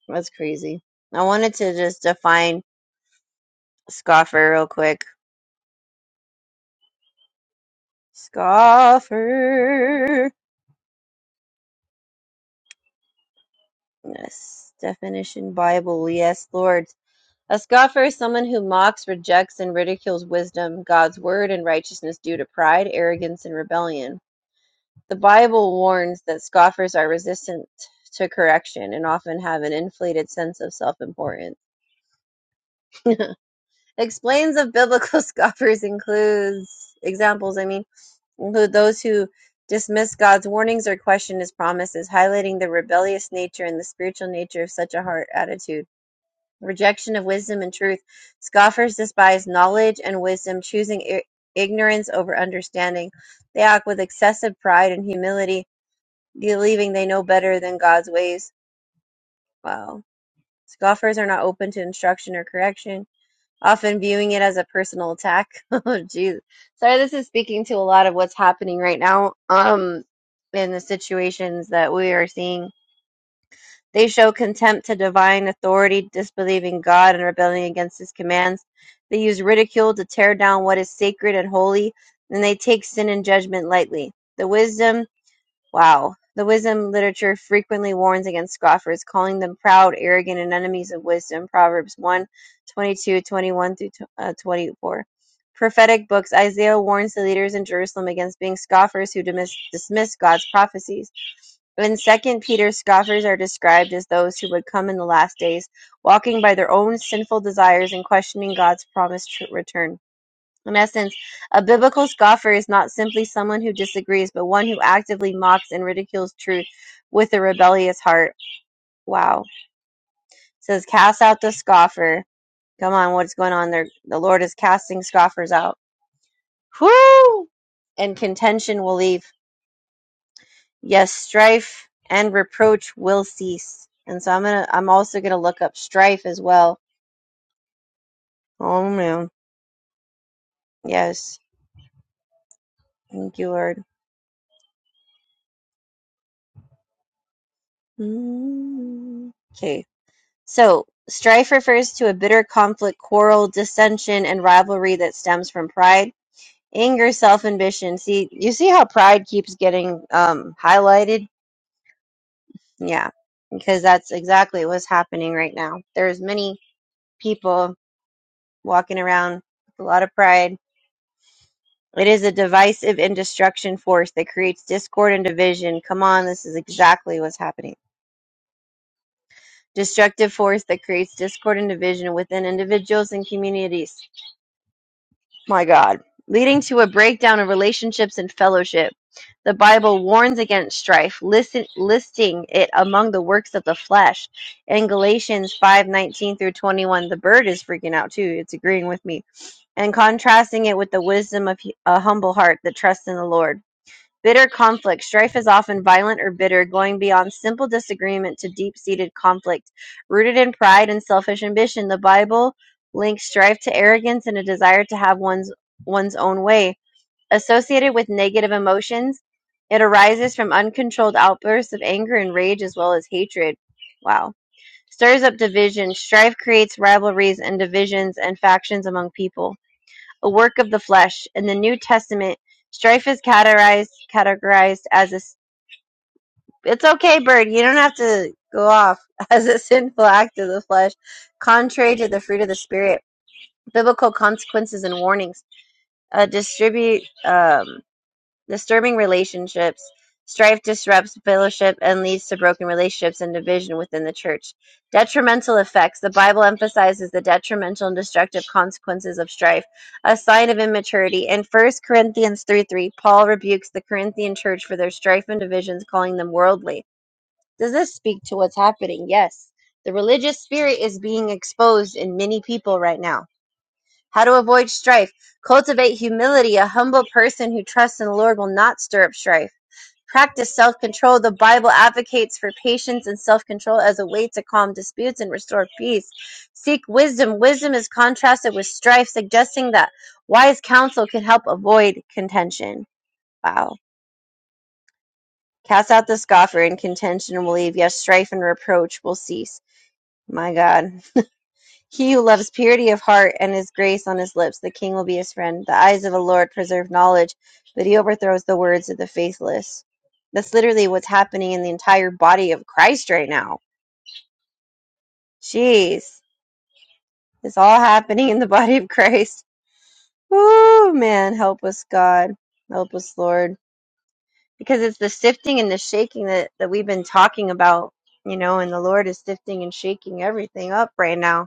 Speaker 1: That's crazy. I wanted to just define scoffer real quick. Scoffer. Yes. Definition Bible. Yes, Lord. A scoffer is someone who mocks, rejects, and ridicules wisdom, God's word, and righteousness due to pride, arrogance, and rebellion. The Bible warns that scoffers are resistant to correction and often have an inflated sense of self importance. Explains of biblical scoffers includes examples, I mean. include those who dismiss God's warnings or question his promises, highlighting the rebellious nature and the spiritual nature of such a heart attitude. Rejection of wisdom and truth. Scoffers despise knowledge and wisdom, choosing i- ignorance over understanding. They act with excessive pride and humility, believing they know better than God's ways. Wow. Scoffers are not open to instruction or correction often viewing it as a personal attack. oh, geez. Sorry, this is speaking to a lot of what's happening right now um, in the situations that we are seeing. They show contempt to divine authority, disbelieving God and rebelling against his commands. They use ridicule to tear down what is sacred and holy, and they take sin and judgment lightly. The wisdom Wow. The wisdom literature frequently warns against scoffers, calling them proud, arrogant, and enemies of wisdom. Proverbs 1 twenty-two, 21 through uh, 24. Prophetic books Isaiah warns the leaders in Jerusalem against being scoffers who dismiss, dismiss God's prophecies. In Second Peter, scoffers are described as those who would come in the last days, walking by their own sinful desires and questioning God's promised return. In essence, a biblical scoffer is not simply someone who disagrees, but one who actively mocks and ridicules truth with a rebellious heart. Wow. It says, cast out the scoffer. Come on, what's going on there? The Lord is casting scoffers out, and contention will leave. Yes, strife and reproach will cease. And so I'm gonna. I'm also gonna look up strife as well. Oh man. Yes. Thank you, Lord. Mm. Okay. So, strife refers to a bitter conflict, quarrel, dissension, and rivalry that stems from pride, anger, self-ambition. See, you see how pride keeps getting um, highlighted? Yeah, because that's exactly what's happening right now. There's many people walking around with a lot of pride. It is a divisive and destruction force that creates discord and division. Come on, this is exactly what's happening. Destructive force that creates discord and division within individuals and communities. my God, leading to a breakdown of relationships and fellowship. The Bible warns against strife, listen, listing it among the works of the flesh. In Galatians five nineteen through 21, the bird is freaking out too. It's agreeing with me. And contrasting it with the wisdom of hu- a humble heart that trusts in the Lord. Bitter conflict. Strife is often violent or bitter, going beyond simple disagreement to deep seated conflict. Rooted in pride and selfish ambition, the Bible links strife to arrogance and a desire to have one's, one's own way. Associated with negative emotions, it arises from uncontrolled outbursts of anger and rage as well as hatred. Wow. Stirs up division. Strife creates rivalries and divisions and factions among people a work of the flesh. In the New Testament, strife is categorized categorized as a. it's okay, bird. You don't have to go off as a sinful act of the flesh, contrary to the fruit of the spirit. Biblical consequences and warnings. Uh, distribute. Um, Disturbing relationships. Strife disrupts fellowship and leads to broken relationships and division within the church. Detrimental effects. The Bible emphasizes the detrimental and destructive consequences of strife, a sign of immaturity. In First Corinthians 3 3, Paul rebukes the Corinthian church for their strife and divisions, calling them worldly. Does this speak to what's happening? Yes. The religious spirit is being exposed in many people right now how to avoid strife. Cultivate humility. A humble person who trusts in the Lord will not stir up strife. Practice self control. The Bible advocates for patience and self control as a way to calm disputes and restore peace. Seek wisdom. Wisdom is contrasted with strife, suggesting that wise counsel can help avoid contention. Wow. Cast out the scoffer, and contention will leave. Yes, strife and reproach will cease. My God. He who loves purity of heart and his grace on his lips, the king will be his friend. The eyes of a Lord preserve knowledge, but he overthrows the words of the faithless. That's literally what's happening in the entire body of Christ right now. Jeez. It's all happening in the body of Christ. Woo, man. Help us, God. Help us, Lord. Because it's the sifting and the shaking that, that we've been talking about, you know, and the Lord is sifting and shaking everything up right now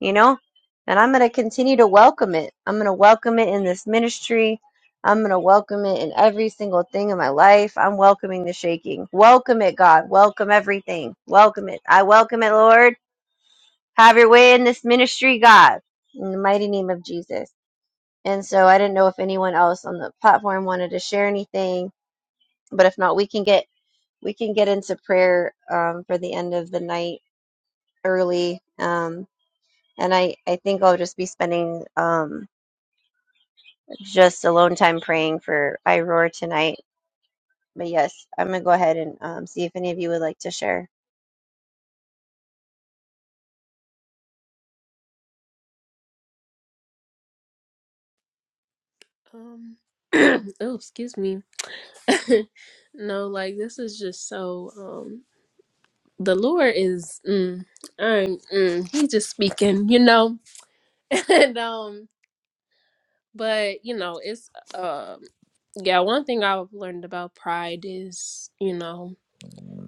Speaker 1: you know? And I'm going to continue to welcome it. I'm going to welcome it in this ministry. I'm going to welcome it in every single thing in my life. I'm welcoming the shaking. Welcome it, God. Welcome everything. Welcome it. I welcome it, Lord. Have your way in this ministry, God, in the mighty name of Jesus. And so I didn't know if anyone else on the platform wanted to share anything, but if not, we can get we can get into prayer um, for the end of the night early. Um, and I I think I'll just be spending um, just alone time praying for Iroar tonight. But yes, I'm gonna go ahead and um, see if any of you would like to share.
Speaker 6: Um oh excuse me. no, like this is just so. Um, the Lord is, mm, I'm, mm, he's just speaking, you know, and um, but you know, it's um, yeah. One thing I've learned about pride is, you know,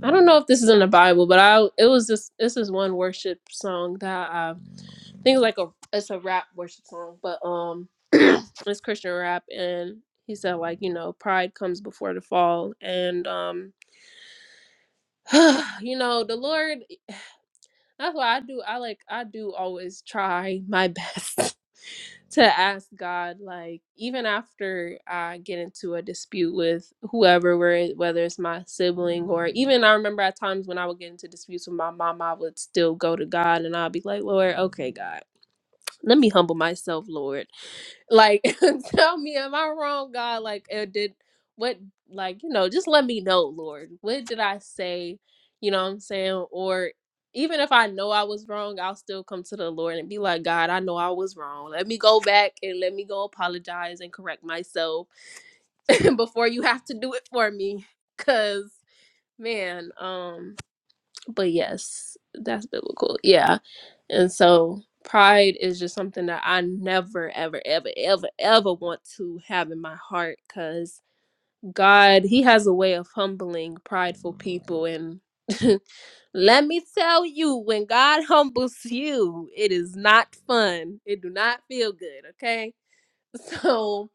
Speaker 6: I don't know if this is in the Bible, but I it was this this is one worship song that I, I think it's like a it's a rap worship song, but um, it's Christian rap, and he said like you know pride comes before the fall, and um you know the lord that's why i do i like i do always try my best to ask god like even after i get into a dispute with whoever where whether it's my sibling or even i remember at times when i would get into disputes with my mom i would still go to god and i'd be like lord okay god let me humble myself lord like, tell me, am I wrong, God? Like, uh, did what, like, you know, just let me know, Lord. What did I say? You know what I'm saying? Or even if I know I was wrong, I'll still come to the Lord and be like, God, I know I was wrong. Let me go back and let me go apologize and correct myself before you have to do it for me. Cause, man, um, but yes, that's biblical. Yeah. And so pride is just something that I never, ever, ever, ever, ever want to have in my heart because God, He has a way of humbling prideful people. And let me tell you, when God humbles you, it is not fun. It do not feel good, okay? So,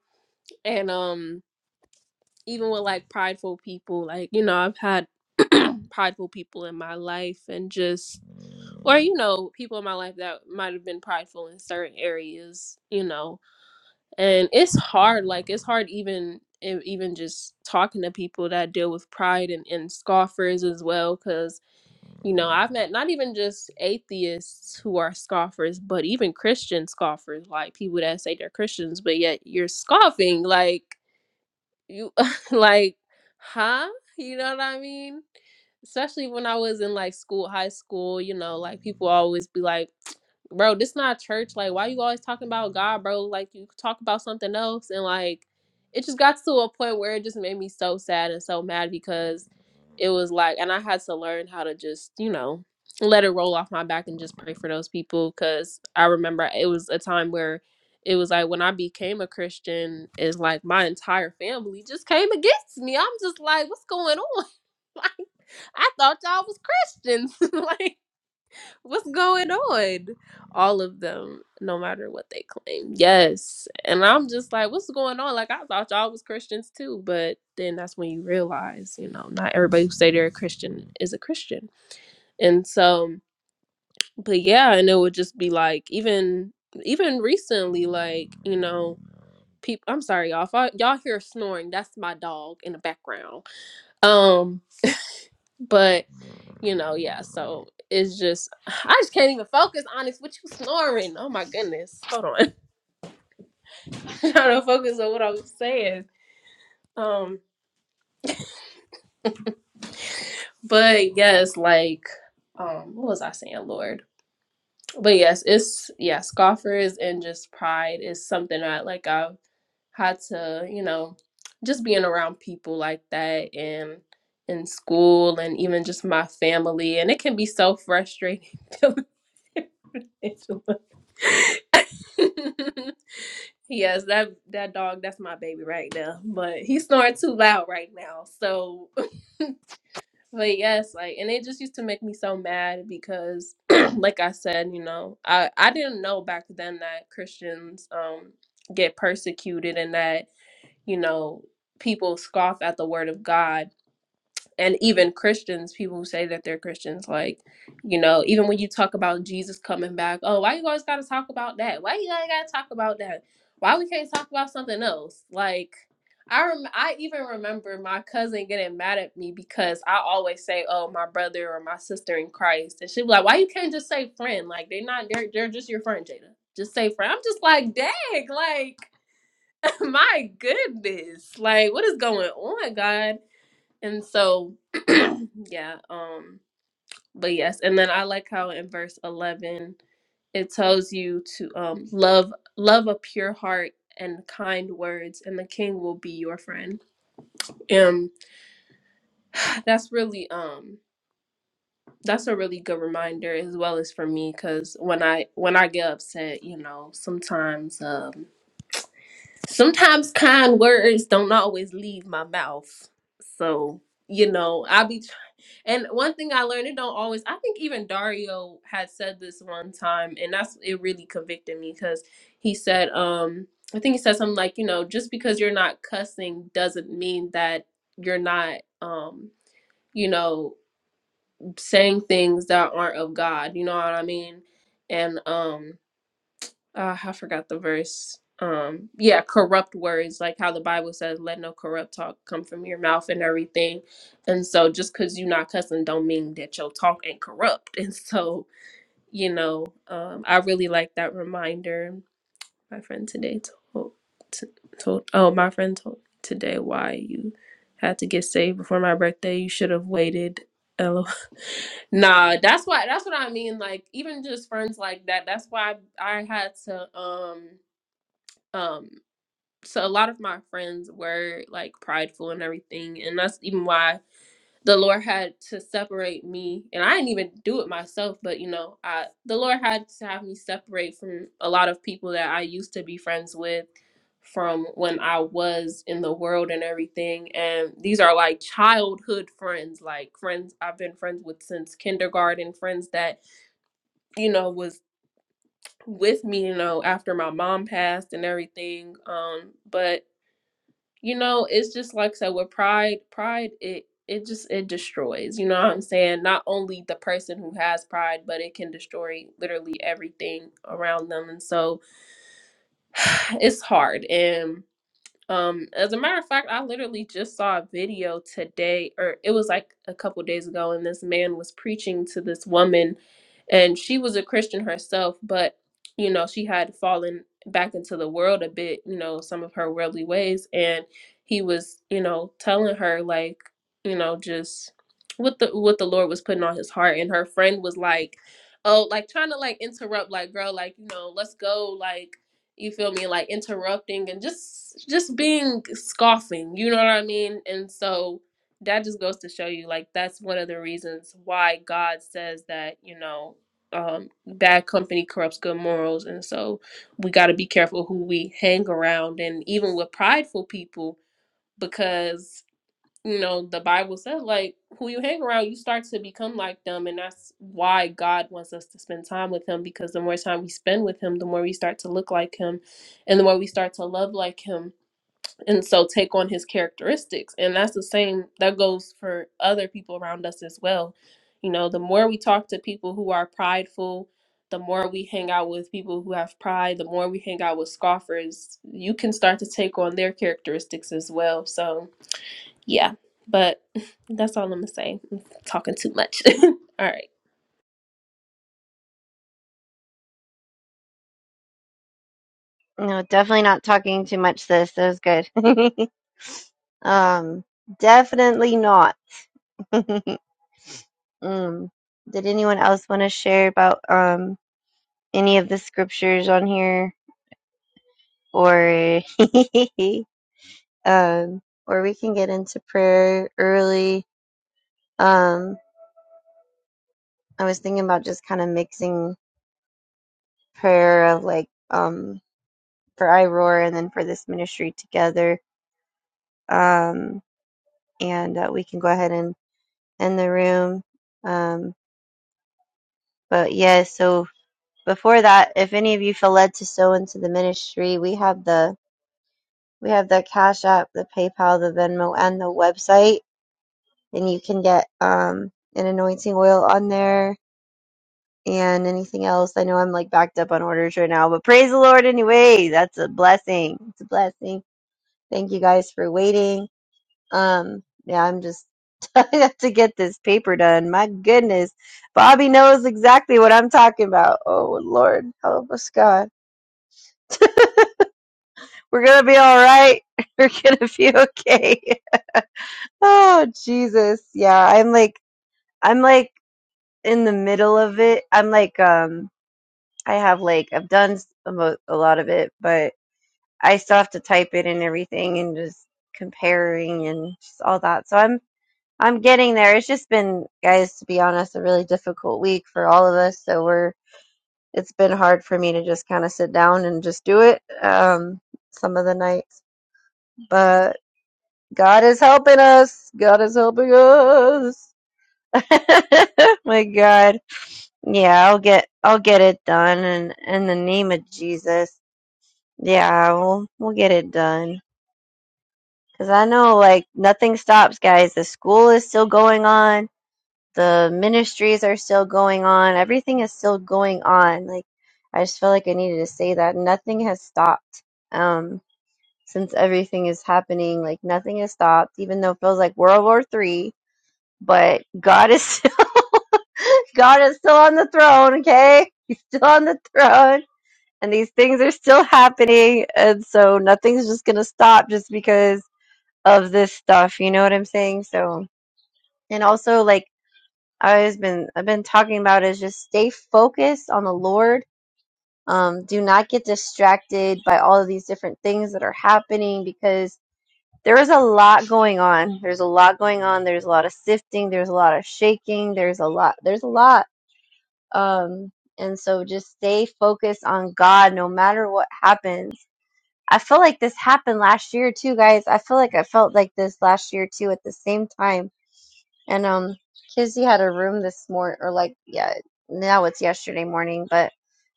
Speaker 6: and um, even with like prideful people, like, you know, I've had prideful people in my life and just or you know people in my life that might have been prideful in certain areas you know and it's hard like it's hard even e- even just talking to people that deal with pride and, and scoffers as well because you know i've met not even just atheists who are scoffers but even christian scoffers like people that say they're christians but yet you're scoffing like you like huh you know what i mean especially when i was in like school high school you know like people always be like bro this not church like why you always talking about god bro like you could talk about something else and like it just got to a point where it just made me so sad and so mad because it was like and i had to learn how to just you know let it roll off my back and just pray for those people because i remember it was a time where it was like when I became a Christian, it's like my entire family just came against me. I'm just like, what's going on? Like, I thought y'all was Christians. like, what's going on? All of them, no matter what they claim. Yes. And I'm just like, what's going on? Like, I thought y'all was Christians too. But then that's when you realize, you know, not everybody who say they're a Christian is a Christian. And so, but yeah, and it would just be like, even even recently, like, you know, people i'm sorry y'all if I, y'all hear snoring that's my dog in the background um but you know yeah so it's just i just can't even focus on this what you snoring oh my goodness hold on trying to focus on what i was saying um but yes like um what was i saying lord but yes it's yeah scoffers and just pride is something that like i've how to, you know, just being around people like that and in school and even just my family. And it can be so frustrating. feeling Angela. yes, that that dog, that's my baby right now. But he's snoring too loud right now. So but yes, like, and it just used to make me so mad because, like I said, you know, I I didn't know back then that Christians um get persecuted and that you know, people scoff at the word of God. And even Christians, people who say that they're Christians, like, you know, even when you talk about Jesus coming back, oh, why you always gotta talk about that? Why you gotta gotta talk about that? Why we can't talk about something else? Like, I rem- I even remember my cousin getting mad at me because I always say, "Oh, my brother or my sister in Christ," and she was like, "Why you can't just say friend? Like they're not they're they're just your friend, Jada. Just say friend." I'm just like, "Dang!" Like My goodness. Like what is going on, God? And so yeah, um but yes, and then I like how in verse 11 it tells you to um love love a pure heart and kind words and the king will be your friend. Um that's really um that's a really good reminder as well as for me cuz when I when I get upset, you know, sometimes um. sometimes kind words don't always leave my mouth. So, you know, I'll be tr- and one thing I learned it don't always I think even Dario had said this one time and that's it really convicted me cuz he said um I think he said something like, you know, just because you're not cussing doesn't mean that you're not um you know saying things that aren't of God, you know what I mean? And um uh, I forgot the verse. Um, yeah, corrupt words, like how the Bible says, "Let no corrupt talk come from your mouth" and everything. And so, just because you're not cussing, don't mean that your talk ain't corrupt. And so, you know, um, I really like that reminder. My friend today told, t- told oh, my friend told today why you had to get saved before my birthday. You should have waited. LOL. Nah, that's why. That's what I mean. Like even just friends like that. That's why I, I had to um um so a lot of my friends were like prideful and everything and that's even why the lord had to separate me and i didn't even do it myself but you know i the lord had to have me separate from a lot of people that i used to be friends with from when i was in the world and everything and these are like childhood friends like friends i've been friends with since kindergarten friends that you know was with me you know after my mom passed and everything um but you know it's just like I said with pride pride it it just it destroys you know what i'm saying not only the person who has pride but it can destroy literally everything around them and so it's hard and um, as a matter of fact, I literally just saw a video today, or it was like a couple days ago, and this man was preaching to this woman, and she was a Christian herself, but you know, she had fallen back into the world a bit, you know, some of her worldly ways, and he was, you know, telling her like, you know, just what the what the Lord was putting on his heart, and her friend was like, oh, like trying to like interrupt, like, girl, like, you know, let's go, like you feel me like interrupting and just just being scoffing you know what i mean and so that just goes to show you like that's one of the reasons why god says that you know um bad company corrupts good morals and so we got to be careful who we hang around and even with prideful people because you know the bible says like who you hang around you start to become like them and that's why god wants us to spend time with him because the more time we spend with him the more we start to look like him and the more we start to love like him and so take on his characteristics and that's the same that goes for other people around us as well you know the more we talk to people who are prideful the more we hang out with people who have pride the more we hang out with scoffers you can start to take on their characteristics as well so yeah, but that's all I'm gonna say. I'm talking too much. all right.
Speaker 1: No, definitely not talking too much. This that was good. um, definitely not. mm. Did anyone else want to share about um any of the scriptures on here, or um, or we can get into prayer early. Um, I was thinking about just kind of mixing prayer of like um for Iroar and then for this ministry together. Um, and uh, we can go ahead and end the room. Um, but yeah, so before that, if any of you feel led to sow into the ministry, we have the we have the Cash App, the PayPal, the Venmo, and the website, and you can get um, an anointing oil on there and anything else. I know I'm like backed up on orders right now, but praise the Lord anyway. That's a blessing. It's a blessing. Thank you guys for waiting Um, yeah, I'm just I have to get this paper done. My goodness. Bobby knows exactly what I'm talking about. Oh Lord, help us God. We're gonna be all right. We're gonna be okay. Oh Jesus. Yeah, I'm like I'm like in the middle of it. I'm like um I have like I've done s- a mo- a lot of it, but I still have to type it and everything and just comparing and just all that. So I'm I'm getting there. It's just been, guys, to be honest, a really difficult week for all of us. So we're, it's been hard for me to just kind of sit down and just do it um, some of the nights. But God is helping us. God is helping us. My God. Yeah, I'll get, I'll get it done. And in the name of Jesus, yeah, we'll, we'll get it done. Cause I know like nothing stops, guys. The school is still going on the ministries are still going on. Everything is still going on. Like I just felt like I needed to say that nothing has stopped. Um, since everything is happening, like nothing has stopped, even though it feels like World War Three. But God is still, God is still on the throne. Okay, He's still on the throne, and these things are still happening. And so nothing's just gonna stop just because of this stuff. You know what I'm saying? So and also like I've been I've been talking about is just stay focused on the Lord. Um, do not get distracted by all of these different things that are happening because there is a lot going on. There's a lot going on. There's a lot of sifting. There's a lot of shaking. There's a lot. There's a lot. Um, and so just stay focused on God no matter what happens. I feel like this happened last year too, guys. I feel like I felt like this last year too at the same time and um, Kizzy had a room this morning, or like, yeah, now it's yesterday morning, but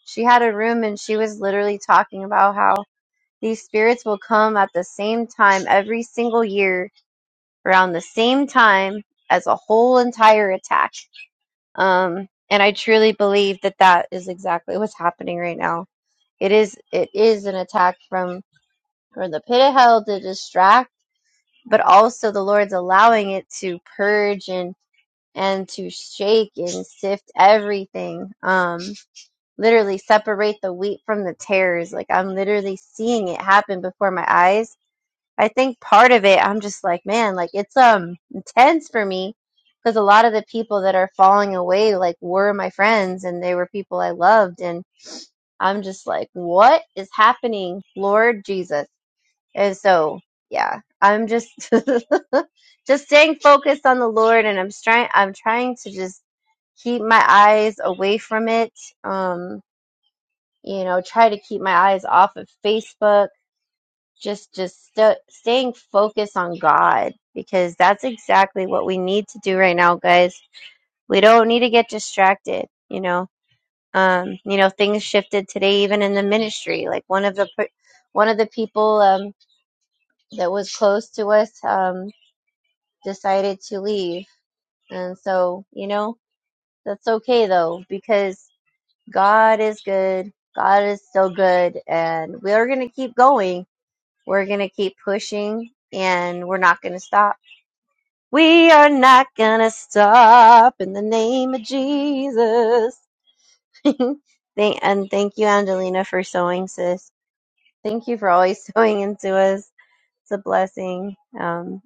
Speaker 1: she had a room and she was literally talking about how these spirits will come at the same time every single year around the same time as a whole entire attack. Um, and I truly believe that that is exactly what's happening right now. It is, it is an attack from from the pit of hell to distract, but also the Lord's allowing it to purge and and to shake and sift everything. Um, literally separate the wheat from the tares. Like I'm literally seeing it happen before my eyes. I think part of it, I'm just like, man, like it's um intense for me because a lot of the people that are falling away like were my friends and they were people I loved and I'm just like, what is happening, Lord Jesus? And so, yeah, I'm just just staying focused on the Lord, and I'm trying. I'm trying to just keep my eyes away from it. Um, you know, try to keep my eyes off of Facebook. Just, just st- staying focused on God because that's exactly what we need to do right now, guys. We don't need to get distracted. You know, um, you know, things shifted today, even in the ministry. Like one of the per- one of the people um, that was close to us. Um, decided to leave. And so, you know, that's okay though, because God is good. God is so good. And we're going to keep going. We're going to keep pushing and we're not going to stop. We are not going to stop in the name of Jesus. Thank- and thank you, Angelina, for sewing, sis. Thank you for always sewing into us. It's a blessing. Um,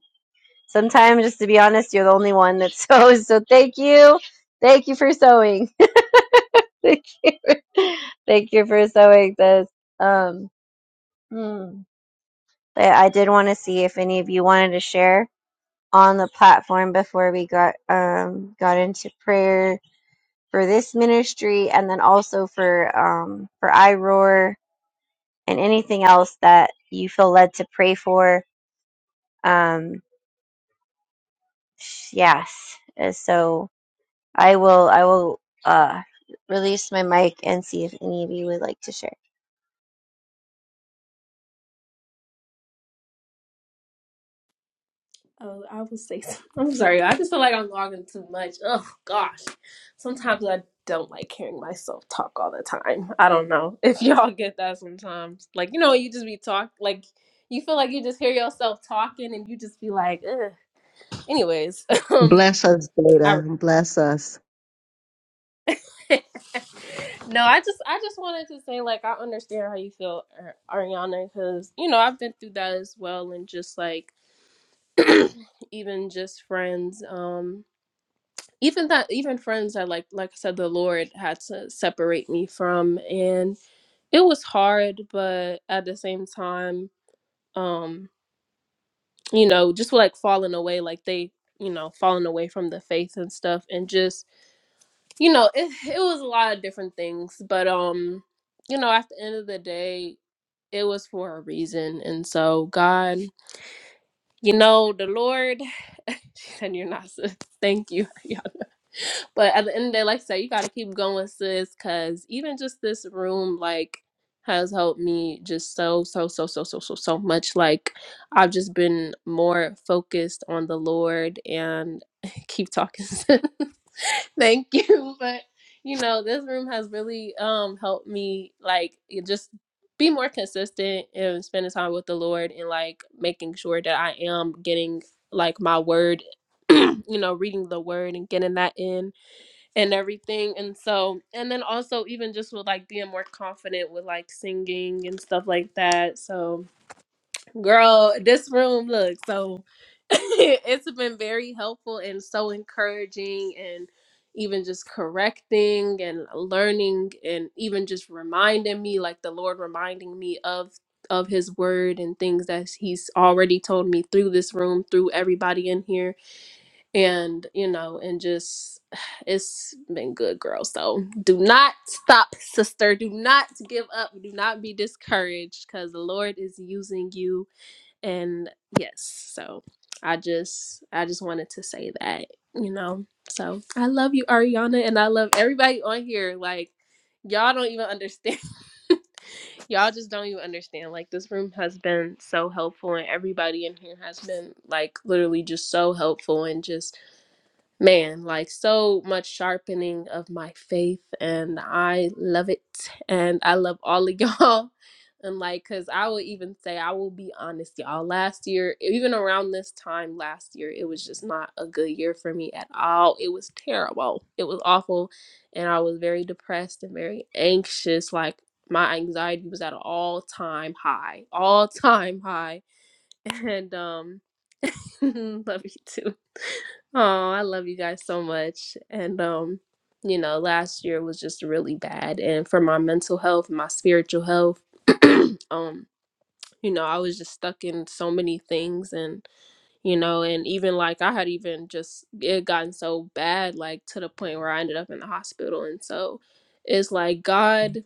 Speaker 1: Sometimes, just to be honest, you're the only one that sews. So thank you. Thank you for sewing. thank you. Thank you for sewing this. Um, hmm. But I did want to see if any of you wanted to share on the platform before we got um, got into prayer for this ministry, and then also for um, for iRoar and anything else that you feel led to pray for. Um, yes. Uh, So I will I will uh release my mic and see if any of you would like to share.
Speaker 6: Oh, I will say. some- I'm sorry. I just feel like I'm talking too much. Oh gosh. Sometimes I don't like hearing myself talk all the time. I don't know if y'all get that sometimes. Like you know, you just be talk like you feel like you just hear yourself talking, and you just be like, Ugh. anyways. um,
Speaker 2: Bless us,
Speaker 6: I
Speaker 2: Data. Bless us.
Speaker 6: no, I just I just wanted to say like I understand how you feel, Ar- Ariana, because you know I've been through that as well, and just like even just friends, um, even that even friends that like like I said, the Lord had to separate me from, and it was hard, but at the same time, um, you know, just like falling away, like they, you know, falling away from the faith and stuff, and just you know, it it was a lot of different things, but um you know, at the end of the day, it was for a reason. And so, God, you know, the Lord, she said, You're not, sis. Thank you. y'all. But at the end of the day, like I said, you got to keep going, sis, because even just this room, like, has helped me just so, so, so, so, so, so, so much. Like, I've just been more focused on the Lord and keep talking. sis. Thank you. But you know, this room has really um helped me like it just be more consistent and spending time with the Lord and like making sure that I am getting like my word, you know, reading the word and getting that in and everything. And so and then also even just with like being more confident with like singing and stuff like that. So Girl, this room, look, so it's been very helpful and so encouraging and even just correcting and learning and even just reminding me like the Lord reminding me of of his word and things that he's already told me through this room, through everybody in here and, you know, and just it's been good, girl. So, do not stop, sister. Do not give up. Do not be discouraged cuz the Lord is using you and yes so i just i just wanted to say that you know so i love you ariana and i love everybody on here like y'all don't even understand y'all just don't even understand like this room has been so helpful and everybody in here has been like literally just so helpful and just man, like so much sharpening of my faith, and I love it, and I love all of y'all. And like, cause I would even say, I will be honest, y'all. Last year, even around this time last year, it was just not a good year for me at all. It was terrible. It was awful. And I was very depressed and very anxious. Like, my anxiety was at an all time high, all time high. And, um, love you too. Oh, I love you guys so much. And um, you know, last year was just really bad. And for my mental health, my spiritual health, um, you know, I was just stuck in so many things and you know, and even like I had even just it had gotten so bad, like to the point where I ended up in the hospital. And so it's like God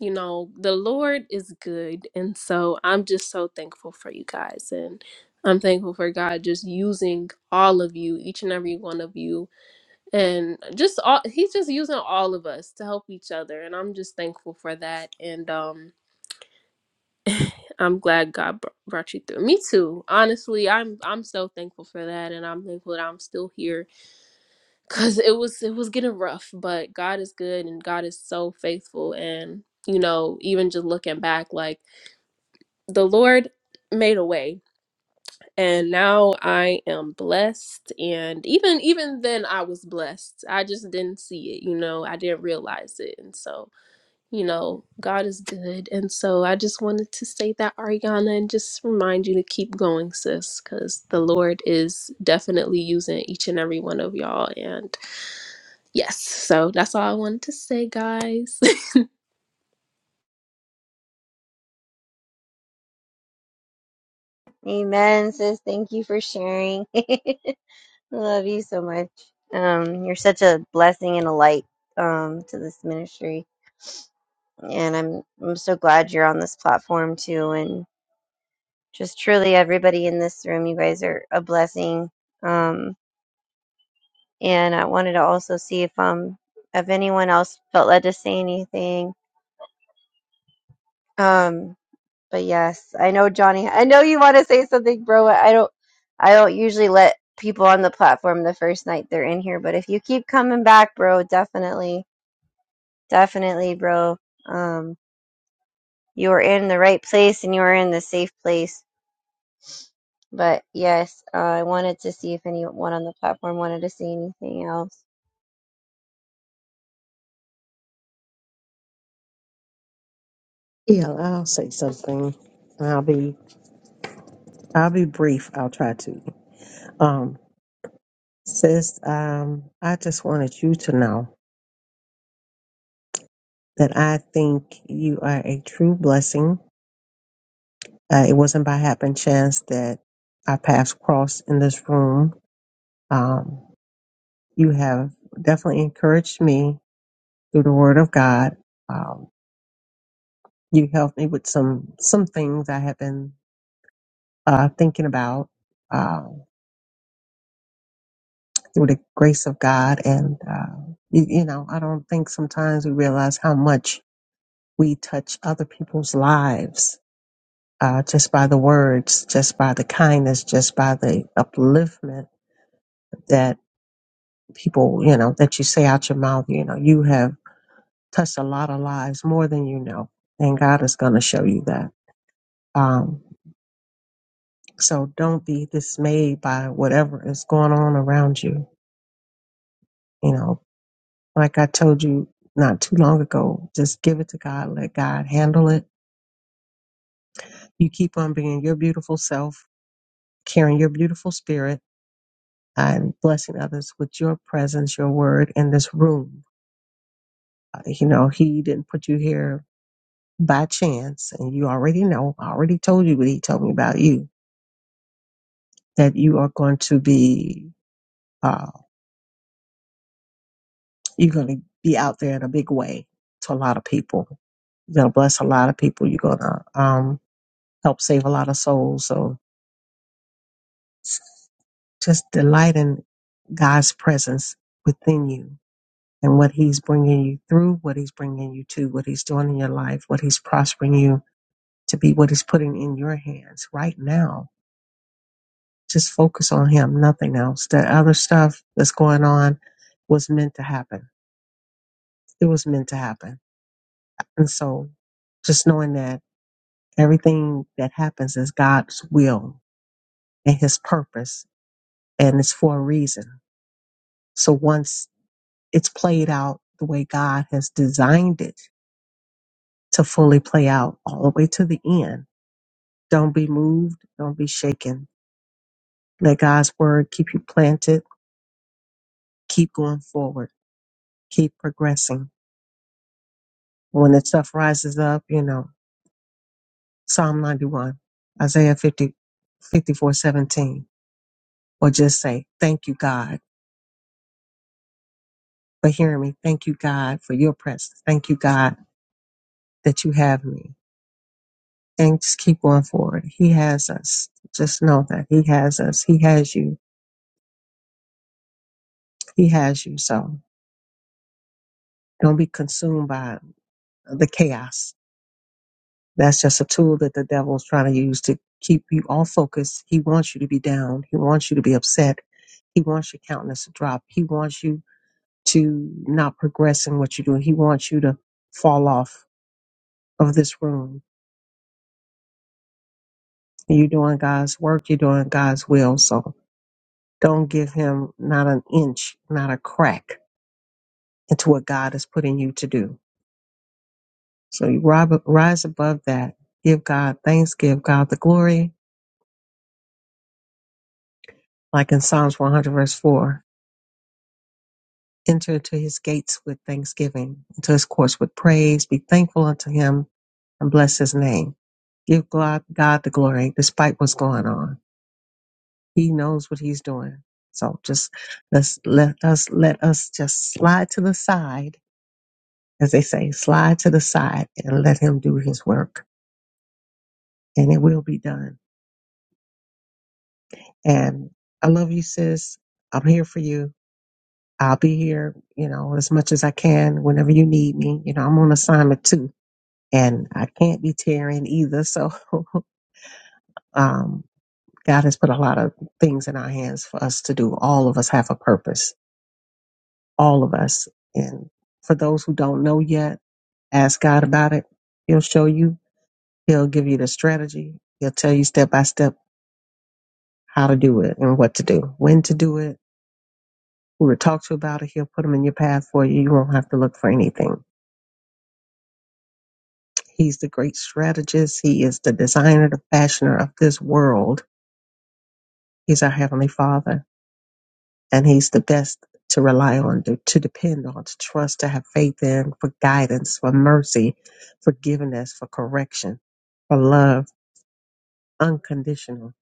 Speaker 6: you know, the Lord is good. And so I'm just so thankful for you guys. And I'm thankful for God just using all of you, each and every one of you. And just all, He's just using all of us to help each other. And I'm just thankful for that. And um, I'm glad God br- brought you through. Me too. Honestly, I'm I'm so thankful for that. And I'm thankful that I'm still here because it was it was getting rough. But God is good and God is so faithful. And, you know, even just looking back, like, the Lord made a way and now I am blessed and even even then I was blessed. I just didn't see it, you know. I didn't realize it. And so, you know, God is good. And so I just wanted to say that Ariana and just remind you to keep going, sis, cuz the Lord is definitely using each and every one of y'all and yes. So that's all I wanted to say, guys.
Speaker 1: Amen, sis. Thank you for sharing. I Love you so much. Um, you're such a blessing and a light um to this ministry. And I'm I'm so glad you're on this platform too and just truly everybody in this room, you guys are a blessing. Um and I wanted to also see if um if anyone else felt led to say anything. Um But yes, I know Johnny. I know you want to say something, bro. I don't. I don't usually let people on the platform the first night they're in here, but if you keep coming back, bro, definitely, definitely, bro. Um, you are in the right place and you are in the safe place. But yes, uh, I wanted to see if anyone on the platform wanted to say anything else.
Speaker 2: Yeah, I'll say something. I'll be I'll be brief. I'll try to. Um, sis, um, I just wanted you to know that I think you are a true blessing Uh, it wasn't by happen chance that our paths crossed in this room. Um, you have definitely encouraged me through the Word of God. Um, you helped me with some some things I have been uh, thinking about uh, through the grace of God, and uh, you, you know I don't think sometimes we realize how much we touch other people's lives uh, just by the words, just by the kindness, just by the upliftment people, you know, that you say out your mouth, you know, you have touched a lot of lives more than you know. And God is going to show you that. Um, so don't be dismayed by whatever is going on around you. You know, like I told you not too long ago, just give it to God, let God handle it. You keep on being your beautiful self, carrying your beautiful spirit and blessing others with your presence, your word in this room. Uh, You know, He didn't put you here by chance, and you already know, I already told you what he told me about you, that you are going to be, uh, you're going to be out there in a big way to a lot of people. You're going to bless a lot of people. You're going to, um, help save a lot of souls. So just delight in God's presence within you and what he's bringing you through, what he's bringing you to, what he's doing in your life, what he's prospering you to be, what he's putting in your hands right now just focus on him, nothing else. That other stuff that's going on was meant to happen. It was meant to happen. And so just knowing that everything that happens is God's will and his purpose and it's for a reason. So once it's played out the way God has designed it to fully play out all the way to the end, don't be moved, don't be shaken. Let God's word keep you planted, keep going forward, keep progressing When the stuff rises up, you know, Psalm 91, Isaiah 50 54 17, or just say, thank you, God, for hearing me. Thank you, God, for your presence. Thank you, God, that you have me. And just keep going forward. He has us. Just know that he has us. He has you. He has you. So don't be consumed by the chaos that's just a tool that the devil's trying to use to keep you all focused. He wants you to be down. He wants you to be upset. He wants your countenance to drop. He wants you to not progress in what you're doing. He wants you to fall off of this room. You're doing God's work, you're doing God's will. So don't give him not an inch, not a crack into what God is putting you to do. So you ri- rise above that. Give God thanks, give God the glory. Like in Psalms 100, verse 4, enter into his gates with thanksgiving, into his courts with praise. Be thankful unto him and bless his name. Give God, God the glory despite what's going on He knows what he's doing. So just let's let us let us just slide to the side, as they say, slide to the side and let him do his work. And it will be done. And I love you, sis. I'm here for you. I'll be here, you know, as much as I can whenever you need me. You know, I'm on assignment too. And I can't be tearing either. So um God has put a lot of things in our hands for us to do. All of us have a purpose all of us. And for those who don't know yet, ask God about it. He'll show you. He'll give you the strategy. He'll tell you step by step how to do it and what to do, when to do it, who to talk to about it. He'll put them in your path for you. You won't have to look for anything. He's the great strategist. He is the designer, the fashioner of this world. He's our Heavenly Father and he's the best to rely on, to, to depend on, to trust, to have faith in, for guidance, for mercy, forgiveness, for correction, for love, unconditional.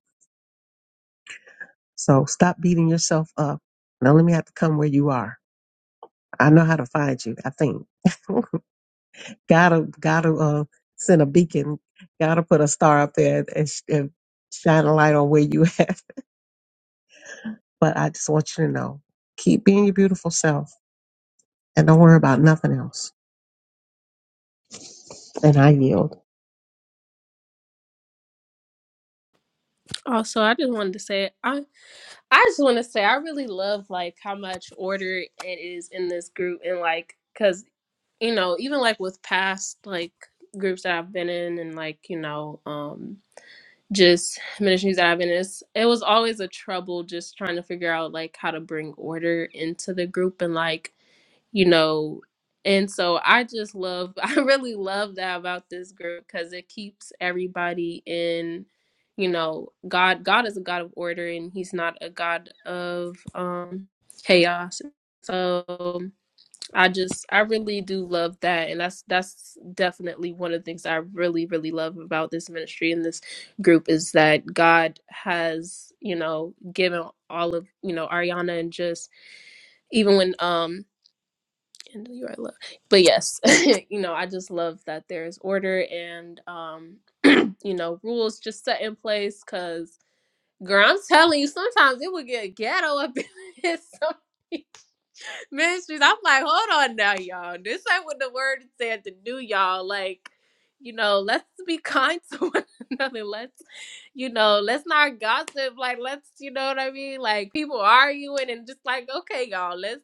Speaker 2: So stop beating yourself up. Don't let me have to come where you are. I know how to find you. I think gotta gotta uh, send a beacon. Gotta put a star up there and, sh- and shine a light on where you at. But I just want you to know, keep being your beautiful self, and don't worry about nothing else. And I yield.
Speaker 6: also, I just wanted to say I just want to say I really love like how much order it is in this group and like cuz you know even like with past like groups that I've been in and like you know um just ministries that I've been in it's, it was always a trouble just trying to figure out like how to bring order into the group and like you know and so i just love i really love that about this group because it keeps everybody in you know god god is a god of order and he's not a god of um chaos so i just i really do love that and that's that's definitely one of the things i really really love about this ministry and this group is that god has you know given all of you know ariana and just even when um and you are love. But yes, you know, I just love that there is order and um, you know, rules just set in place because girl, I'm telling you, sometimes it would get ghetto up in this ministries. I'm like, hold on now, y'all. This ain't what the word said to do, y'all. Like, you know, let's be kind to one another. Let's, you know, let's not gossip. Like, let's, you know what I mean? Like, people arguing and just like, okay, y'all, let's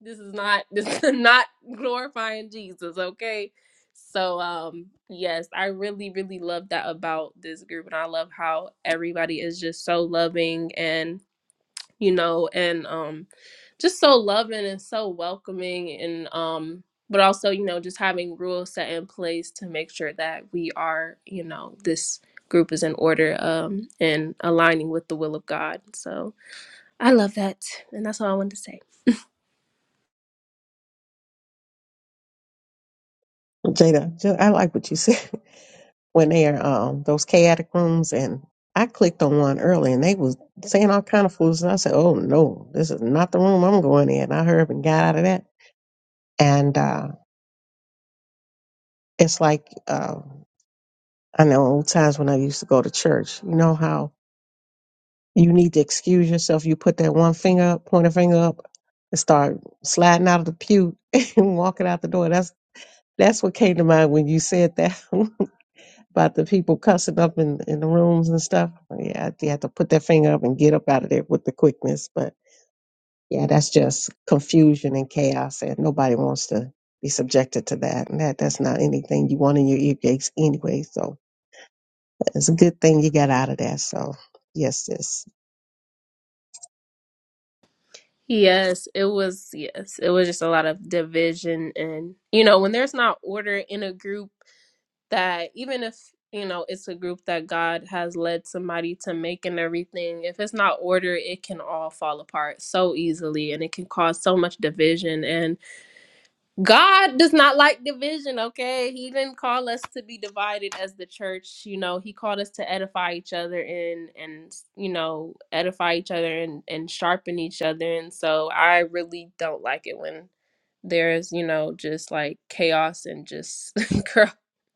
Speaker 6: this is not this is not glorifying Jesus, okay? So um yes, I really really love that about this group and I love how everybody is just so loving and you know and um just so loving and so welcoming and um but also, you know, just having rules set in place to make sure that we are, you know, this group is in order um and aligning with the will of God. So, I love that. And that's all I wanted to say.
Speaker 2: Jada, Ju- I like what you said when they are um, those chaotic rooms, and I clicked on one early, and they was saying all kind of fools, and I said, "Oh no, this is not the room I'm going in." I hurried up and got out of that, and uh, it's like uh, I know old times when I used to go to church. You know how you need to excuse yourself. You put that one finger up, point a finger up, and start sliding out of the pew and walking out the door. That's that's what came to mind when you said that. about the people cussing up in, in the rooms and stuff. Yeah, they have to put their finger up and get up out of there with the quickness. But yeah, that's just confusion and chaos, and nobody wants to be subjected to that. And that that's not anything you want in your ear gates anyway. So it's a good thing you got out of that. So yes, sis.
Speaker 6: Yes, it was. Yes, it was just a lot of division. And, you know, when there's not order in a group, that even if, you know, it's a group that God has led somebody to make and everything, if it's not order, it can all fall apart so easily and it can cause so much division. and. God does not like division, okay? He didn't call us to be divided as the church, you know. He called us to edify each other and and you know, edify each other and and sharpen each other. And so I really don't like it when there's, you know, just like chaos and just girl,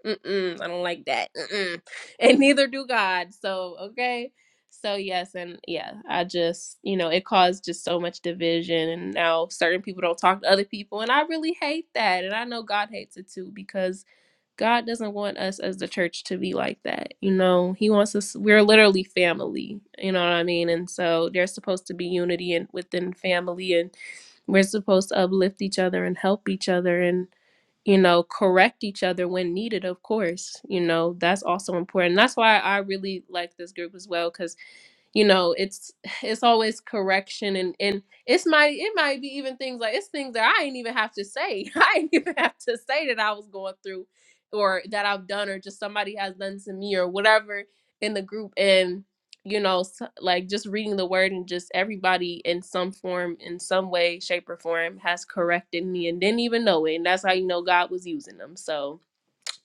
Speaker 6: mm-mm, I don't like that. Mm-mm. And neither do God. So, okay? So yes, and yeah, I just you know it caused just so much division, and now certain people don't talk to other people, and I really hate that, and I know God hates it too because God doesn't want us as the church to be like that. You know, He wants us. We're literally family. You know what I mean? And so there's supposed to be unity and within family, and we're supposed to uplift each other and help each other, and you know, correct each other when needed, of course. You know, that's also important. That's why I really like this group as well, because you know it's it's always correction and and it's might it might be even things like it's things that i ain't even have to say i ain't even have to say that i was going through or that i've done or just somebody has done to me or whatever in the group and you know s like just reading the word and just everybody in some form in some way shape or form has corrected me and didn't even know it and that's how you know god was using them so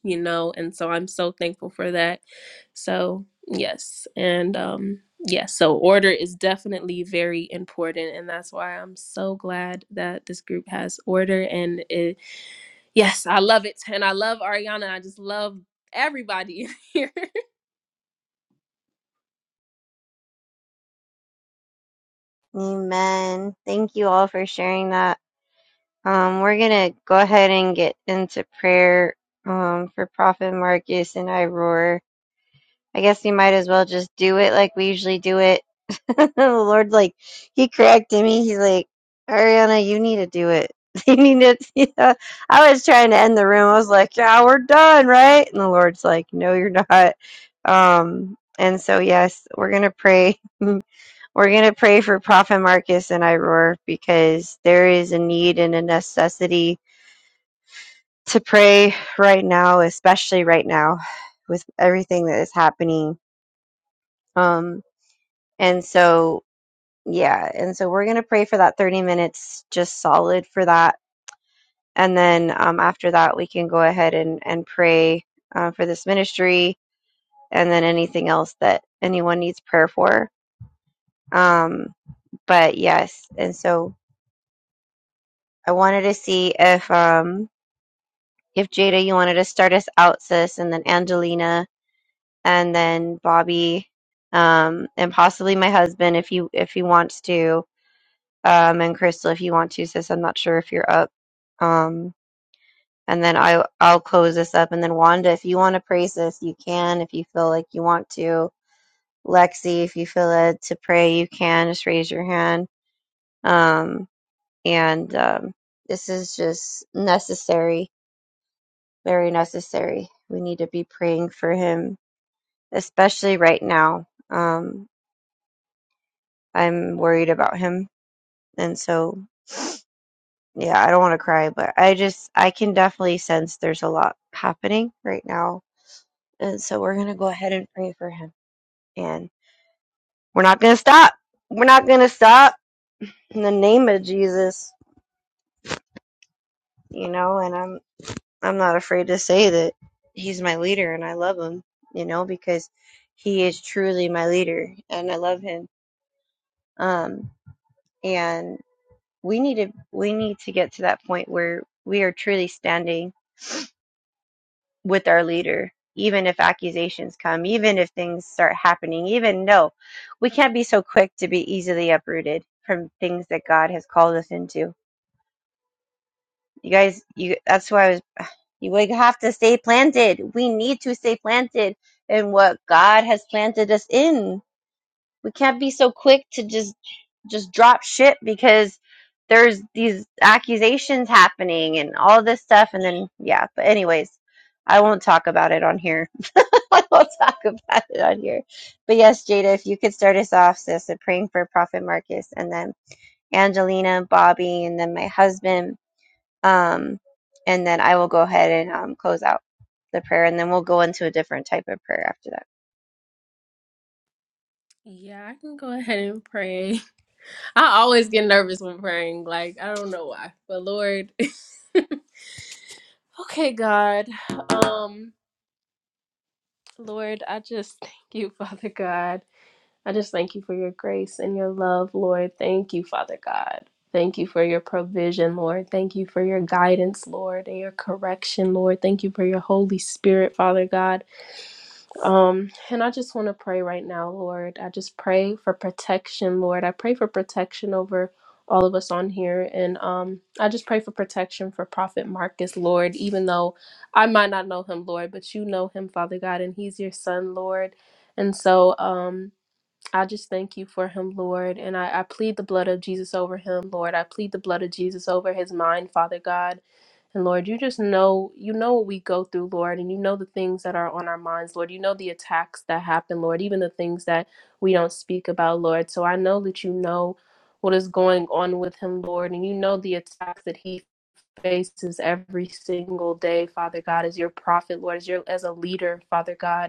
Speaker 6: you know, and so I'm so thankful for that. So, yes. And um yes, yeah, so order is definitely very important and that's why I'm so glad that this group has order and it yes, I love it. And I love Ariana. I just love everybody in here.
Speaker 1: Amen. Thank you all for sharing that. Um, we're gonna go ahead and get into prayer. Um, for Prophet Marcus and I I guess you might as well just do it like we usually do it. the Lord, like, He corrected me. He's like, Ariana, you need to do it. You need to. Yeah. I was trying to end the room. I was like, yeah, we're done, right? And the Lord's like, no, you're not. Um, and so, yes, we're going to pray. We're going to pray for Prophet Marcus and Iroar because there is a need and a necessity to pray right now, especially right now with everything that is happening. Um, And so, yeah. And so we're going to pray for that 30 minutes, just solid for that. And then um, after that, we can go ahead and, and pray uh, for this ministry and then anything else that anyone needs prayer for. Um, but yes. And so I wanted to see if, um, if Jada, you wanted to start us out, sis, and then Angelina and then Bobby, um, and possibly my husband if you, if he wants to Um, and Crystal, if you want to, sis, I'm not sure if you're up. Um, and then I I'll close this up. And then Wanda, if you want to pray, sis, you can. If you feel like you want to, Lexi, if you feel led to pray, you can. Just raise your hand. Um, and um, this is just necessary, very necessary. We need to be praying for him, especially right now. Um, I'm worried about him, and so. yeah, I don't want to cry, but I just I can definitely sense there's a lot happening right now. And so we're going to go ahead and pray for him. And we're not going to stop. We're not going to stop in the name of Jesus, you know, and I'm I'm not afraid to say that he's my leader and I love him, you know, because he is truly my leader and I love him. Um and we need to we need to get to that point where we are truly standing with our leader, even if accusations come, even if things start happening, even no, we can't be so quick to be easily uprooted from things that God has called us into. You guys, you that's why I was you we have to stay planted. We need to stay planted in what God has planted us in. We can't be so quick to just just drop shit because there's these accusations happening and all this stuff and then yeah, but anyways, I won't talk about it on here I will talk about it on here. But yes, Jada, if you could start us off, sis, and praying for Prophet Marcus and then Angelina, Bobby, and then my husband. Um, and then I will go ahead and um, close out the prayer and then we'll go into a different type of prayer after that.
Speaker 6: yeah, I can go ahead and pray. I always get nervous when praying, like I don't know why. But Lord, okay, God. Um Lord, I just thank you, Father God. I just thank you for your grace and your love, Lord. Thank you, Father God. Thank you for your provision, Lord. Thank you for your guidance, Lord, and your correction, Lord. Thank you for your Holy Spirit, Father God. Um, and I just want to pray right now, Lord. I just pray for protection, Lord. I pray for protection over all of us on here. And um, I just pray for protection for Prophet Marcus, Lord, even though I might not know him, Lord, but you know him, Father God, and he's your son, Lord. And so, um, I just thank you for him, Lord. And I, I plead the blood of Jesus over him, Lord. I plead the blood of Jesus over his mind, Father God. And Lord, you just know, you know what we go through, Lord, and you know the things that are on our minds, Lord. You know the attacks that happen, Lord, even the things that we don't speak about, Lord. So I know that you know what is going on with him, Lord, and you know the attacks that he faces every single day, Father God, as your prophet, Lord, as your as a leader, Father God.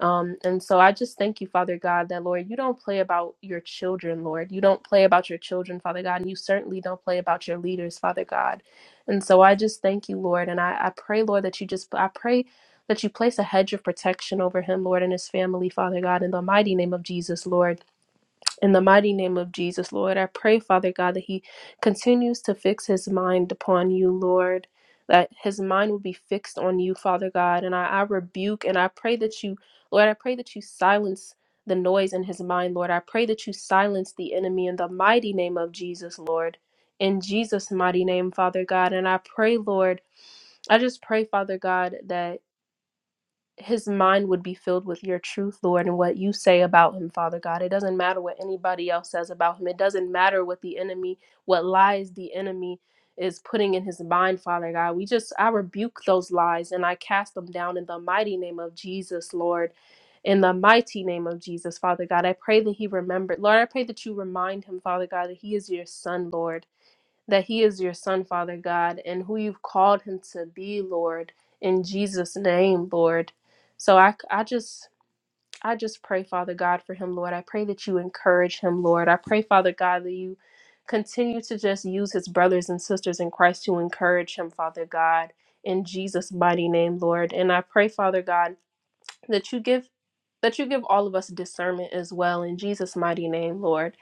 Speaker 6: Um, and so I just thank you, Father God, that Lord, you don't play about your children, Lord. You don't play about your children, Father God, and you certainly don't play about your leaders, Father God. And so I just thank you, Lord. And I, I pray, Lord, that you just, I pray that you place a hedge of protection over him, Lord, and his family, Father God, in the mighty name of Jesus, Lord. In the mighty name of Jesus, Lord, I pray, Father God, that He continues to fix His mind upon you, Lord, that His mind will be fixed on you, Father God. And I, I rebuke and I pray that you, Lord, I pray that you silence the noise in His mind, Lord. I pray that you silence the enemy in the mighty name of Jesus, Lord. In Jesus' mighty name, Father God. And I pray, Lord, I just pray, Father God, that his mind would be filled with your truth, Lord, and what you say about him, Father God. It doesn't matter what anybody else says about him. It doesn't matter what the enemy, what lies the enemy is putting in his mind, Father God. We just, I rebuke those lies and I cast them down in the mighty name of Jesus, Lord. In the mighty name of Jesus, Father God, I pray that he remembered. Lord, I pray that you remind him, Father God, that he is your son, Lord that he is your son, Father God, and who you've called him to be, Lord, in Jesus' name, Lord. So I, I just. I just pray, Father God, for him, Lord. I pray that you encourage him, Lord. I pray, Father God, that you continue to just use his brothers and sisters in Christ to encourage him, Father God, in Jesus' mighty name, Lord. And I pray, Father God, that you give that you give all of us discernment as well in Jesus' mighty name, Lord.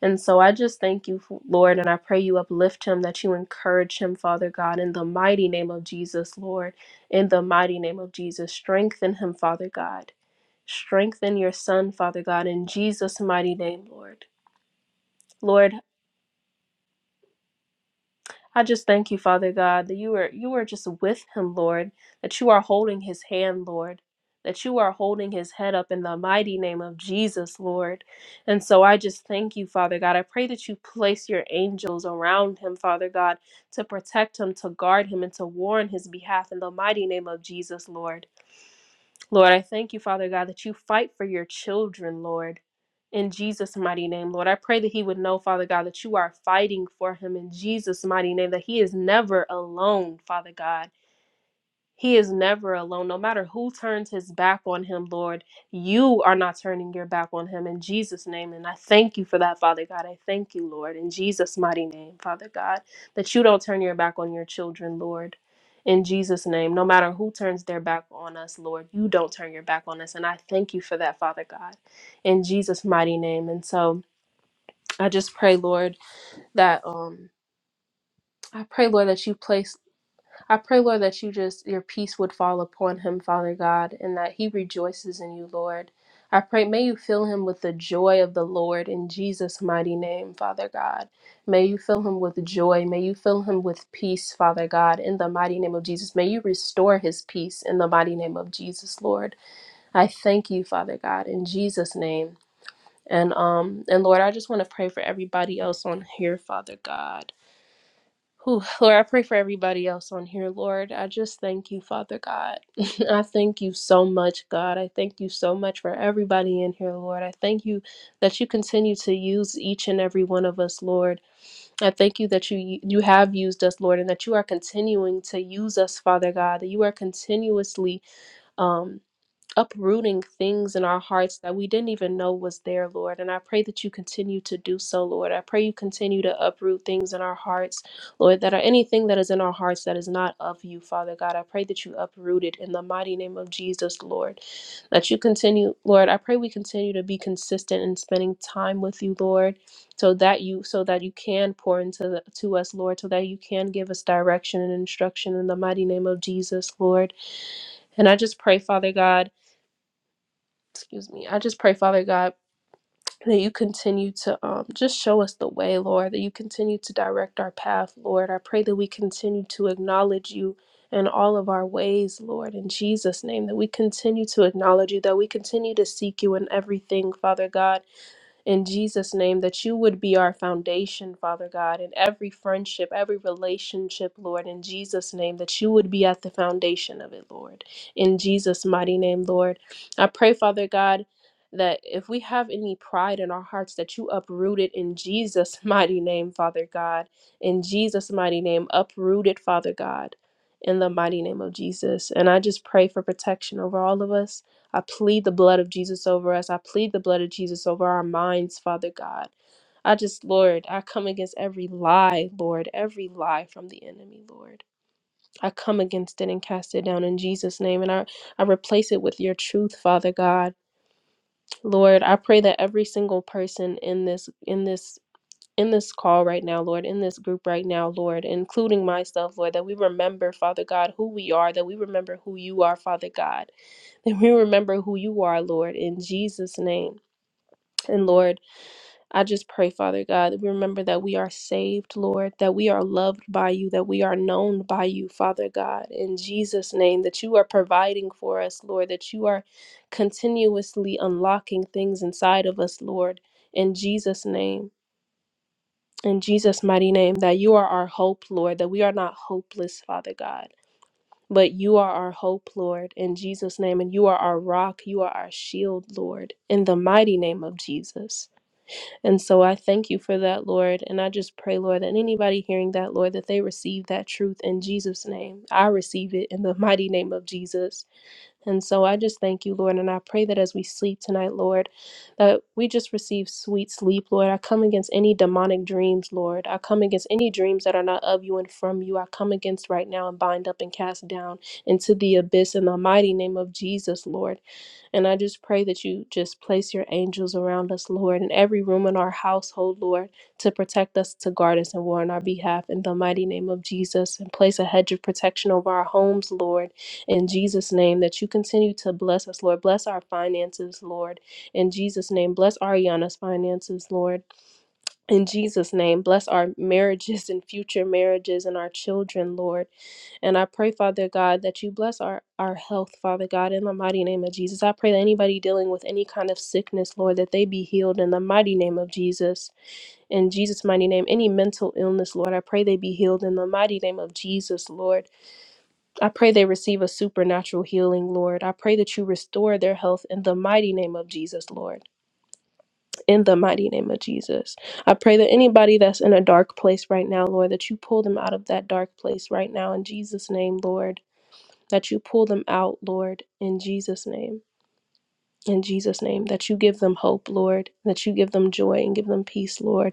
Speaker 6: And so I just thank you, Lord, and I pray you uplift him, that you encourage him, Father God, in the mighty name of Jesus, Lord, in the mighty name of Jesus. Strengthen him, Father God. Strengthen your son, Father God, in Jesus' mighty name, Lord. Lord, I just thank you, Father God, that you are you are just with him, Lord, that you are holding his hand, Lord, that you are holding his head up in the mighty name of Jesus, Lord. And so I just thank you, Father God. I pray that you place your angels around him, Father God, to protect him, to guard him, and to warn his behalf in the mighty name of Jesus, Lord. Lord, I thank you, Father God, that you fight for your children, Lord. In Jesus' mighty name, Lord, I pray that he would know, Father God, that you are fighting for him in Jesus' mighty name, that he is never alone, Father God. He is never alone. No matter who turns his back on him, Lord, you are not turning your back on him in Jesus' name. And I thank you for that, Father God. I thank you, Lord, in Jesus' mighty name, Father God, that you don't turn your back on your children, Lord. In Jesus' name, no matter who turns their back on us, Lord, you don't turn your back on us. And I thank you for that, Father God, in Jesus' mighty name. And so I just pray, Lord, that, um, I pray, Lord, that you place I pray, Lord, that you just, your peace would fall upon him, Father God, and that he rejoices in you, Lord. I pray, may you fill him with the joy of the Lord in Jesus' mighty name, Father God. May you fill him with joy. May you fill him with peace, Father God, in the mighty name of Jesus. May you restore his peace in the mighty name of Jesus, Lord. I thank you, Father God, in Jesus' name. And um and Lord, I just want to pray for everybody else on here, Father God. Whew, Lord, I pray for everybody else on here, Lord. I just thank you, Father God. I thank you so much, God. I thank you so much for everybody in here, Lord. I thank you that you continue to use each and every one of us, Lord. I thank you that you you have used us, Lord, and that you are continuing to use us, Father God. That you are continuously um uprooting things in our hearts that we didn't even know was there, Lord. And I pray that you continue to do so, Lord. I pray you continue to uproot things in our hearts, Lord, that are anything that is in our hearts that is not of you, Father God. I pray that you uproot it in the mighty name of Jesus, Lord. That you continue, Lord. I pray we continue to be consistent in spending time with you, Lord. So that you, so that you can pour into the, to us, Lord, so that you can give us direction and instruction in the mighty name of Jesus, Lord. And I just pray, Father God, excuse me i just pray father god that you continue to um, just show us the way lord that you continue to direct our path lord i pray that we continue to acknowledge you in all of our ways lord in jesus name that we continue to acknowledge you that we continue to seek you in everything father god in Jesus' name, that you would be our foundation, Father God, in every friendship, every relationship, Lord, in Jesus' name, that you would be at the foundation of it, Lord, in Jesus' mighty name, Lord. I pray, Father God, that if we have any pride in our hearts, that you uproot it in Jesus' mighty name, Father God, in Jesus' mighty name, uproot it, Father God. In the mighty name of Jesus. And I just pray for protection over all of us. I plead the blood of Jesus over us. I plead the blood of Jesus over our minds, Father God. I just, Lord, I come against every lie, Lord, every lie from the enemy, Lord. I come against it and cast it down in Jesus' name. And I, I replace it with your truth, Father God. Lord, I pray that every single person in this, in this, in this call right now, Lord, in this group right now, Lord, including myself, Lord, that we remember, Father God, who we are, that we remember who you are, Father God And we remember who you are, Lord, in Jesus' name. And Lord, I just pray, Father God, that we remember that we are saved, Lord, that we are loved by you, that we are known by you, Father God, in Jesus' name, that you are providing for us, Lord, that you are continuously unlocking things inside of us, Lord, in Jesus' name, in Jesus' mighty name, that you are our hope, Lord, that we are not hopeless, Father God but you are our hope, Lord, in Jesus' name. And you are our rock. You are our shield, Lord, in the mighty name of Jesus. And so I thank you for that, Lord. And I just pray, Lord, that anybody hearing that, Lord, that they receive that truth in Jesus' name. I receive it in the mighty name of Jesus. And so I just thank you, Lord, and I pray that as we sleep tonight, Lord, that we just receive sweet sleep, Lord. I come against any demonic dreams, Lord. I come against any dreams that are not of you and from you. I come against right now and bind up and cast down into the abyss in the mighty name of Jesus, Lord. And I just pray that you just place your angels around us, Lord, in every room in our household, Lord, to protect us, to guard us, and war on our behalf in the mighty name of Jesus. And place a hedge of protection over our homes, Lord in Jesus' name that you continue to bless us, Lord. Bless our finances, Lord. In Jesus' name, bless Ariana's finances, Lord. In Jesus' name, bless our marriages and future marriages and our children, Lord. And I pray, Father God, that you bless our, our health, Father God, in the mighty name of Jesus. I pray that anybody dealing with any kind of sickness, Lord, that they be healed in the mighty name of Jesus. In Jesus' mighty name, any mental illness, Lord, I pray they be healed in the mighty name of Jesus, Lord. I pray they receive a supernatural healing, Lord. I pray that you restore their health in the mighty name of Jesus, Lord. In the mighty name of Jesus. I pray that anybody that's in a dark place right now, Lord, that you pull them out of that dark place right now in Jesus' name, Lord. That you pull them out, Lord, in Jesus' name. In Jesus' name. That you give them hope, Lord. That you give them joy and give them peace, Lord.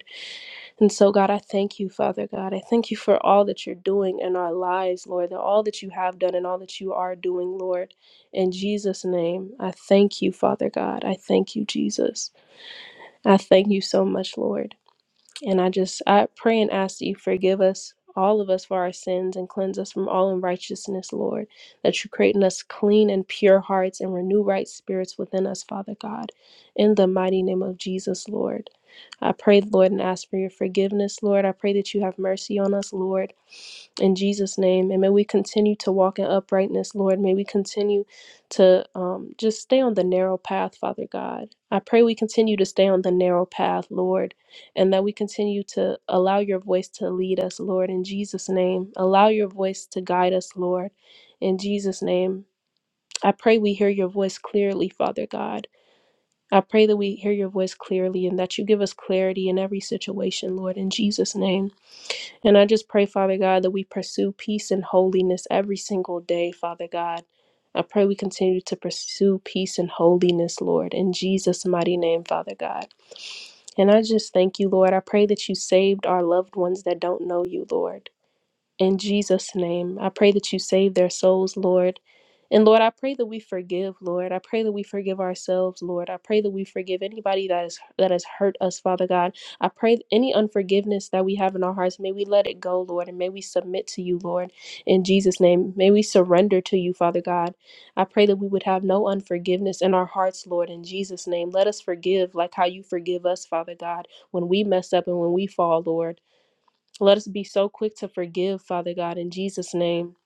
Speaker 6: And so, God, I thank you, Father God. I thank you for all that you're doing in our lives, Lord, that all that you have done and all that you are doing, Lord. In Jesus' name, I thank you, Father God. I thank you, Jesus. I thank you so much, Lord. And I just I pray and ask that you forgive us, all of us, for our sins and cleanse us from all unrighteousness, Lord. That you create in us clean and pure hearts and renew right spirits within us, Father God. In the mighty name of Jesus, Lord. I pray, Lord, and ask for your forgiveness, Lord. I pray that you have mercy on us, Lord, in Jesus' name. And may we continue to walk in uprightness, Lord. May we continue to um, just stay on the narrow path, Father God. I pray we continue to stay on the narrow path, Lord and that we continue to allow your voice to lead us, Lord, in Jesus' name. Allow your voice to guide us, Lord, in Jesus' name. I pray we hear your voice clearly, Father God. I pray that we hear your voice clearly and that you give us clarity in every situation, Lord, in Jesus' name. And I just pray, Father God, that we pursue peace and holiness every single day, Father God. I pray we continue to pursue peace and holiness, Lord, in Jesus' mighty name, Father God. And I just thank you, Lord. I pray that you saved our loved ones that don't know you, Lord. In Jesus' name, I pray that you save their souls, Lord. And Lord, I pray that we forgive, Lord. I pray that we forgive ourselves, Lord. I pray that we forgive anybody that is that has hurt us, Father God. I pray any unforgiveness that we have in our hearts, may we let it go, Lord, and may we submit to you, Lord. In Jesus' name, may we surrender to you, Father God. I pray that we would have no unforgiveness in our hearts, Lord. In Jesus' name, let us forgive like how you forgive us, Father God, when we mess up and when we fall, Lord. Let us be so quick to forgive, Father God, in Jesus' name.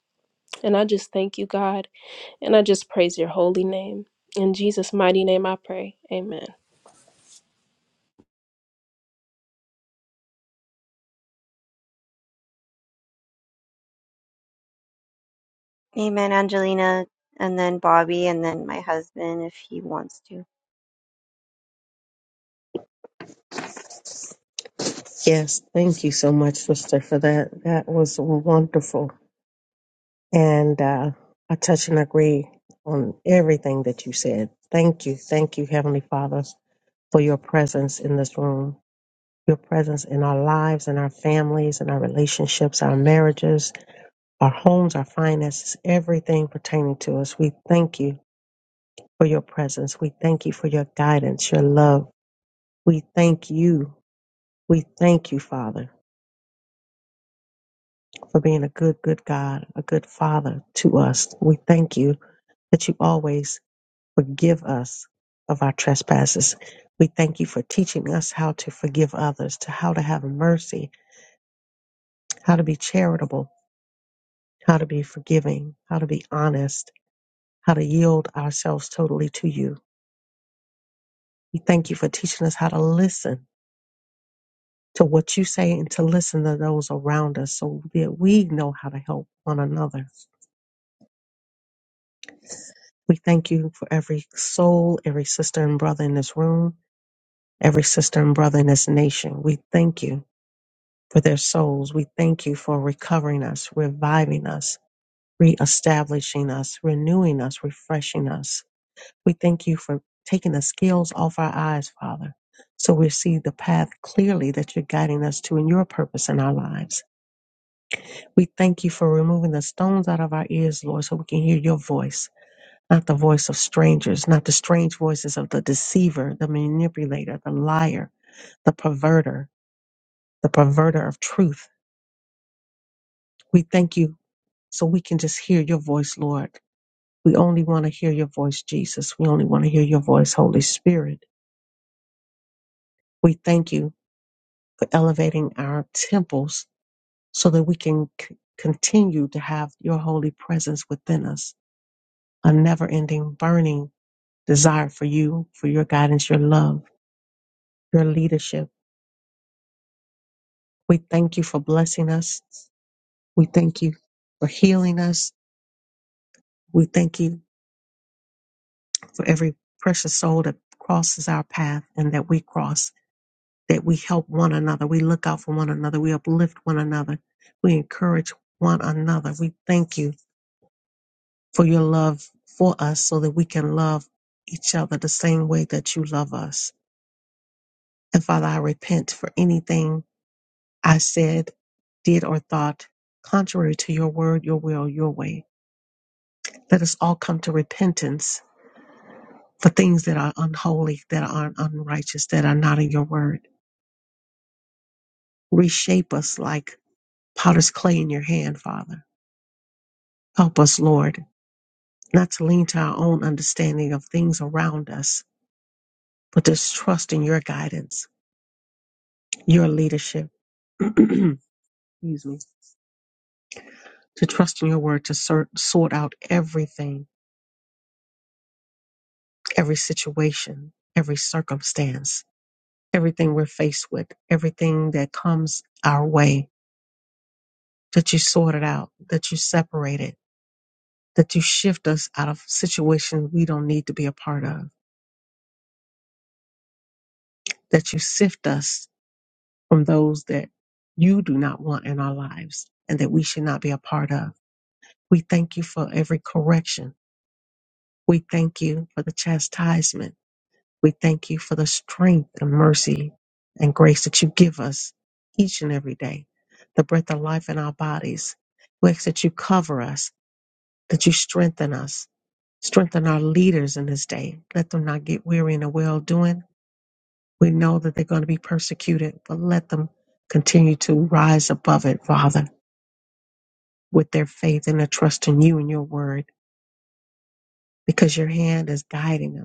Speaker 6: And I just thank you, God, and I just praise your holy name. In Jesus' mighty name I pray. Amen.
Speaker 1: Amen, Angelina, and then Bobby, and then my husband if he wants to.
Speaker 2: Yes, thank you so much, sister, for that. That was wonderful, and uh, I touch and agree on everything that you said. Thank you, thank you, Heavenly Father for your presence in this room, your presence in our lives, in our families, in our relationships, our marriages, our homes, our finances, everything pertaining to us. We thank you for your presence. We thank you for your guidance, your love. We thank you. We thank you, Father, for being a good, good God, a good Father to us. We thank you that you always forgive us of our trespasses. We thank you for teaching us how to forgive others, to how to have mercy how to be charitable, how to be forgiving, how to be honest, how to yield ourselves totally to you. We thank you for teaching us how to listen to what you say and to listen to those around us so that we know how to help one another. We thank you for every soul, every sister and brother in this room, every sister and brother in this nation. We thank you for their souls. We thank you for recovering us, reviving us, reestablishing us, renewing us, refreshing us We thank you for taking the scales off our eyes, Father, so we see the path clearly that you're guiding us to in your purpose in our lives. We thank you for removing the stones out of our ears, Lord, so we can hear your voice, not the voice of strangers, not the strange voices of the deceiver, the manipulator, the liar, the perverter, the perverter of truth. We thank you so we can just hear your voice, Lord. We only want to hear your voice, Jesus. We only want to hear your voice, Holy Spirit. We thank you for elevating our temples so that we can c- continue to have your holy presence within us, a never ending burning desire for you, for your guidance, your love, your leadership. We thank you for blessing us. We thank you for healing us. We thank you for every precious soul that crosses our path and that we cross, that we help one another. We look out for one another. We uplift one another. We encourage one another. We thank you for your love for us so that we can love each other the same way that you love us. And Father, I repent for anything I said, did, or thought contrary to your word, your will, your way. Let us all come to repentance for things that are unholy, that are unrighteous, that are not in your word. Reshape us like potter's clay in your hand, Father. Help us, Lord, not to lean to our own understanding of things around us, but to trust in your guidance, your leadership Excuse me. To trust in your word to sort, sort out everything, every situation, every circumstance, everything we're faced with, everything that comes our way, that you sort it out, that you separate it, that you shift us out of situations we don't need to be a part of, that you sift us from those that you do not want in our lives and that we should not be a part of. We thank you for every correction. We thank you for the chastisement We thank you for the strength and mercy and grace that you give us each and every day, the breath of life in our bodies. We ask that you cover us, that you strengthen us, strengthen our leaders in this day. Let them not get weary in the well doing. We know that they're going to be persecuted, but let them continue to rise above it, Father, with their faith and their trust in you and your word, because your hand is guiding them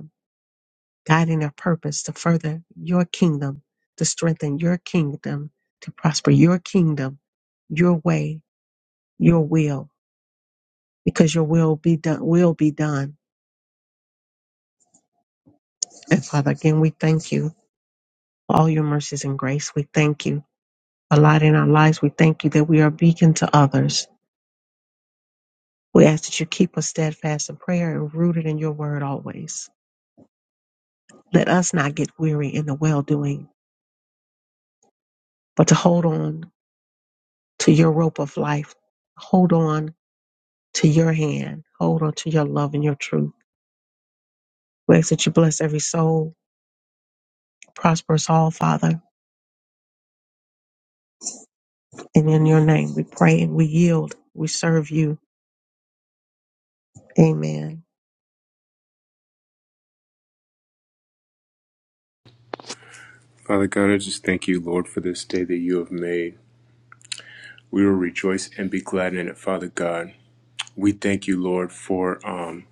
Speaker 2: guiding their purpose to further your kingdom, to strengthen your kingdom, to prosper your kingdom, your way, your will, because your will be done will be done. And Father, again, we thank you for all your mercies and grace. We thank you for light in our lives. We thank you that we are a beacon to others. We ask that you keep us steadfast in prayer and rooted in your word always. Let us not get weary in the well doing, but to hold on to your rope of life. Hold on to your hand. Hold on to your love and your truth. We ask that you bless every soul, prosper us all, Father. And in your name we pray and we yield. We serve you. Amen.
Speaker 7: Father God, I just thank you, Lord, for this day that you have made. We will rejoice and be glad in it, Father God. We thank you, Lord, for um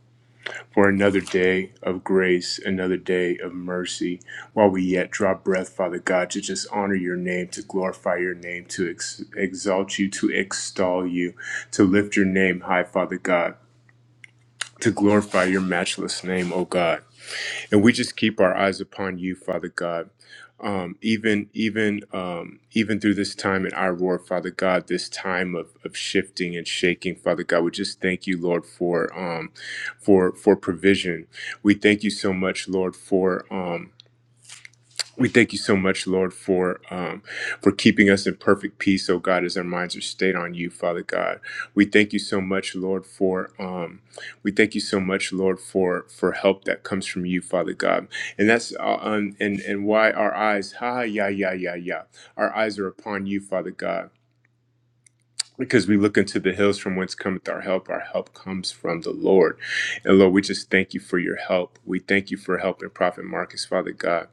Speaker 7: for another day of grace, another day of mercy, while we yet draw breath, Father God, to just honor your name, to glorify your name, to ex- exalt you, to extol you, to lift your name high, Father God, to glorify your matchless name, O God. and we just keep our eyes upon you, Father God. Um, even even um, even through this time in our roar, Father God, this time of, of shifting and shaking, Father God, we just thank you, Lord, for um, for for provision. We thank you so much, Lord, for um, we thank you so much, Lord, for um, for keeping us in perfect peace, oh God, as our minds are stayed on you, Father God. We thank you so much, Lord, for um, we thank you so much, Lord, for for help that comes from you, Father God. And that's uh, um, and and why our eyes, ha, yeah, yeah, yeah, yeah, our eyes are upon you, Father God. Because we look into the hills from whence cometh our help. Our help comes from the Lord. And Lord, we just thank you for your help. We thank you for helping Prophet Marcus, Father God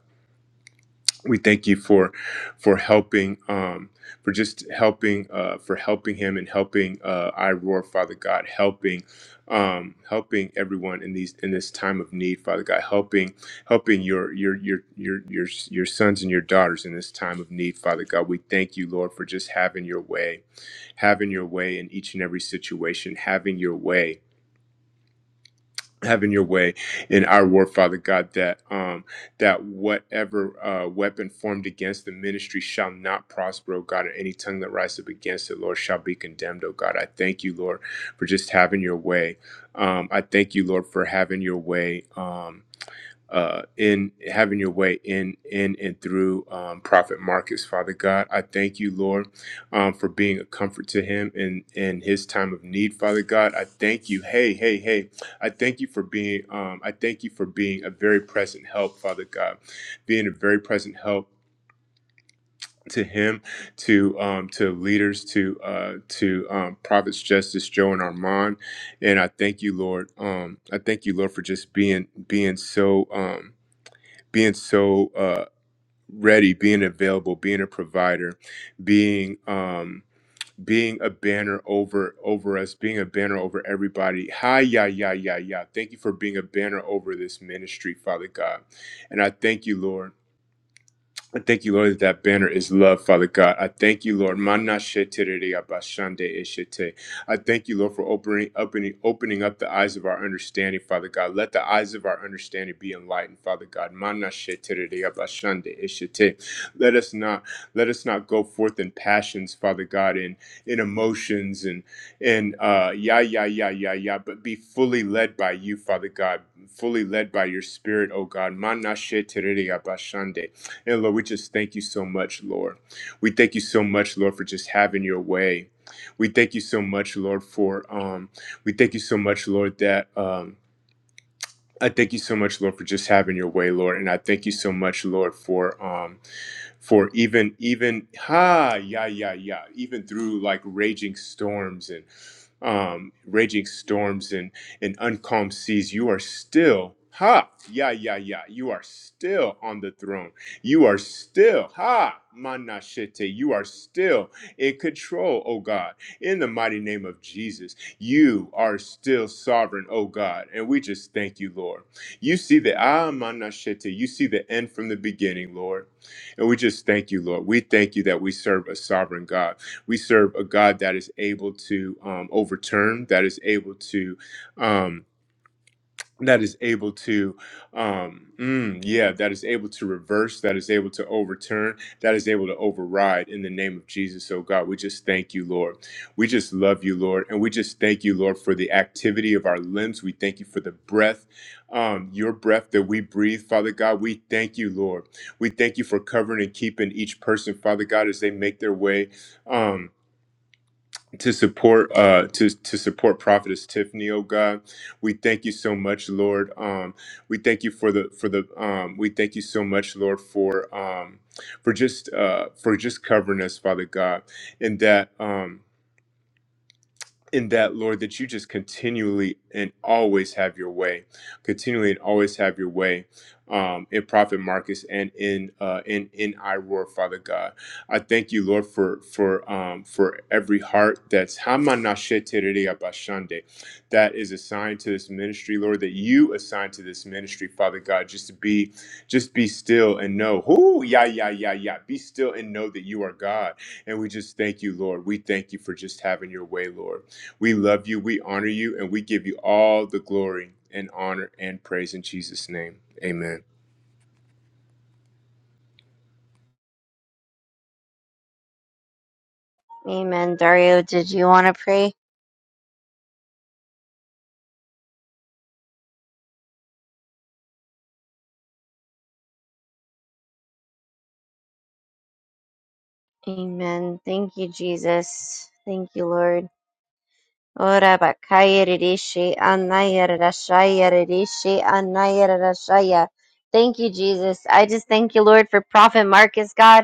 Speaker 7: we thank you for for helping um for just helping uh for helping him and helping uh i roar father god helping um helping everyone in these in this time of need father god helping helping your your your your your your sons and your daughters in this time of need father god we thank you lord for just having your way having your way in each and every situation having your way having your way in our war, Father God, that um that whatever uh weapon formed against the ministry shall not prosper, oh God, and any tongue that rises up against it, Lord, shall be condemned, oh God. I thank you, Lord, for just having your way. Um, I thank you, Lord, for having your way. Um uh, in having your way in in and through um, Prophet Marcus, Father God. I thank you, Lord, um, for being a comfort to him in in his time of need, Father God. I thank you. Hey, hey, hey. I thank you for being. Um, I thank you for being a very present help, Father God, being a very present help to him to um to leaders to uh to um prophets justice joe and armand and i thank you lord um i thank you lord for just being being so um being so uh, ready, being available, being a provider, being um, being a banner over over us, being a banner over everybody. Hi, yeah, yeah, yeah, yeah. Thank you for being a banner over this ministry, Father God, and I thank you, Lord. I thank you, Lord, that that banner is love, Father God. I thank you, Lord. Mana shetiriri abashande eshete. I thank you, Lord, for opening, opening, opening up the eyes of our understanding, Father God. Let the eyes of our understanding be enlightened, Father God. Mana shetiriri abashande eshete. Let us not let us not go forth in passions, Father God, in in emotions and and uh, yeah, yeah, yeah, yeah, yeah. But be fully led by you, Father God. Fully led by your Spirit, O God. Mana shetiriri abashande. And Lord, we just thank you so much, Lord. We thank you so much, Lord, for just having your way. We thank you so much, Lord, for um, we thank you so much, Lord, that um I thank you so much, Lord, for just having your way, Lord, and I thank you so much, Lord, for um, for even even ha yeah yeah yeah even through like raging storms and um raging storms and and uncalm seas, you are still ha yeah yeah yeah you are still on the throne. You are still ha manashete. You are still in control, oh God, in the mighty name of Jesus. You are still sovereign, oh God. And we just thank you, Lord. You see the ah, manashete. You see the end from the beginning, Lord. And we just thank you, Lord. We thank you that we serve a sovereign God. We serve a God that is able to um, overturn, that is able to. Um, that is able to um mm, yeah that is able to reverse that is able to overturn that is able to override in the name of jesus so god we just thank you lord we just love you lord and we just thank you lord for the activity of our limbs we thank you for the breath um your breath that we breathe father god we thank you lord we thank you for covering and keeping each person father god as they make their way um to support uh to to support prophetess tiffany oh god we thank you so much lord um we thank you for the for the um we thank you so much lord for um for just uh for just covering us father god and that um in that, Lord, that you just continually and always have your way, continually and always have your way um, in Prophet Marcus and in uh, in in Iroar, Father God. I thank you, Lord, for for um, for every heart that's Hamanashetereabashande, that is assigned to this ministry, Lord, that you assigned to this ministry, Father God, just to be just be still and know who yeah yeah yeah yeah be still and know that you are God. And we just thank you, Lord. We thank you for just having your way, Lord. We love you, we honor you, and we give you all the glory and honor and praise in Jesus' name. Amen.
Speaker 1: Amen. Dario, did you want to pray? Amen. Thank you, Jesus. Thank you, Lord. Ora bakaya rishi anaya rashaya rishi anaya rashaya. Thank you, Jesus. I just thank you, Lord, for Prophet Marcus, God.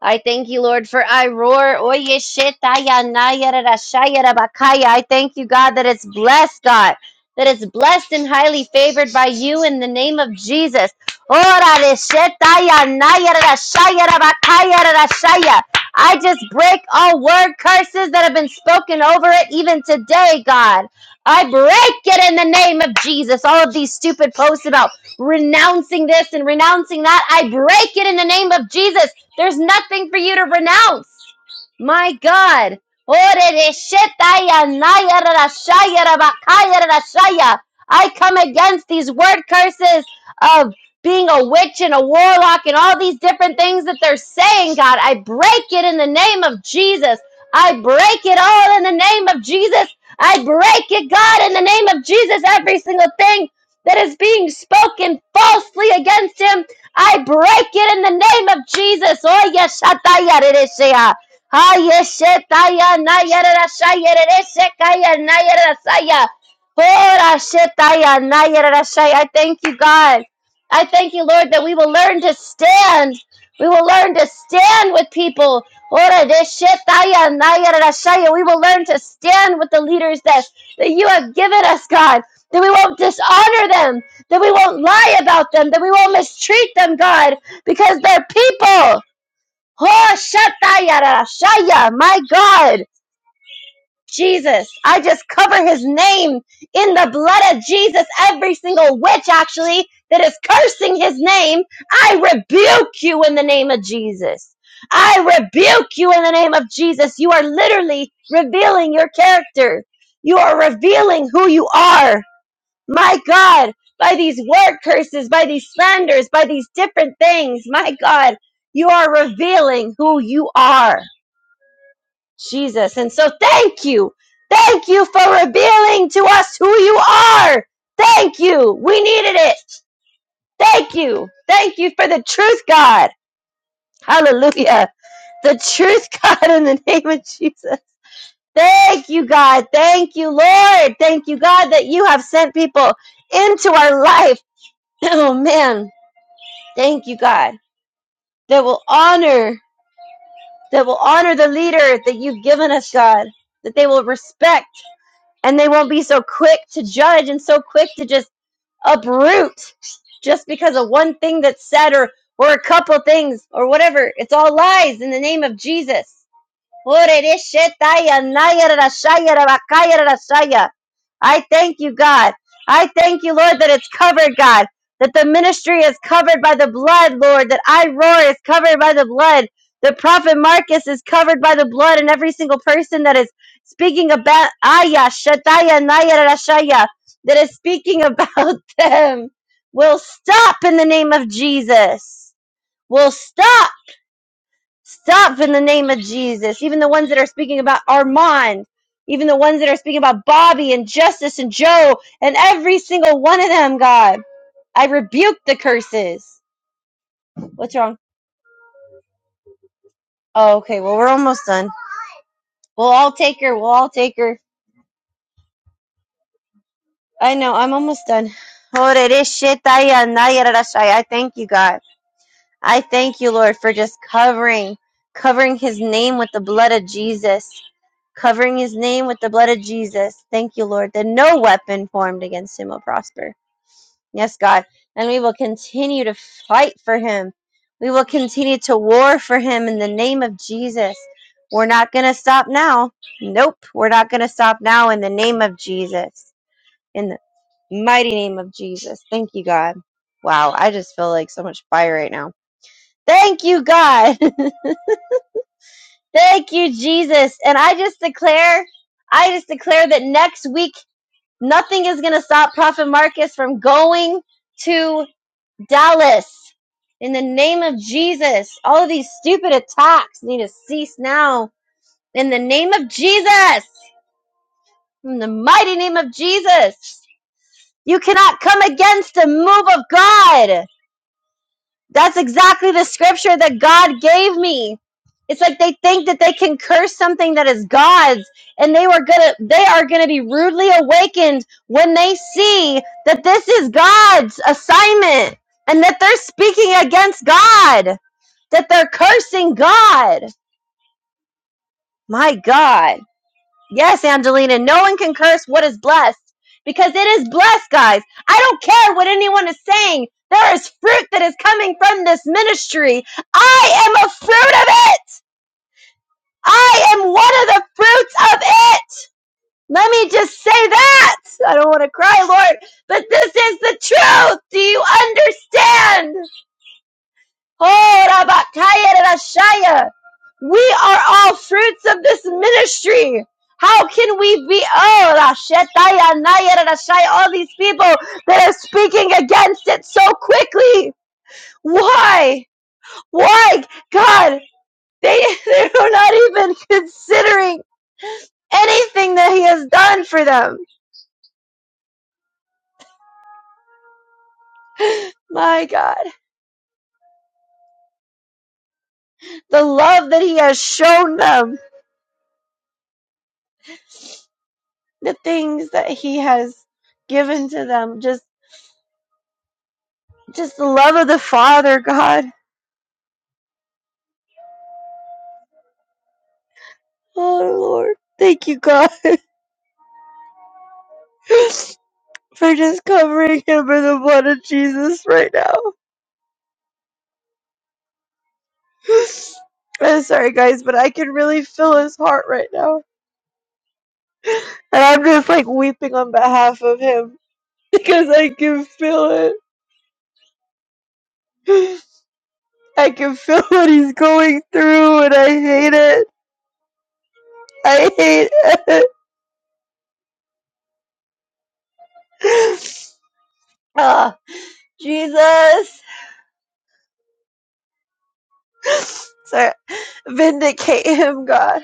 Speaker 1: I thank you, Lord, for I roar. Oye, shetaya, nayara, rashaya, rabakaya. I thank you, God, that it's blessed, God, that it's blessed and highly favored by you in the name of Jesus. Ora de shetaya, nayara, rashaya, rabakaya, rashaya. I just break all word curses that have been spoken over it even today, God. I break it in the name of Jesus. All of these stupid posts about renouncing this and renouncing that, I break it in the name of Jesus there's nothing for you to renounce. My God. I come against these word curses of being a witch and a warlock and all these different things that they're saying, God. I break it in the name of Jesus. I break it all in the name of Jesus. I break it, God, in the name of Jesus. Every single thing that is being spoken falsely against him I break it in the name of Jesus. Oh, yes, Shataya Reresea. Ah, yes, Shetaya Nayara Shaya Reresekaya Nayara Saya. Oh, Rashetaya Nayara Shaya. I thank you, God. I thank you, Lord, that we will learn to stand. We will learn to stand with people. Ora deshetaya nayara rashaya. We will learn to stand with the leaders that, that you have given us, God. That we won't dishonor them that we won't lie about them, that we won't mistreat them, God, because they're people. Oh, shatayara, shaya, my God. Jesus, I just cover his name in the blood of Jesus. Every single witch, actually, that is cursing his name, I rebuke you in the name of Jesus. I rebuke you in the name of Jesus. You are literally revealing your character. You are revealing who you are my God, by these word curses, by these slanders, by these different things, my God, you are revealing who you are, Jesus. And so thank you. Thank you for revealing to us who you are. Thank you. We needed it. Thank you. Thank you for the truth, God. Hallelujah. The truth, God, in the name of Jesus. Thank you, God. Thank you, Lord. Thank you, God, that you have sent people into our life. Oh, man Thank you, God, that will honor, that will honor the leader that you've given us, God, that they will respect and they won't be so quick to judge and so quick to just uproot just because of one thing that's said or, or a couple things or whatever. It's all lies in the name of Jesus. Orereshetaya, nayararashaya, rabakayararashaya. I thank you, God. I thank you, Lord, that it's covered, God. That the ministry is covered by the blood, Lord. That I roar is covered by the blood. The prophet Marcus is covered by the blood, and every single person that is speaking about Aya, Shataya, Nayararashaya, that is speaking about them will stop in the name of Jesus. Will stop. Stop in the name of Jesus. Even the ones that are speaking about Armand, even the ones that are speaking about Bobby and Justice and Joe and every single one of them, God. I rebuke the curses. What's wrong? Oh, okay. Well, we're almost done. We'll all take her. We'll all take her. I know. I'm almost done. I thank you, God. I thank you, Lord, for just covering, covering his name with the blood of Jesus. covering his name with the blood of Jesus. Thank you, Lord, that no weapon formed against him will prosper. Yes, God. And we will continue to fight for him. We will continue to war for him in the name of Jesus. We're not going to stop now. Nope. We're not going to stop now in the name of Jesus. In the mighty name of Jesus. Thank you, God. Wow. I just feel like so much fire right now. Thank you, God. Thank you, Jesus. And I just declare, I just declare that next week, nothing is going to stop Prophet Marcus from going to Dallas. In the name of Jesus, all of these stupid attacks need to cease now. In the name of Jesus, in the mighty name of Jesus, you cannot come against the move of God. That's exactly the scripture that God gave me. It's like they think that they can curse something that is God's, and they were gonna they are gonna be rudely awakened when they see that this is God's assignment and that they're speaking against God, that they're cursing God. My God. Yes, Angelina, no one can curse what is blessed because it is blessed, guys. I don't care what anyone is saying. There is fruit that is coming from this ministry. I am a fruit of it. I am one of the fruits of it. Let me just say that. I don't want to cry, Lord, but this is the truth. Do you understand? Oh, Horabatayarashaya. We are all fruits of this ministry. How can we be oh Rashetaya Nayarashaya, all these people that are speaking against it so quickly? Why? Why? God, they, they're not even considering anything that He has done for them. My God, the love that He has shown them, the things that He has given to them, just Just the love of the Father, God. Oh, Lord. Thank you, God, for just covering him with the blood of Jesus right now. I'm sorry, guys, but I can really feel his heart right now. And I'm just like weeping on behalf of him because I can feel it. I can feel what he's going through, and I hate it. I hate it. Ah, Jesus. so Vindicate him, God.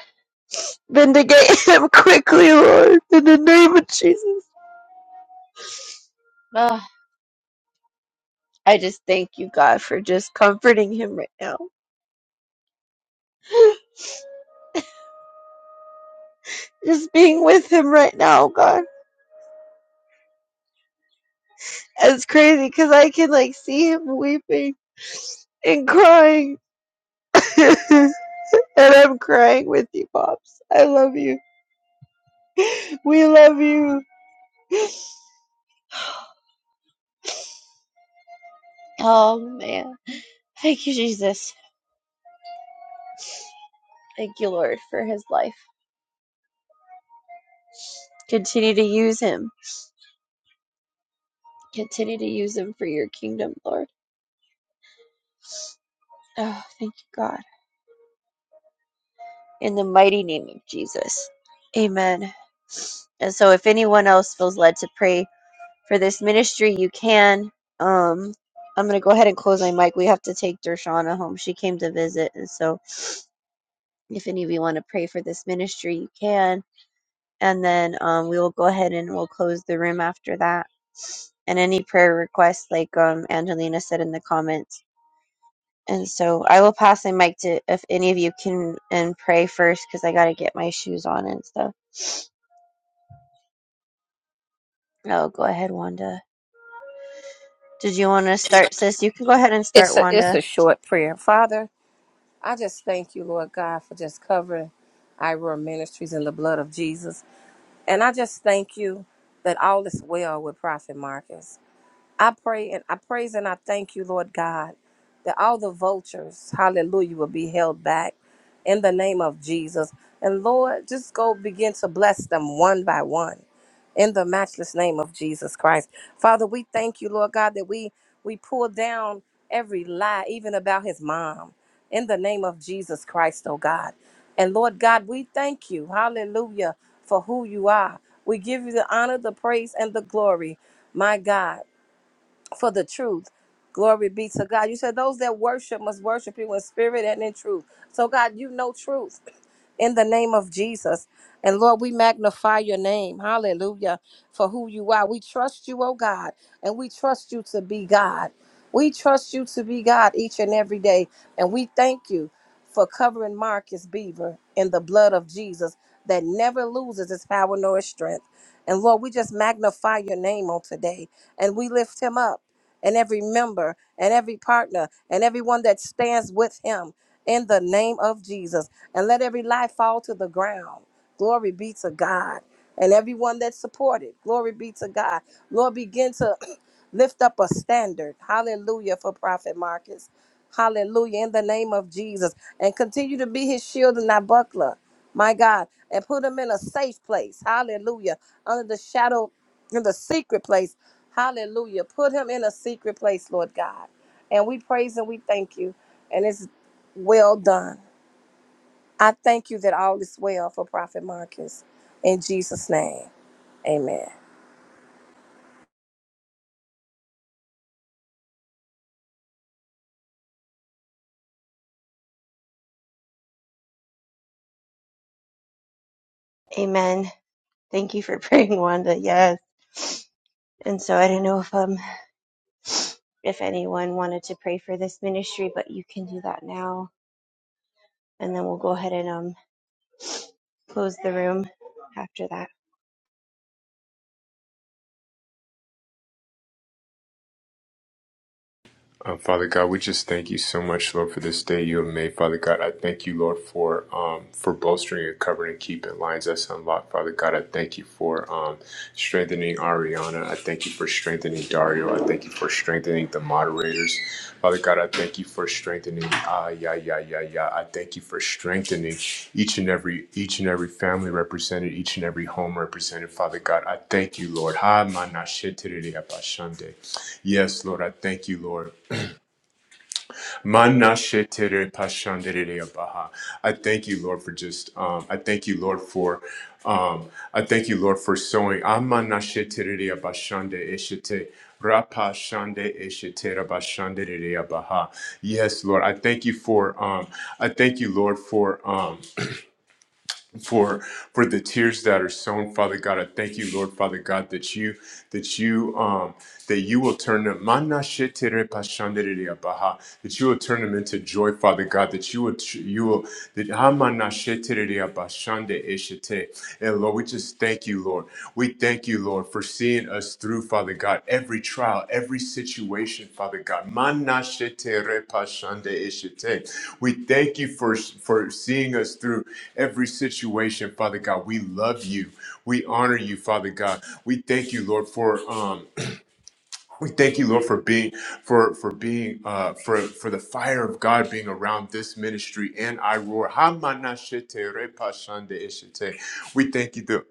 Speaker 1: Vindicate him quickly, Lord, in the name of Jesus. Ah, I just thank you, God, for just comforting him right now. Just being with him right now, God. It's crazy because I can, like, see him weeping and crying. and I'm crying with you, Pops. I love you. We love you. Oh, man. Thank you, Jesus. Thank you, Lord, for his life. Continue to use him. Continue to use him for your kingdom, Lord. Oh, thank you, God. in the mighty name of Jesus. Amen. And so if anyone else feels led to pray for this ministry, you can. Um I'm going to go ahead and close my mic. We have to take Dershana home. She came to visit. And so if any of you want to pray for this ministry, you can. And then um, we will go ahead and we'll close the room after that. And any prayer requests, like um, Angelina said in the comments. And so I will pass my mic to if any of you can and pray first because I got to get my shoes on and stuff. Oh, go ahead, Wanda. Did you want to start, sis? You can go ahead and start,
Speaker 8: It's a it's a
Speaker 1: Wanda.
Speaker 8: short prayer. Father, I just thank you, Lord God, for just covering Ira Ministries in the blood of Jesus. And I just thank you that all is well with Prophet Marcus. I pray and I praise and I thank you, Lord God, that all the vultures, hallelujah, will be held back in the name of Jesus. And Lord, just go begin to bless them one by one in the matchless name of Jesus Christ. Father, we thank you, Lord God, that we we pull down every lie, even about his mom, in the name of Jesus Christ, oh God. And Lord God, we thank you, hallelujah, for who you are. We give you the honor, the praise, and the glory, my God for the truth. Glory be to God. You said those that worship must worship you in spirit and in truth. So, God, you know truth in the name of Jesus. And Lord, we magnify your name. Hallelujah. For who you are. We trust you, oh God, and we trust you to be God. We trust you to be God each and every day. And we thank you for covering Marcus Beaver in the blood of Jesus that never loses its power nor its strength. And Lord, we just magnify your name on today and we lift him up and every member and every partner and everyone that stands with him in the name of Jesus. And let every lie fall to the ground. Glory be to God. And everyone that supported, glory be to God. Lord, begin to lift up a standard. Hallelujah for Prophet Marcus. Hallelujah. In the name of Jesus. And continue to be his shield and thy buckler. My God. And put him in a safe place. Hallelujah. Under the shadow, in the secret place. Hallelujah. Put him in a secret place, Lord God. And we praise and we thank you. And it's well done. I thank you that all is well for Prophet Marcus. In Jesus' name. Amen.
Speaker 1: Amen. Thank you for praying, Wanda. Yes. And so I don't know if um if anyone wanted to pray for this ministry, but you can do that now. And then we'll go ahead and um close the room after that.
Speaker 7: Um, Father God, we just thank you so much, Lord, for this day you have made. Father God, I thank you, Lord, for um, for bolstering and covering and keeping lines that's unlocked. Father God, I thank you for um, strengthening Ariana. I thank you for strengthening Dario. I thank you for strengthening the moderators. Father God, I thank you for strengthening. Ah, yeah, yeah, yeah, yeah. I thank you for strengthening each and every each and every family represented, each and every home represented. Father God, I thank you, Lord. Ha, manashe terere apashande. Yes, Lord, I thank you, Lord. Manashetere pashanderere abaha. I thank you, Lord, for just, um, I thank you, Lord, for, um, I thank you, Lord, for sowing. Amanashetere abashande eshete. Rapa shande eshetera bashanderere abaha. Yes, Lord, I thank you for, um, I thank you, Lord, for, um, for for the tears that are sown father god i thank you lord father god that you that you um that you will turn them Mana shetere pashandereya baha, that you will turn them into joy father god that you will you will that hamana shetereya bashande eshete. and lord we just thank you lord we thank you, Lord, for seeing us through, Father God, every trial, every situation, Father God. Manashete repashande ishete. We thank you for, for seeing us through every situation, Father God. We love you. We honor you, Father God. We thank you, Lord, for um, we thank you, Lord, for being for for being uh for for the fire of God being around this ministry and I roar. Hamanashete repashande ishete. We thank you.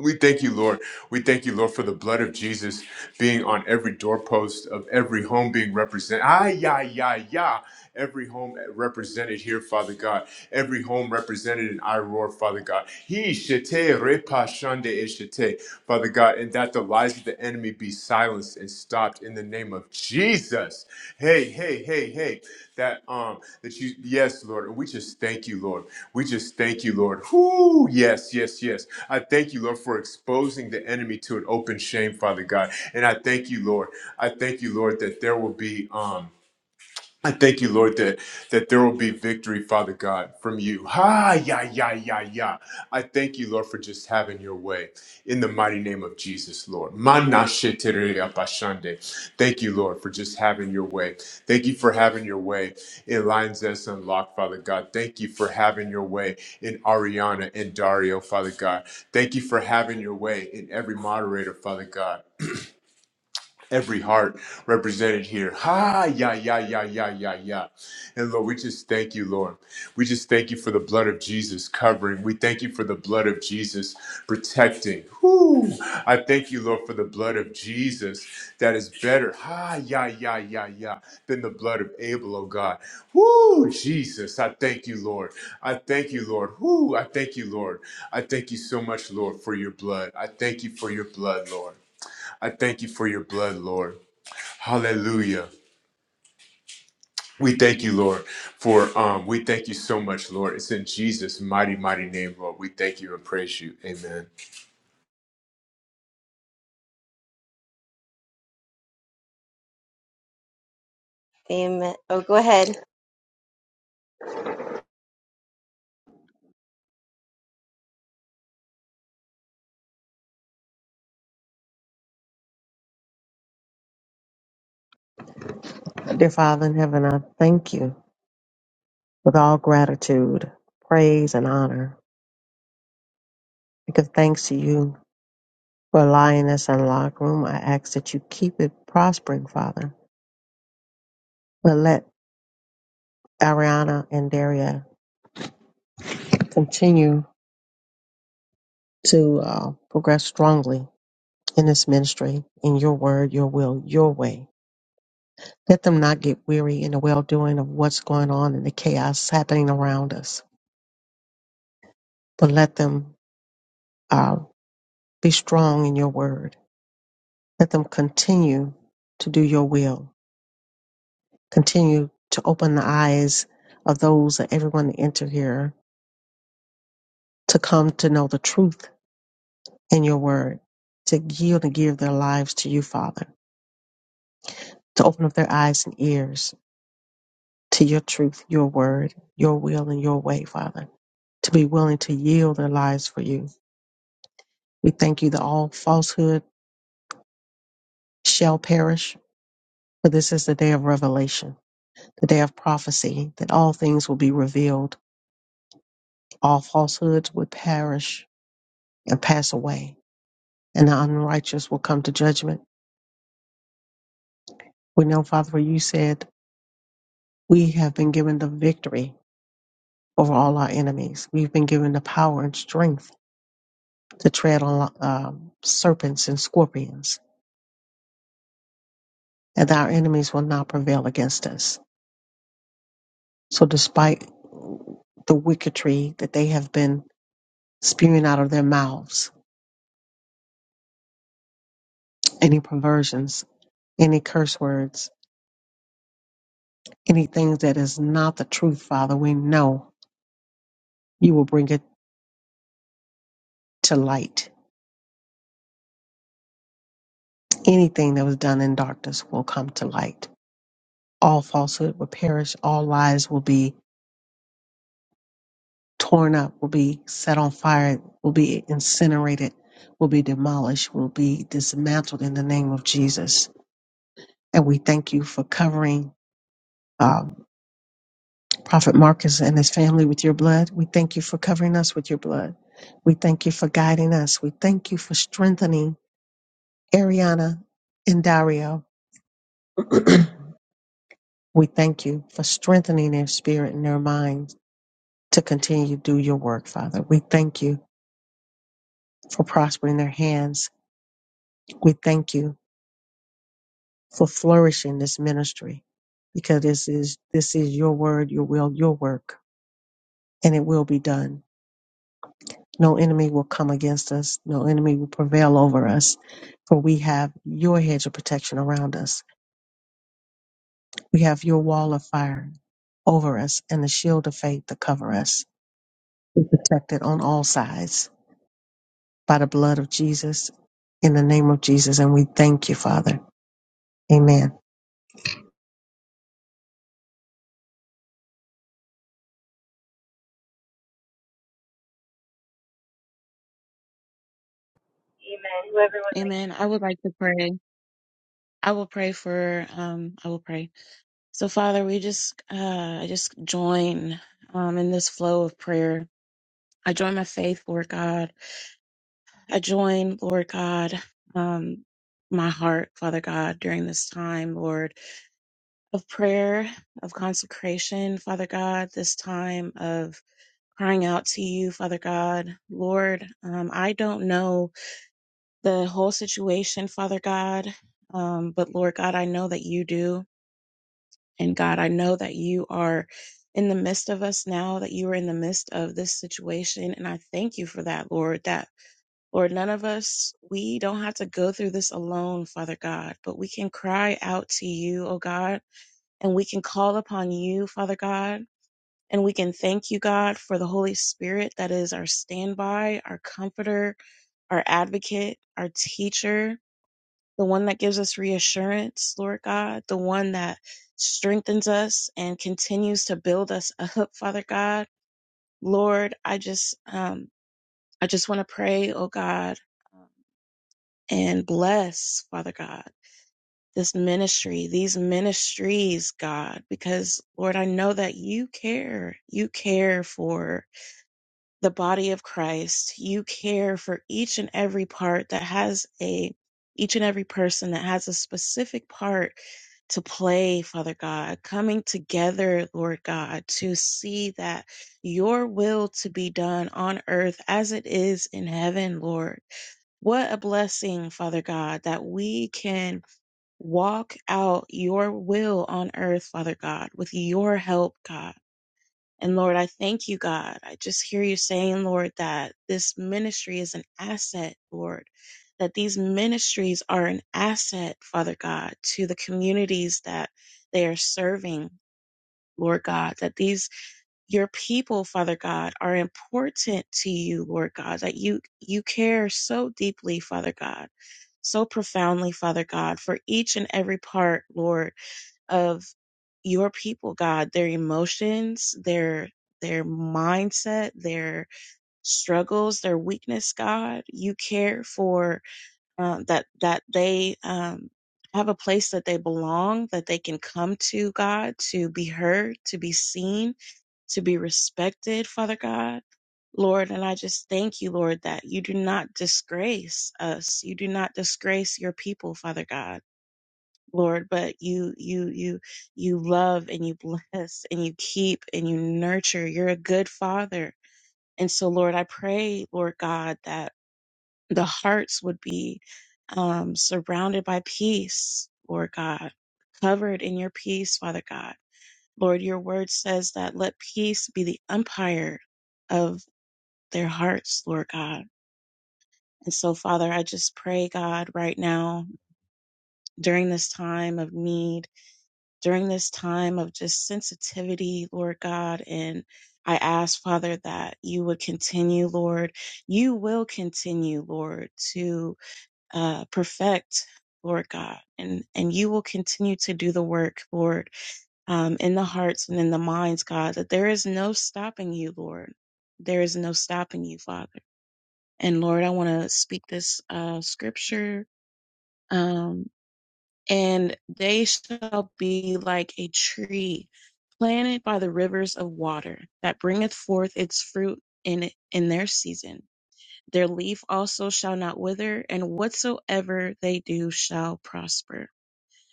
Speaker 7: We thank you, Lord. We thank you, Lord, for the blood of Jesus being on every doorpost of every home being represented. Ah, yeah, yeah, yeah. Every home represented here, Father God. Every home represented in I roar, Father God. He shete repa shande e shete, Father God, and that the lies of the enemy be silenced and stopped in the name of Jesus. Hey, hey, hey, hey that um that you yes, Lord, and we just thank you, Lord. We just thank you, Lord. Whoo, yes, yes, yes. I thank you, Lord, for exposing the enemy to an open shame, Father God. And I thank you, Lord. I thank you, Lord, that there will be um I thank you, Lord, that, that there will be victory, Father God, from you. Ha, ya, ya, ya, ya. I thank you, Lord, for just having your way in the mighty name of Jesus, Lord. Mana shetere apashande. Thank you, Lord, for just having your way. Thank you for having your way in Lions S Unlocked, Father God. Thank you for having your way in Ariana and Dario, Father God. Thank you for having your way in every moderator, Father God every heart represented here. Ha, ya, ya, ya, ya, ya, ya. And Lord, we just thank you, Lord. We just thank you for the blood of Jesus covering. We thank you for the blood of Jesus protecting. Whoo! I thank you, Lord, for the blood of Jesus that is better. Ha, ya, ya, ya, ya, than the blood of Abel, oh God. Whoo, Jesus, I thank you, Lord. I thank you, Lord. Whoo, I thank you, Lord. I thank you so much, Lord, for your blood. I thank you for your blood, Lord. I thank you for your blood, Lord. Hallelujah. We thank you, Lord, for um, we thank you so much, Lord. It's in Jesus' mighty, mighty name, Lord. We thank you and praise you. Amen.
Speaker 1: Amen. Oh go ahead.
Speaker 2: Dear Father in heaven, I thank you with all gratitude, praise, and honor. I give thanks to you for allowing us in the locker room. I ask that you keep it prospering, Father. But let Ariana and Daria continue to uh, progress strongly in this ministry, in your word, your will, your way. Let them not get weary in the well doing of what's going on in the chaos happening around us, but let them uh, be strong in your word. Let them continue to do your will. Continue to open the eyes of those and everyone that enter here to come to know the truth in your word, to yield and give their lives to you, Father, to open up their eyes and ears to your truth, your word, your will, and your way, Father, to be willing to yield their lives for you We thank you that all falsehood shall perish, for this is the day of revelation, the day of prophecy, that all things will be revealed. All falsehoods would perish and pass away, and the unrighteous will come to judgment. We know, Father, for you said, we have been given the victory over all our enemies. We've been given the power and strength to tread on um serpents and scorpions, and that our enemies will not prevail against us. So, despite the wicketry that they have been spewing out of their mouths any perversions, any curse words, anything that is not the truth, Father. We know you will bring it to light. Anything that was done in darkness will come to light. All falsehood will perish. All lies will be torn up, will be set on fire, will be incinerated, will be demolished, will be dismantled in the name of Jesus. And we thank you for covering. um, Prophet Marcus and his family with your blood. We thank you for covering us with your blood. We thank you for guiding us. We thank you for strengthening Ariana and Dario. we thank you for strengthening their spirit and their minds to continue to do your work, Father. We thank you for prospering their hands. We thank you for flourishing this ministry because this is this is your word, your will, your work, and it will be done. No enemy will come against us. No enemy will prevail over us. For we have your hedge of protection around us. We have your wall of fire over us and the shield of faith to cover us. We're protected on all sides by the blood of Jesus, in the name of Jesus. And we thank you, Father. Amen.
Speaker 9: Amen. I would like to pray. I will pray for um I will pray. So Father, we just uh I just join um in this flow of prayer. I join my faith, Lord God. I join, Lord God, um my heart, Father God, during this time, Lord, of prayer, of consecration, Father God, this time of crying out to you, Father God. Lord, um I don't know the whole situation, Father God. Um, but Lord God, I know that you do. And God, I know that you are in the midst of us now, that you are in the midst of this situation. And I thank you for that, Lord, that Lord, none of us, we don't have to go through this alone, Father God, but we can cry out to you, oh God, and we can call upon you, Father God. And we can thank you, God, for the Holy Spirit that is our standby, our comforter, our advocate, our teacher, the one that gives us reassurance, Lord God, the one that strengthens us and continues to build us up, Father God. Lord, I just, um, I just want to pray, oh God, um, and bless, Father God, this ministry, these ministries, God, because Lord, I know that you care. You care for the body of Christ, you care for each and every part that has a each and every person that has a specific part to play, Father God, coming together, Lord God, to see that your will to be done on earth as it is in heaven, Lord. What a blessing, Father God, that we can walk out your will on earth, Father God, with your help, God. And Lord, I thank you, God. I just hear you saying, Lord, that this ministry is an asset, Lord, that these ministries are an asset, Father God, to the communities that they are serving, Lord God, that these, your people, Father God, are important to you, Lord God, that you, you care so deeply, Father God, so profoundly, Father God, for each and every part, Lord of your people, God, their emotions, their their mindset, their struggles, their weakness, God, you care for uh, that that they um, have a place that they belong, that they can come to, God, to be heard, to be seen, to be respected, Father God. Lord, and I just thank you, Lord, that you do not disgrace us. You do not disgrace your people, Father God Lord, but you, you, you, you love and you bless and you keep and you nurture. You're a good father. And so, Lord, I pray, Lord God, that the hearts would be um, surrounded by peace, Lord God, covered in your peace, Father God. Lord, your word says that let peace be the umpire of their hearts, Lord God. And so, Father, I just pray, God, right now during this time of need during this time of just sensitivity, Lord God. And I ask, Father, that you would continue, Lord. You will continue, Lord, to uh, perfect, Lord God, and, and you will continue to do the work, Lord, um, in the hearts and in the minds, God, that there is no stopping you, Lord. There is no stopping you, Father. And Lord, I want to speak this uh, scripture. um, and they shall be like a tree planted by the rivers of water that bringeth forth its fruit in in their season their leaf also shall not wither and whatsoever they do shall prosper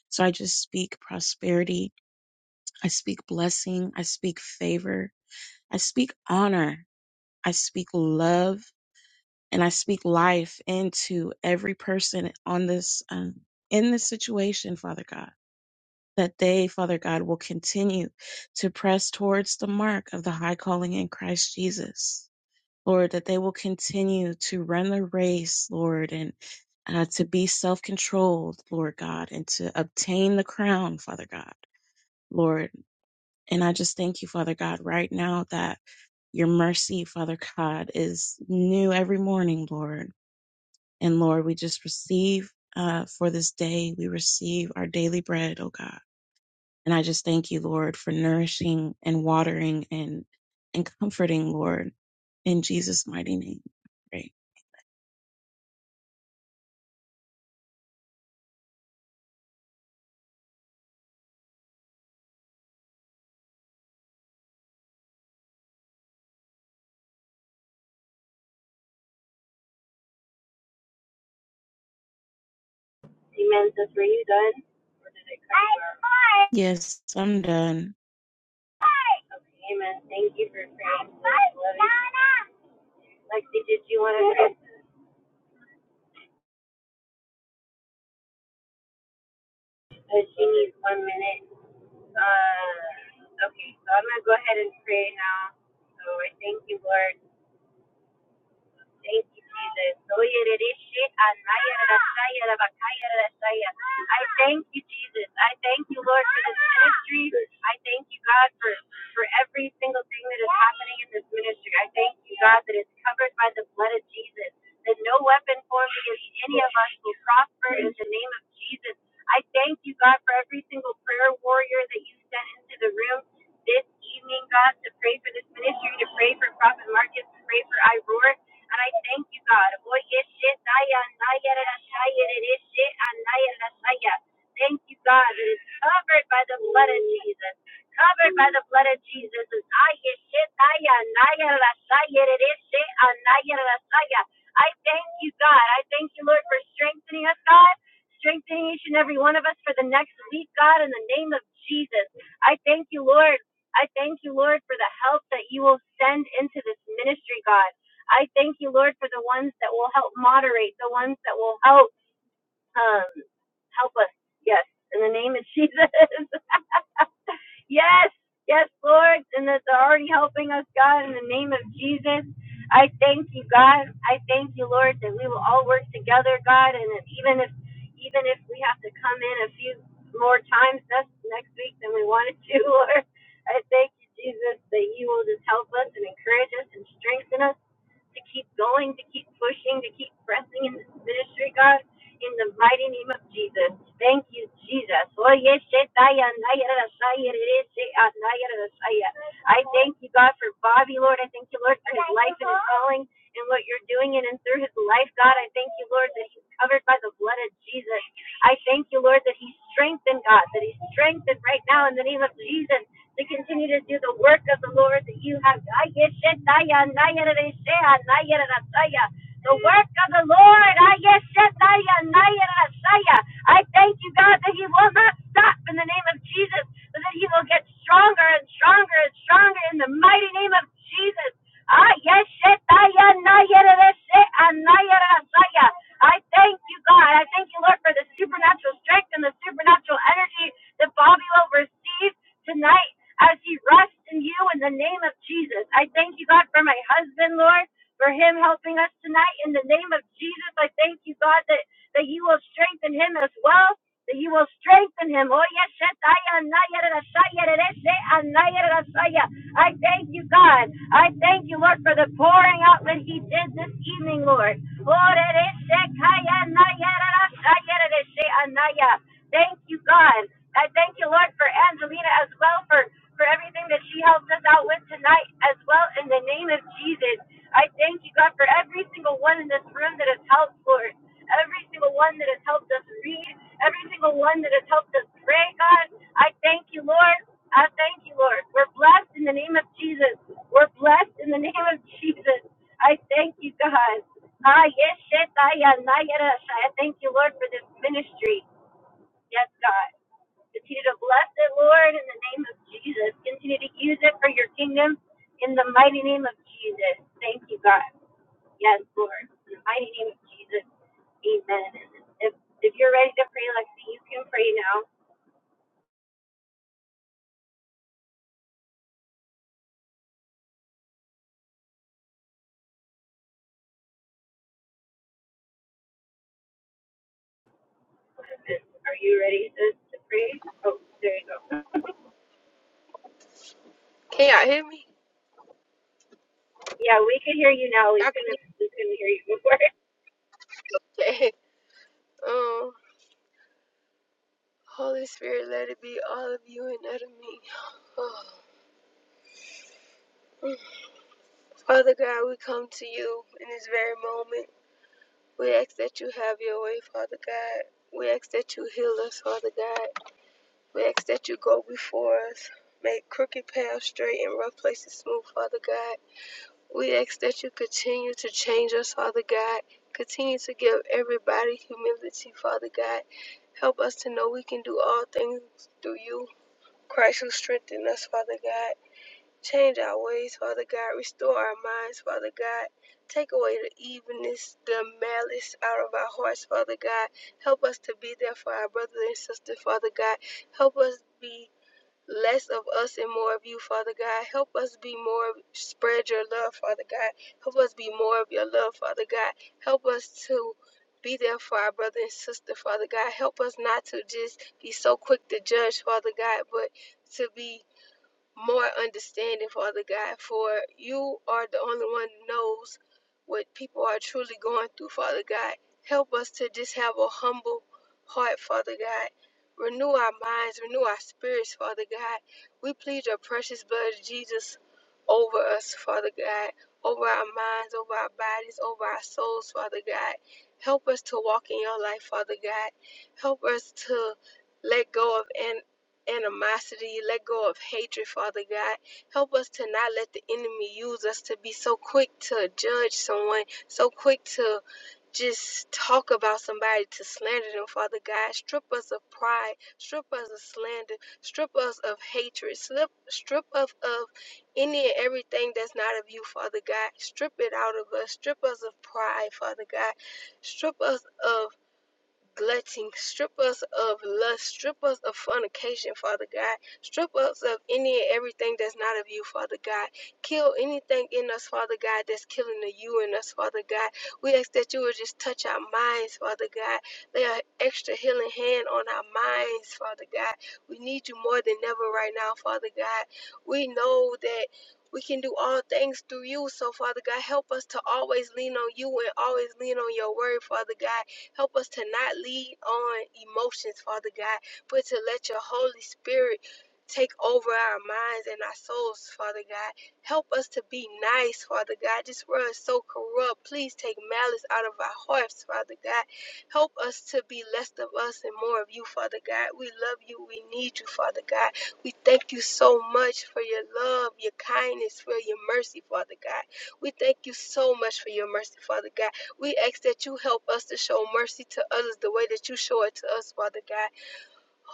Speaker 9: so i just speak prosperity i speak blessing i speak favor i speak honor i speak love and i speak life into every person on this um, in this situation father god that they, Father God, will continue to press towards the mark of the high calling in Christ Jesus. Lord, that they will continue to run the race, Lord, and uh, to be self controlled, Lord God, and to obtain the crown, Father God, Lord. And I just thank you, Father God, right now that your mercy, Father God, is new every morning, Lord. And Lord, we just receive uh, for this day, we receive our daily bread, oh God. And I just thank you, Lord, for nourishing and watering and and comforting, Lord, in Jesus' mighty name. I pray. Yes, I'm done.
Speaker 1: Amen. Thank you for praying. Lexi, did you want to pray? Uh, She needs one minute. Uh, okay, so I'm going to go ahead and pray now. So I thank you, Lord, Thank you, Jesus. Oyerereshe anayarashayarabakayarashaya. I thank you, Jesus. I thank you, Lord, for this ministry. I thank you, God, for, for every single thing that is happening in this ministry. I thank you, God, that it's covered by the blood of Jesus, that no weapon formed against any of us will prosper in the name of Jesus. I thank you, God, for every single prayer warrior that you sent into the room this evening, God, to pray for this ministry, to pray for Prophet Marcus, to pray for Iroar. And I thank you, God. Oye, ah, Thank you, God. It is covered by the blood of Jesus. Covered by the blood of Jesus. ah, I thank you, God. I thank you, Lord, for strengthening us, God. Strengthening each and every one of us for the next week, God, in the name of Jesus. I thank you, Lord. I thank you, Lord, for the help that you will send into this ministry, God. I thank you, Lord, for the ones that will help moderate, the ones that will help um, help us. Yes, in the name of Jesus. yes, yes, Lord, and that they're already helping us, God, in the name of Jesus. I thank you, God. I thank you, Lord, that we will all work together, God, and that even if even if we have to come in a few more times next next week than we wanted to, Lord, I thank you, Jesus, that you will just help us and encourage us and strengthen us to keep going, to keep pushing, to keep pressing in this ministry, God, in the mighty name of Jesus. Thank you, Jesus. Oye, shetaya, naya, rasaya, rere, sheya, naya, rasaya. I thank you, God, for Bobby, Lord. I thank you, Lord, for his life and his calling and what you're doing in and through his life, God. I thank you, Lord, that he's covered by the blood of Jesus. I thank you, Lord, that he's strengthened, God, that he's strengthened right now in the name of Jesus to continue to do the work of the Lord that you have. Ayeshetaya, nayarashaya, nayarashaya. The work of the Lord. Ayeshetaya, nayarashaya. I thank you, God, that He will not stop in the name of Jesus, but that He will get stronger and stronger and stronger in the mighty name of Jesus. Ayeshetaya, nayarashaya, nayarashaya. I thank you, God. I thank you, Lord, for the supernatural strength and the supernatural energy that Bobby will receive tonight as he rests in you in the name of Jesus. I thank you, God, for my husband, Lord, for him helping us tonight in the name of Jesus. I thank you, God, that, that you will strengthen him as well. That you will strengthen him. Oh yes, yes, I am, I am, I I thank you, God. I thank you, Lord, for the pouring out that He did this evening, Lord. Lord, it is sick, I am, I am, Thank you, God. I thank you, Lord, for Angelina as well for for everything that she helped us out with tonight as well. In the name of Jesus, I thank you, God, for every single one in this room that has helped, Lord. Every single one that has helped us read, every single one that has helped us pray, God. I thank you, Lord. I thank you, Lord. We're blessed in the name of Jesus. We're blessed in the name of Jesus. I thank you, God. Ah, yes, shit, I, uh, nah, yeah, uh, I thank you, Lord, for this ministry. Yes, God. Continue to bless it, Lord, in the name of Jesus. Continue to use it for your kingdom in the mighty name of Jesus. Thank you, God. Yes, Lord. In the mighty name of Jesus. Amen. If, if you're ready to pray, Lexi, you can pray now. Are you ready to, to pray? Oh, there you go.
Speaker 10: Can y'all hear me?
Speaker 1: Yeah, we could hear you now. We
Speaker 10: Y'all can hear
Speaker 1: couldn't we couldn't hear you before.
Speaker 10: me? Okay. Um, Holy Spirit, let it be all of you and none of me. Oh. Father God, we come to you in this very moment. We ask that you have your way, Father God. We ask that you heal us, Father God. We ask that you go before us. Make crooked paths straight and rough places smooth, Father God. We ask that you continue to change us, Father God. Continue to give everybody humility, Father God. Help us to know we can do all things through you, Christ who strengthened us, Father God. Change our ways, Father God. Restore our minds, Father God. Take away the evilness, the malice out of our hearts, Father God. Help us to be there for our brothers and sisters, Father God. Help us be less of us and more of you, Father God. Help us be more, spread your love, Father God. Help us be more of your love, Father God. Help us to be there for our brother and sister, Father God. Help us not to just be so quick to judge, Father God, but to be more understanding, Father God, for you are the only one who knows what people are truly going through, Father God. Help us to just have a humble heart, Father God. Renew our minds, renew our spirits, Father God. We plead your precious blood of Jesus over us, Father God, over our minds, over our bodies, over our souls, Father God. Help us to walk in your life, Father God. Help us to let go of animosity, let go of hatred, Father God. Help us to not let the enemy use us to be so quick to judge someone, so quick to just talk about somebody to slander them, Father God. Strip us of pride, strip us of slander, strip us of hatred, slip, strip us of any and everything that's not of you, Father God. Strip it out of us, strip us of pride, Father God. Strip us of glutting. Strip us of lust. Strip us of fornication, Father God. Strip us of any and everything that's not of you, Father God. Kill anything in us, Father God, that's killing the you in us, Father God. We ask that you would just touch our minds, Father God. Lay an extra healing hand on our minds, Father God. We need you more than ever right now, Father God. We know that. We can do all things through you. So, Father God, help us to always lean on you and always lean on your word, Father God Help us to not lead on emotions, Father God, but to let your Holy Spirit take over our minds and our souls, Father God. Help us to be nice, Father God. This world is so corrupt. Please take malice out of our hearts, Father God. Help us to be less of us and more of you, Father God. We love you. We need you, Father God. We thank you so much for your love, your kindness, for your mercy, Father God. We thank you so much for your mercy, Father God. We ask that you help us to show mercy to others the way that you show it to us, Father God.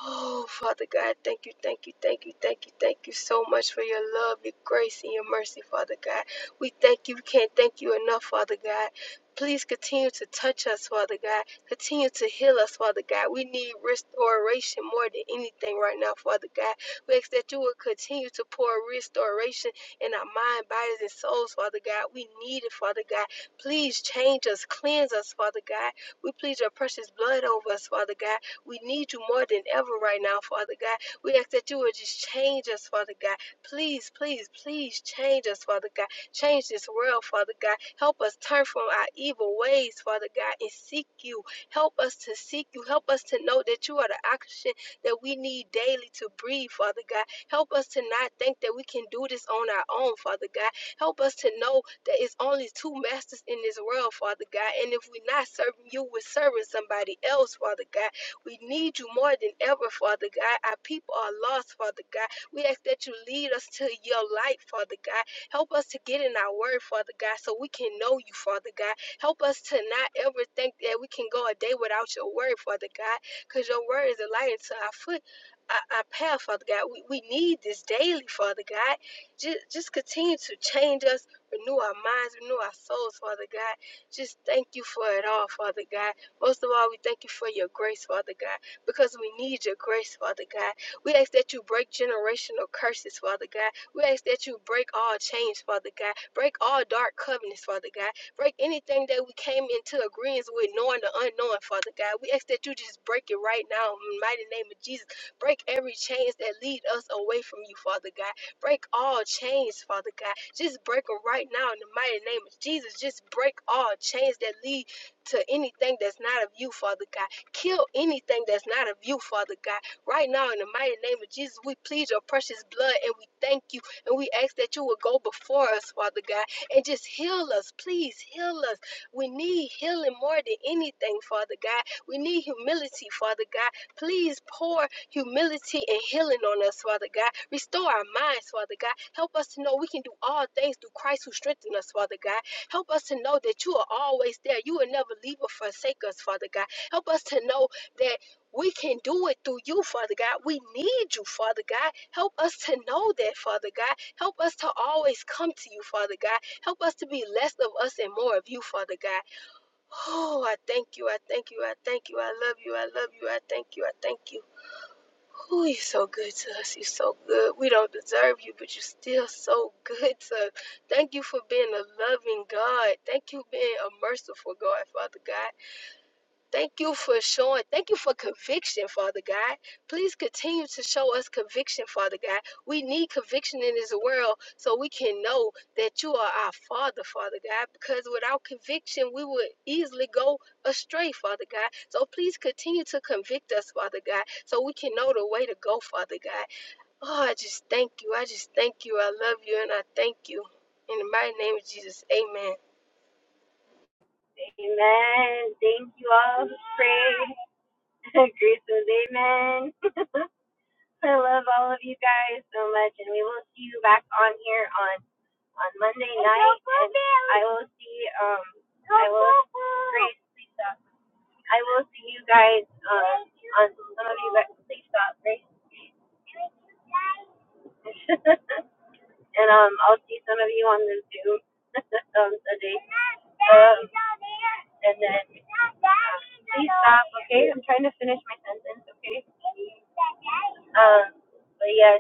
Speaker 10: Oh, Father God, thank you, thank you, thank you, thank you, thank you so much for your love, your grace, and your mercy, Father God. We thank you. We can't thank you enough, Father God. Please continue to touch us, Father God. Continue to heal us, Father God. We need restoration more than anything right now, Father God. We ask that you will continue to pour restoration in our mind, bodies, and souls, Father God. We need it, Father God. Please change us, cleanse us, Father God. We plead your precious blood over us, Father God. We need you more than ever right now, Father God. We ask that you would just change us, Father God. Please, please, please change us, Father God. Change this world, Father God. Help us turn from our evil ways, Father God, and seek you. Help us to seek you. Help us to know that you are the oxygen that we need daily to breathe, Father God. Help us to not think that we can do this on our own, Father God. Help us to know that it's only two masters in this world, Father God. And if we're not serving you, we're serving somebody else, Father God. We need you more than ever, Father God. Our people are lost, Father God. We ask that you lead us to your light, Father God. Help us to get in our word, Father God, so we can know you, Father God. Help us to not ever think that we can go a day without your word, Father God, because your word is a light into our foot. Our, our path, Father God. We, we need this daily, Father God. Just, just continue to change us, renew our minds, renew our souls, Father God. Just thank you for it all, Father God. Most of all, we thank you for your grace, Father God, because we need your grace, Father God. We ask that you break generational curses, Father God. We ask that you break all chains, Father God. Break all dark covenants, Father God. Break anything that we came into agreements with, knowing the unknown, Father God. We ask that you just break it right now in the mighty name of Jesus. Break every chains that lead us away from you, Father God. Break all chains, Father God. Just break them right now in the mighty name of Jesus. Just break all chains that lead to anything that's not of you, Father God. Kill anything that's not of you, Father God. Right now, in the mighty name of Jesus, we plead your precious blood and we thank you and we ask that you will go before us, Father God, and just heal us. Please heal us. We need healing more than anything, Father God. We need humility, Father God. Please pour humility and healing on us, Father God. Restore our minds, Father God. Help us to know we can do all things through Christ who strengthens us, Father God. Help us to know that you are always there. You will never leave or forsake us, Father God. Help us to know that we can do it through you, Father God. We need you, Father God. Help us to know that, Father God. Help us to always come to you, Father God. Help us to be less of us and more of you, Father God. Oh, I thank you. I thank you. I thank you. I love you. I love you. I thank you. I thank you. Oh, you're so good to us. You're so good. We don't deserve you, but you're still so good to us. Thank you for being a loving God. Thank you for being a merciful God, Father God. Thank you for showing, thank you for conviction, Father God. Please continue to show us conviction, Father God. We need conviction in this world so we can know that you are our Father, Father God, because without conviction, we would easily go astray, Father God. So please continue to convict us, Father God, so we can know the way to go, Father God. Oh, I just thank you. I just thank you. I love you and I thank you. In the mighty name of Jesus, amen.
Speaker 1: Amen. Thank you all. Pray. Grace says amen. I love all of you guys so much, and we will see you back on here on on Monday night. And I will see um I will Grace, please stop. I will see you guys um on some of you guys please stop Grace, and um I'll see some of you on the Zoom um today. Um and then um, please stop. Okay, I'm trying to finish my sentence. Okay. Um, but yes.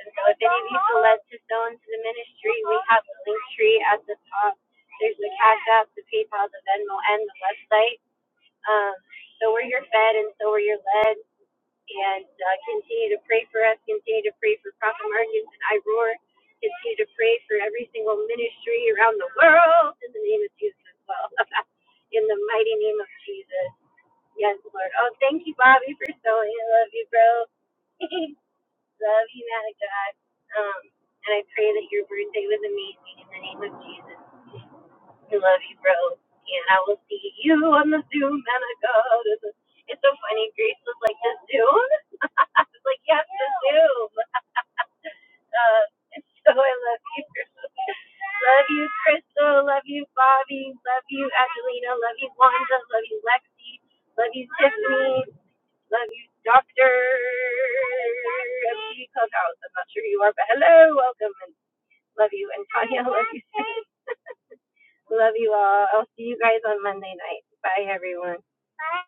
Speaker 1: And so if any of you feel led to sow into the ministry, we have the link tree at the top. There's the Cash App, the PayPal, the Venmo, and the website. Um, so we're your fed and so we're your led. And uh, continue to pray for us. Continue to pray for Prophet Marcus and I Roar. Continue to pray for every single ministry around the world in the name of Jesus as well. in the mighty name of Jesus. Yes, Lord. Oh, thank you, Bobby, for sewing. I love you, bro. love you, man of God. Um, and I pray that your birthday was amazing in the name of Jesus. I love you, bro. And I will see you on the Zoom, man of God. It's, it's so funny. Grace was like, the Zoom? I was like, yes, the Zoom. Uh, so I love you. love you, Crystal. Love you, Bobby. Love you, Angelina. Love you, Wanda. Love you, Lexi. Love you, Tiffany. Love you, Doctor P. Cookhouse. I'm not sure who you are, but hello, welcome, and love you. And Tanya, love you. Love you all. I'll see you guys on Monday night. Bye, everyone. Bye.